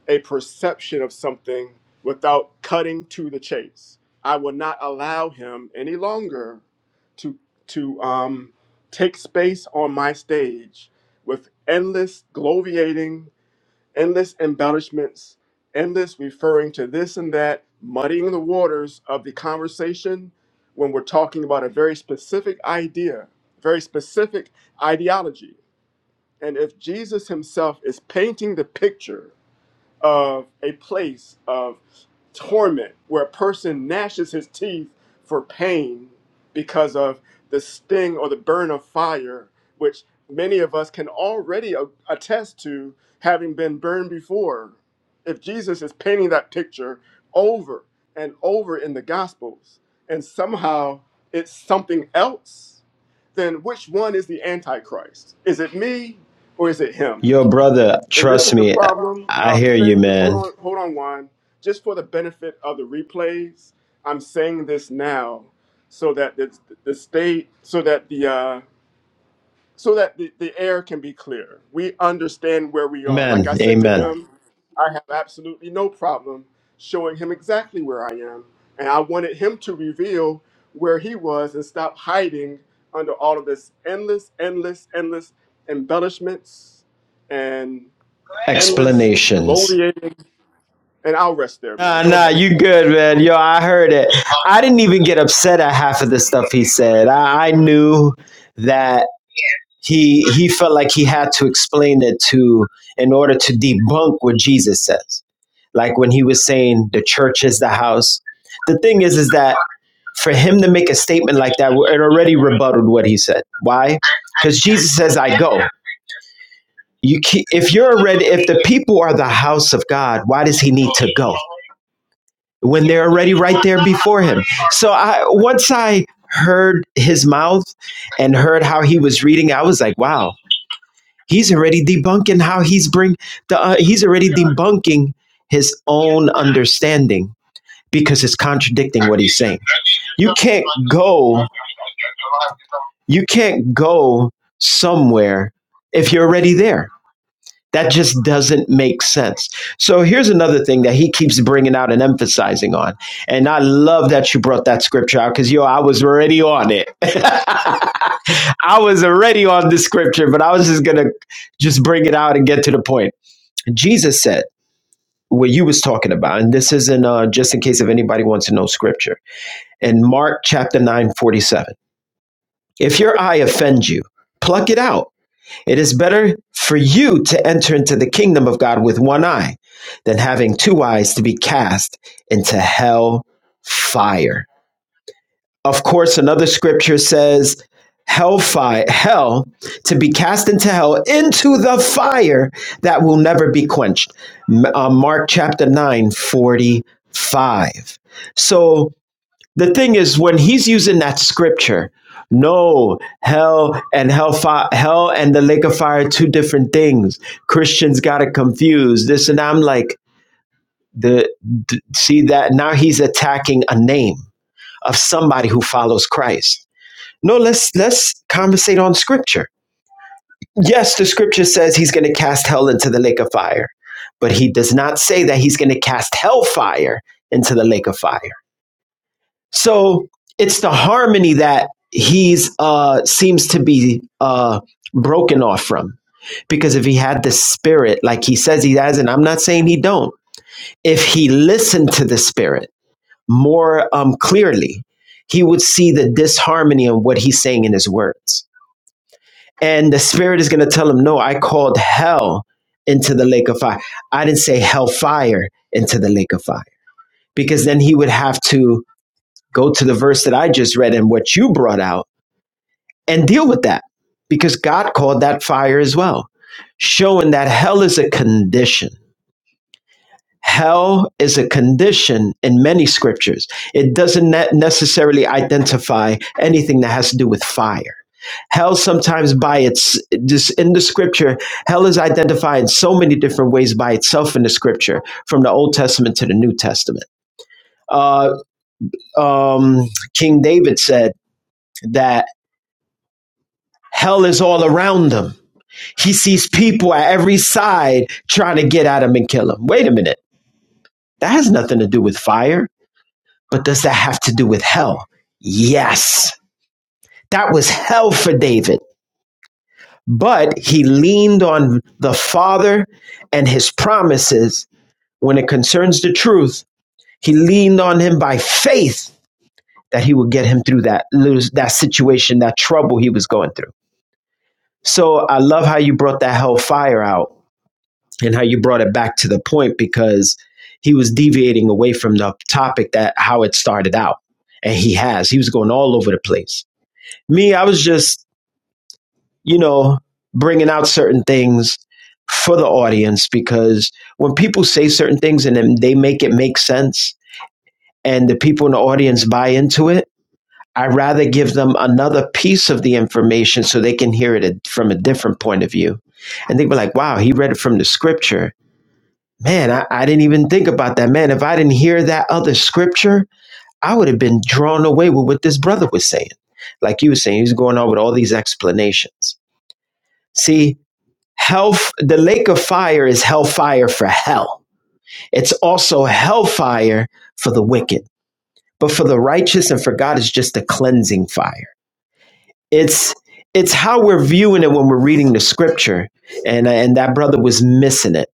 [SPEAKER 1] a perception of something without cutting to the chase. I will not allow him any longer to to um, take space on my stage with endless gloviating, endless embellishments, endless referring to this and that, muddying the waters of the conversation when we're talking about a very specific idea, very specific ideology. And if Jesus himself is painting the picture of a place of torment where a person gnashes his teeth for pain because of the sting or the burn of fire, which many of us can already a- attest to having been burned before. If Jesus is painting that picture over and over in the Gospels, and somehow it's something else, then which one is the Antichrist? Is it me or is it him?
[SPEAKER 5] Yo, brother,
[SPEAKER 1] And this is
[SPEAKER 5] trust
[SPEAKER 1] the
[SPEAKER 5] me, I
[SPEAKER 1] problem.
[SPEAKER 5] I
[SPEAKER 1] I'm
[SPEAKER 5] hear you,
[SPEAKER 1] saying this. Hold
[SPEAKER 5] man.
[SPEAKER 1] on, hold on, Juan. Just for the benefit of the replays, I'm saying this now, so that the, the state, so that the uh, so that the, the air can be clear. We understand where we are. Like
[SPEAKER 5] Amen.
[SPEAKER 1] I said to
[SPEAKER 5] Amen.
[SPEAKER 1] him, I have absolutely no problem showing him exactly where I am, and I wanted him to reveal where he was and stop hiding under all of this endless, endless, endless embellishments and endless,
[SPEAKER 5] Explanations.
[SPEAKER 1] gloating, and I'll rest there, man.
[SPEAKER 5] Nah,
[SPEAKER 1] Go
[SPEAKER 5] nah,
[SPEAKER 1] ahead.
[SPEAKER 5] you good, man. Yo, I heard it. I didn't even get upset at half of the stuff he said. I, I knew that he he felt like he had to explain it to in order to debunk what Jesus says. Like when he was saying the church is the house. The thing is, is that for him to make a statement like that, it already rebutted what he said. Why? Because Jesus says, "I go." You keep, if you're already if the people are the house of God, why does he need to go? when they're already right there before him. So I once I heard his mouth and heard how he was reading, I was like, wow, he's already debunking how he's bring the uh, he's already debunking his own understanding because it's contradicting what he's saying. You can't go you can't go somewhere if you're already there That just doesn't make sense. So here's another thing that he keeps bringing out and emphasizing on. And I love that you brought that scripture out because, yo, I was already on it. <laughs> I was already on the scripture, but I was just going to just bring it out and get to the point. Jesus said, what you was talking about, and this isn't uh, just in case if anybody wants to know scripture. In Mark chapter 9 47. if your eye offends you, pluck it out it is better for you to enter into the kingdom of God with one eye than having two eyes to be cast into hell fire. Of course, another scripture says, Hell fire, hell to be cast into hell into the fire that will never be quenched. uh, Mark chapter nine forty five. So the thing is when he's using that scripture no hell and hellfire hell and the lake of fire two different things christians got it confused this and i'm like the d- see that now he's attacking a name of somebody who follows christ no let's let's conversate on scripture yes the scripture says he's going to cast hell into the lake of fire but he does not say that he's going to cast hellfire into the lake of fire So it's the harmony that he's uh seems to be uh broken off from. Because if he had the spirit, like he says he has, and I'm not saying he don't, if he listened to the spirit more um clearly, he would see the disharmony in what he's saying in his words. And the spirit is gonna tell him, No, I called hell into the lake of fire. I didn't say hellfire into the lake of fire. Because then he would have to go to the verse that I just read and what you brought out and deal with that because God called that fire as well, showing that hell is a condition. Hell is a condition in many scriptures. It doesn't necessarily identify anything that has to do with fire. Hell sometimes by its just in the scripture, hell is identified in so many different ways by itself in the scripture, from the Old Testament to the New Testament. Uh, um, King David said that Hell is all around him. He sees people at every side trying to get at him and kill him. Wait a minute. That has nothing to do with fire, but does that have to do with hell? Yes. That was hell for David. But he leaned on the Father and his promises when it concerns the truth. He leaned on him by faith that he would get him through that lose that situation, that trouble he was going through. So I love how you brought that hell fire out and how you brought it back to the point because he was deviating away from the topic that how it started out. And he has. He was going all over the place. Me, I was just, you know, bringing out certain things for the audience because when people say certain things and then they make it make sense and the people in the audience buy into it, I rather give them another piece of the information so they can hear it from a different point of view. And they were like, wow, he read it from the scripture Man, I, I didn't even think about that. Man, if I didn't hear that other scripture, I would have been drawn away with what this brother was saying. Like you were saying, he's going on with all these explanations. See, health, the lake of fire is hellfire for hell. It's also hellfire for the wicked. But for the righteous and for God, it's just a cleansing fire. It's it's how we're viewing it when we're reading the scripture. And, and that brother was missing it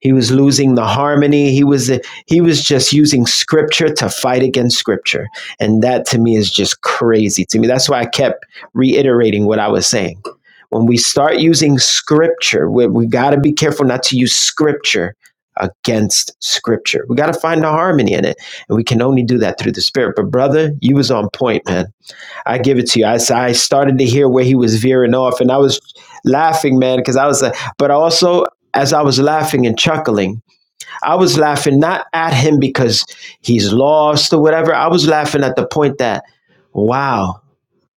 [SPEAKER 5] He was losing the harmony. He was he was just using scripture to fight against scripture. And that to me is just crazy to me. That's why I kept reiterating what I was saying. When we start using scripture, we, we got to be careful not to use scripture against scripture. We got to find the harmony in it. And we can only do that through the spirit. But brother, you was on point, man I give it to you. I I started to hear where he was veering off, and I was laughing, man, because I was like, but also as I was laughing and chuckling, I was laughing not at him because he's lost or whatever. I was laughing at the point that, wow,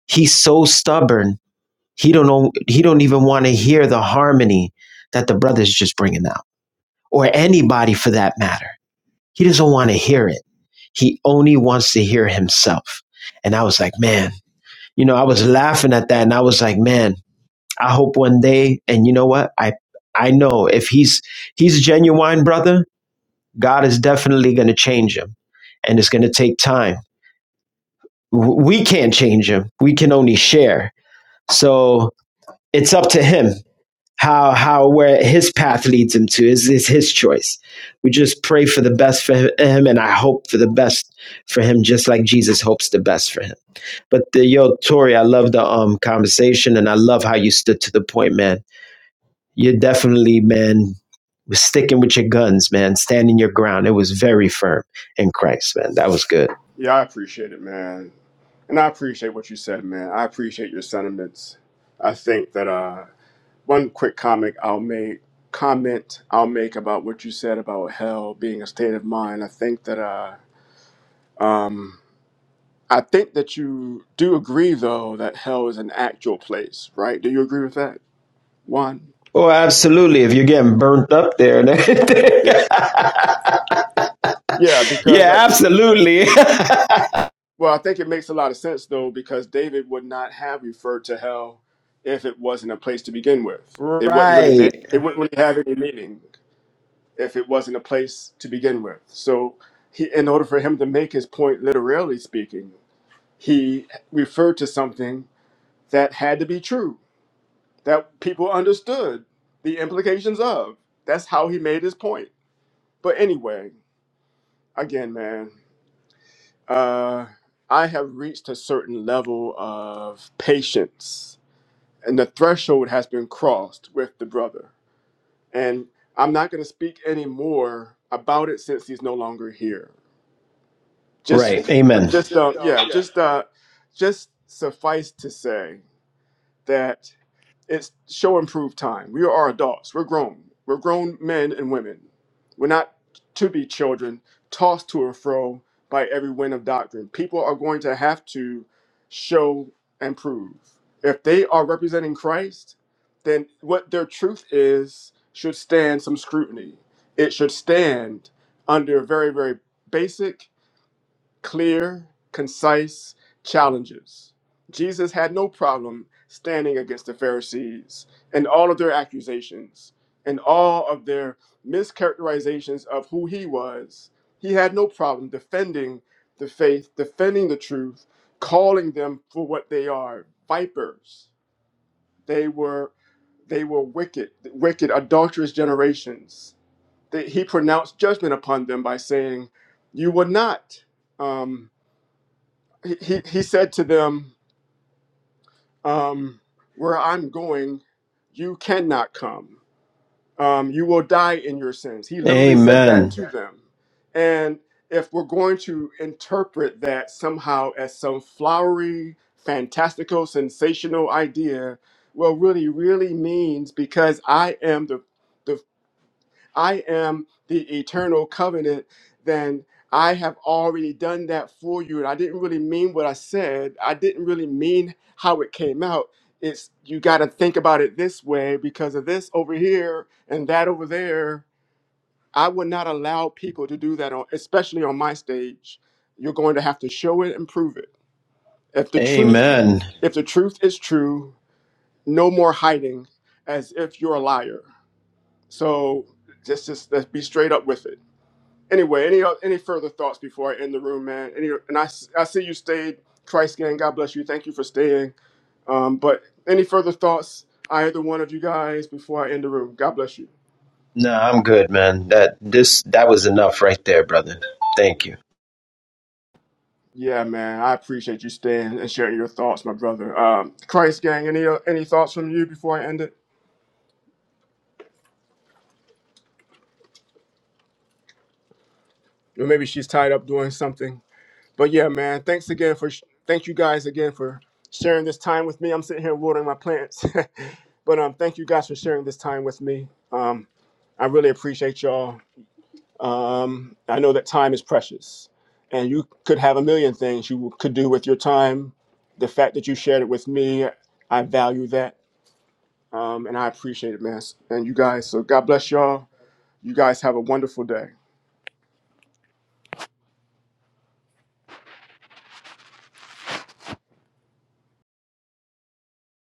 [SPEAKER 5] he's so stubborn. He don't know. He don't even want to hear the harmony that the brother's just bringing out, or anybody for that matter. He doesn't want to hear it. He only wants to hear himself. And I was like, man you know, I was laughing at that and I was like, man, I hope one day, and you know what? I, I know if he's, he's a genuine brother, God is definitely going to change him and it's going to take time. W- We can't change him. We can only share. So it's up to him how, how, where his path leads him to is, is his choice. We just pray for the best for him and I hope for the best for him, just like Jesus hopes the best for him. But the yo, Tori, I love the um conversation and I love how you stood to the point, man. You're definitely, man, was sticking with your guns, man, standing your ground. It was very firm in Christ, man. That was good.
[SPEAKER 1] Yeah, I appreciate it, man. And I appreciate what you said, man. I appreciate your sentiments. I think that uh one quick comment I'll make comment I'll make about what you said about hell being a state of mind. I think that uh um I think that you do agree though that hell is an actual place, right? Do you agree with that? One?
[SPEAKER 5] Oh, absolutely. If you're getting burnt up there and everything.
[SPEAKER 1] Yeah. Yeah,
[SPEAKER 5] <laughs>
[SPEAKER 1] because
[SPEAKER 5] yeah,
[SPEAKER 1] I,
[SPEAKER 5] absolutely. <laughs>
[SPEAKER 1] Well, I think it makes a lot of sense though, because David would not have referred to hell if it wasn't a place to begin with. It wouldn't really
[SPEAKER 5] Right.
[SPEAKER 1] ma- it wouldn't really have any meaning if it wasn't a place to begin with. So, he, in order for him to make his point, literally speaking, he referred to something that had to be true that people understood the implications of. That's how he made his point. But anyway, again, man. Uh, I have reached a certain level of patience, and the threshold has been crossed with the brother. And I'm not going to speak any more about it since he's no longer here. Just,
[SPEAKER 5] Right. Amen.
[SPEAKER 1] just, um, yeah, just, uh, just suffice to say that it's show improved time. We are adults. We're grown. We're grown men and women. We're not to be children tossed to and fro by every wind of doctrine. People are going to have to show and prove. If they are representing Christ, then what their truth is should stand some scrutiny. It should stand under very, very basic clear, concise challenges. Jesus had no problem standing against the Pharisees and all of their accusations and all of their mischaracterizations of who he was. He had no problem defending the faith, defending the truth, calling them for what they are, vipers. They were they were wicked, wicked adulterous generations. They, he pronounced judgment upon them by saying, "You will not." Um, he, he he said to them, um, Where I'm going, you cannot come. Um, you will die in your sins. He literally said that
[SPEAKER 5] Amen.
[SPEAKER 1] to them. And if we're going to interpret that somehow as some flowery, fantastical, sensational idea, well, really, really means because I am the, the I am the eternal covenant, then I have already done that for you. And I didn't really mean what I said. I didn't really mean how it came out. It's you got to think about it this way because of this over here and that over there. I would not allow people to do that, on, especially on my stage. You're going to have to show it and prove it. If the truth,
[SPEAKER 5] Amen.
[SPEAKER 1] if the truth is true, no more hiding, as if you're a liar. So just, just let's be straight up with it Anyway, any any further thoughts before I end the room, man? Any and I I see you stayed, Christ gang. God bless you. Thank you for staying. Um, but any further thoughts, either one of you guys, before I end the room? God bless you.
[SPEAKER 5] No, I'm good, man. That this that was enough right there, brother. Thank you.
[SPEAKER 1] Yeah, man, I appreciate you staying and sharing your thoughts, my brother. Um, Christ gang, any uh, any thoughts from you before I end it? Or maybe she's tied up doing something. But yeah, man, thanks again for sh- thank you guys again for sharing this time with me. I'm sitting here watering my plants. <laughs> but um, thank you guys for sharing this time with me. Um, I really appreciate y'all. Um, I know that time is precious, and you could have a million things you could do with your time. The fact that you shared it with me, I value that, um, and I appreciate it, man. And you guys, so God bless y'all. You guys have a wonderful day.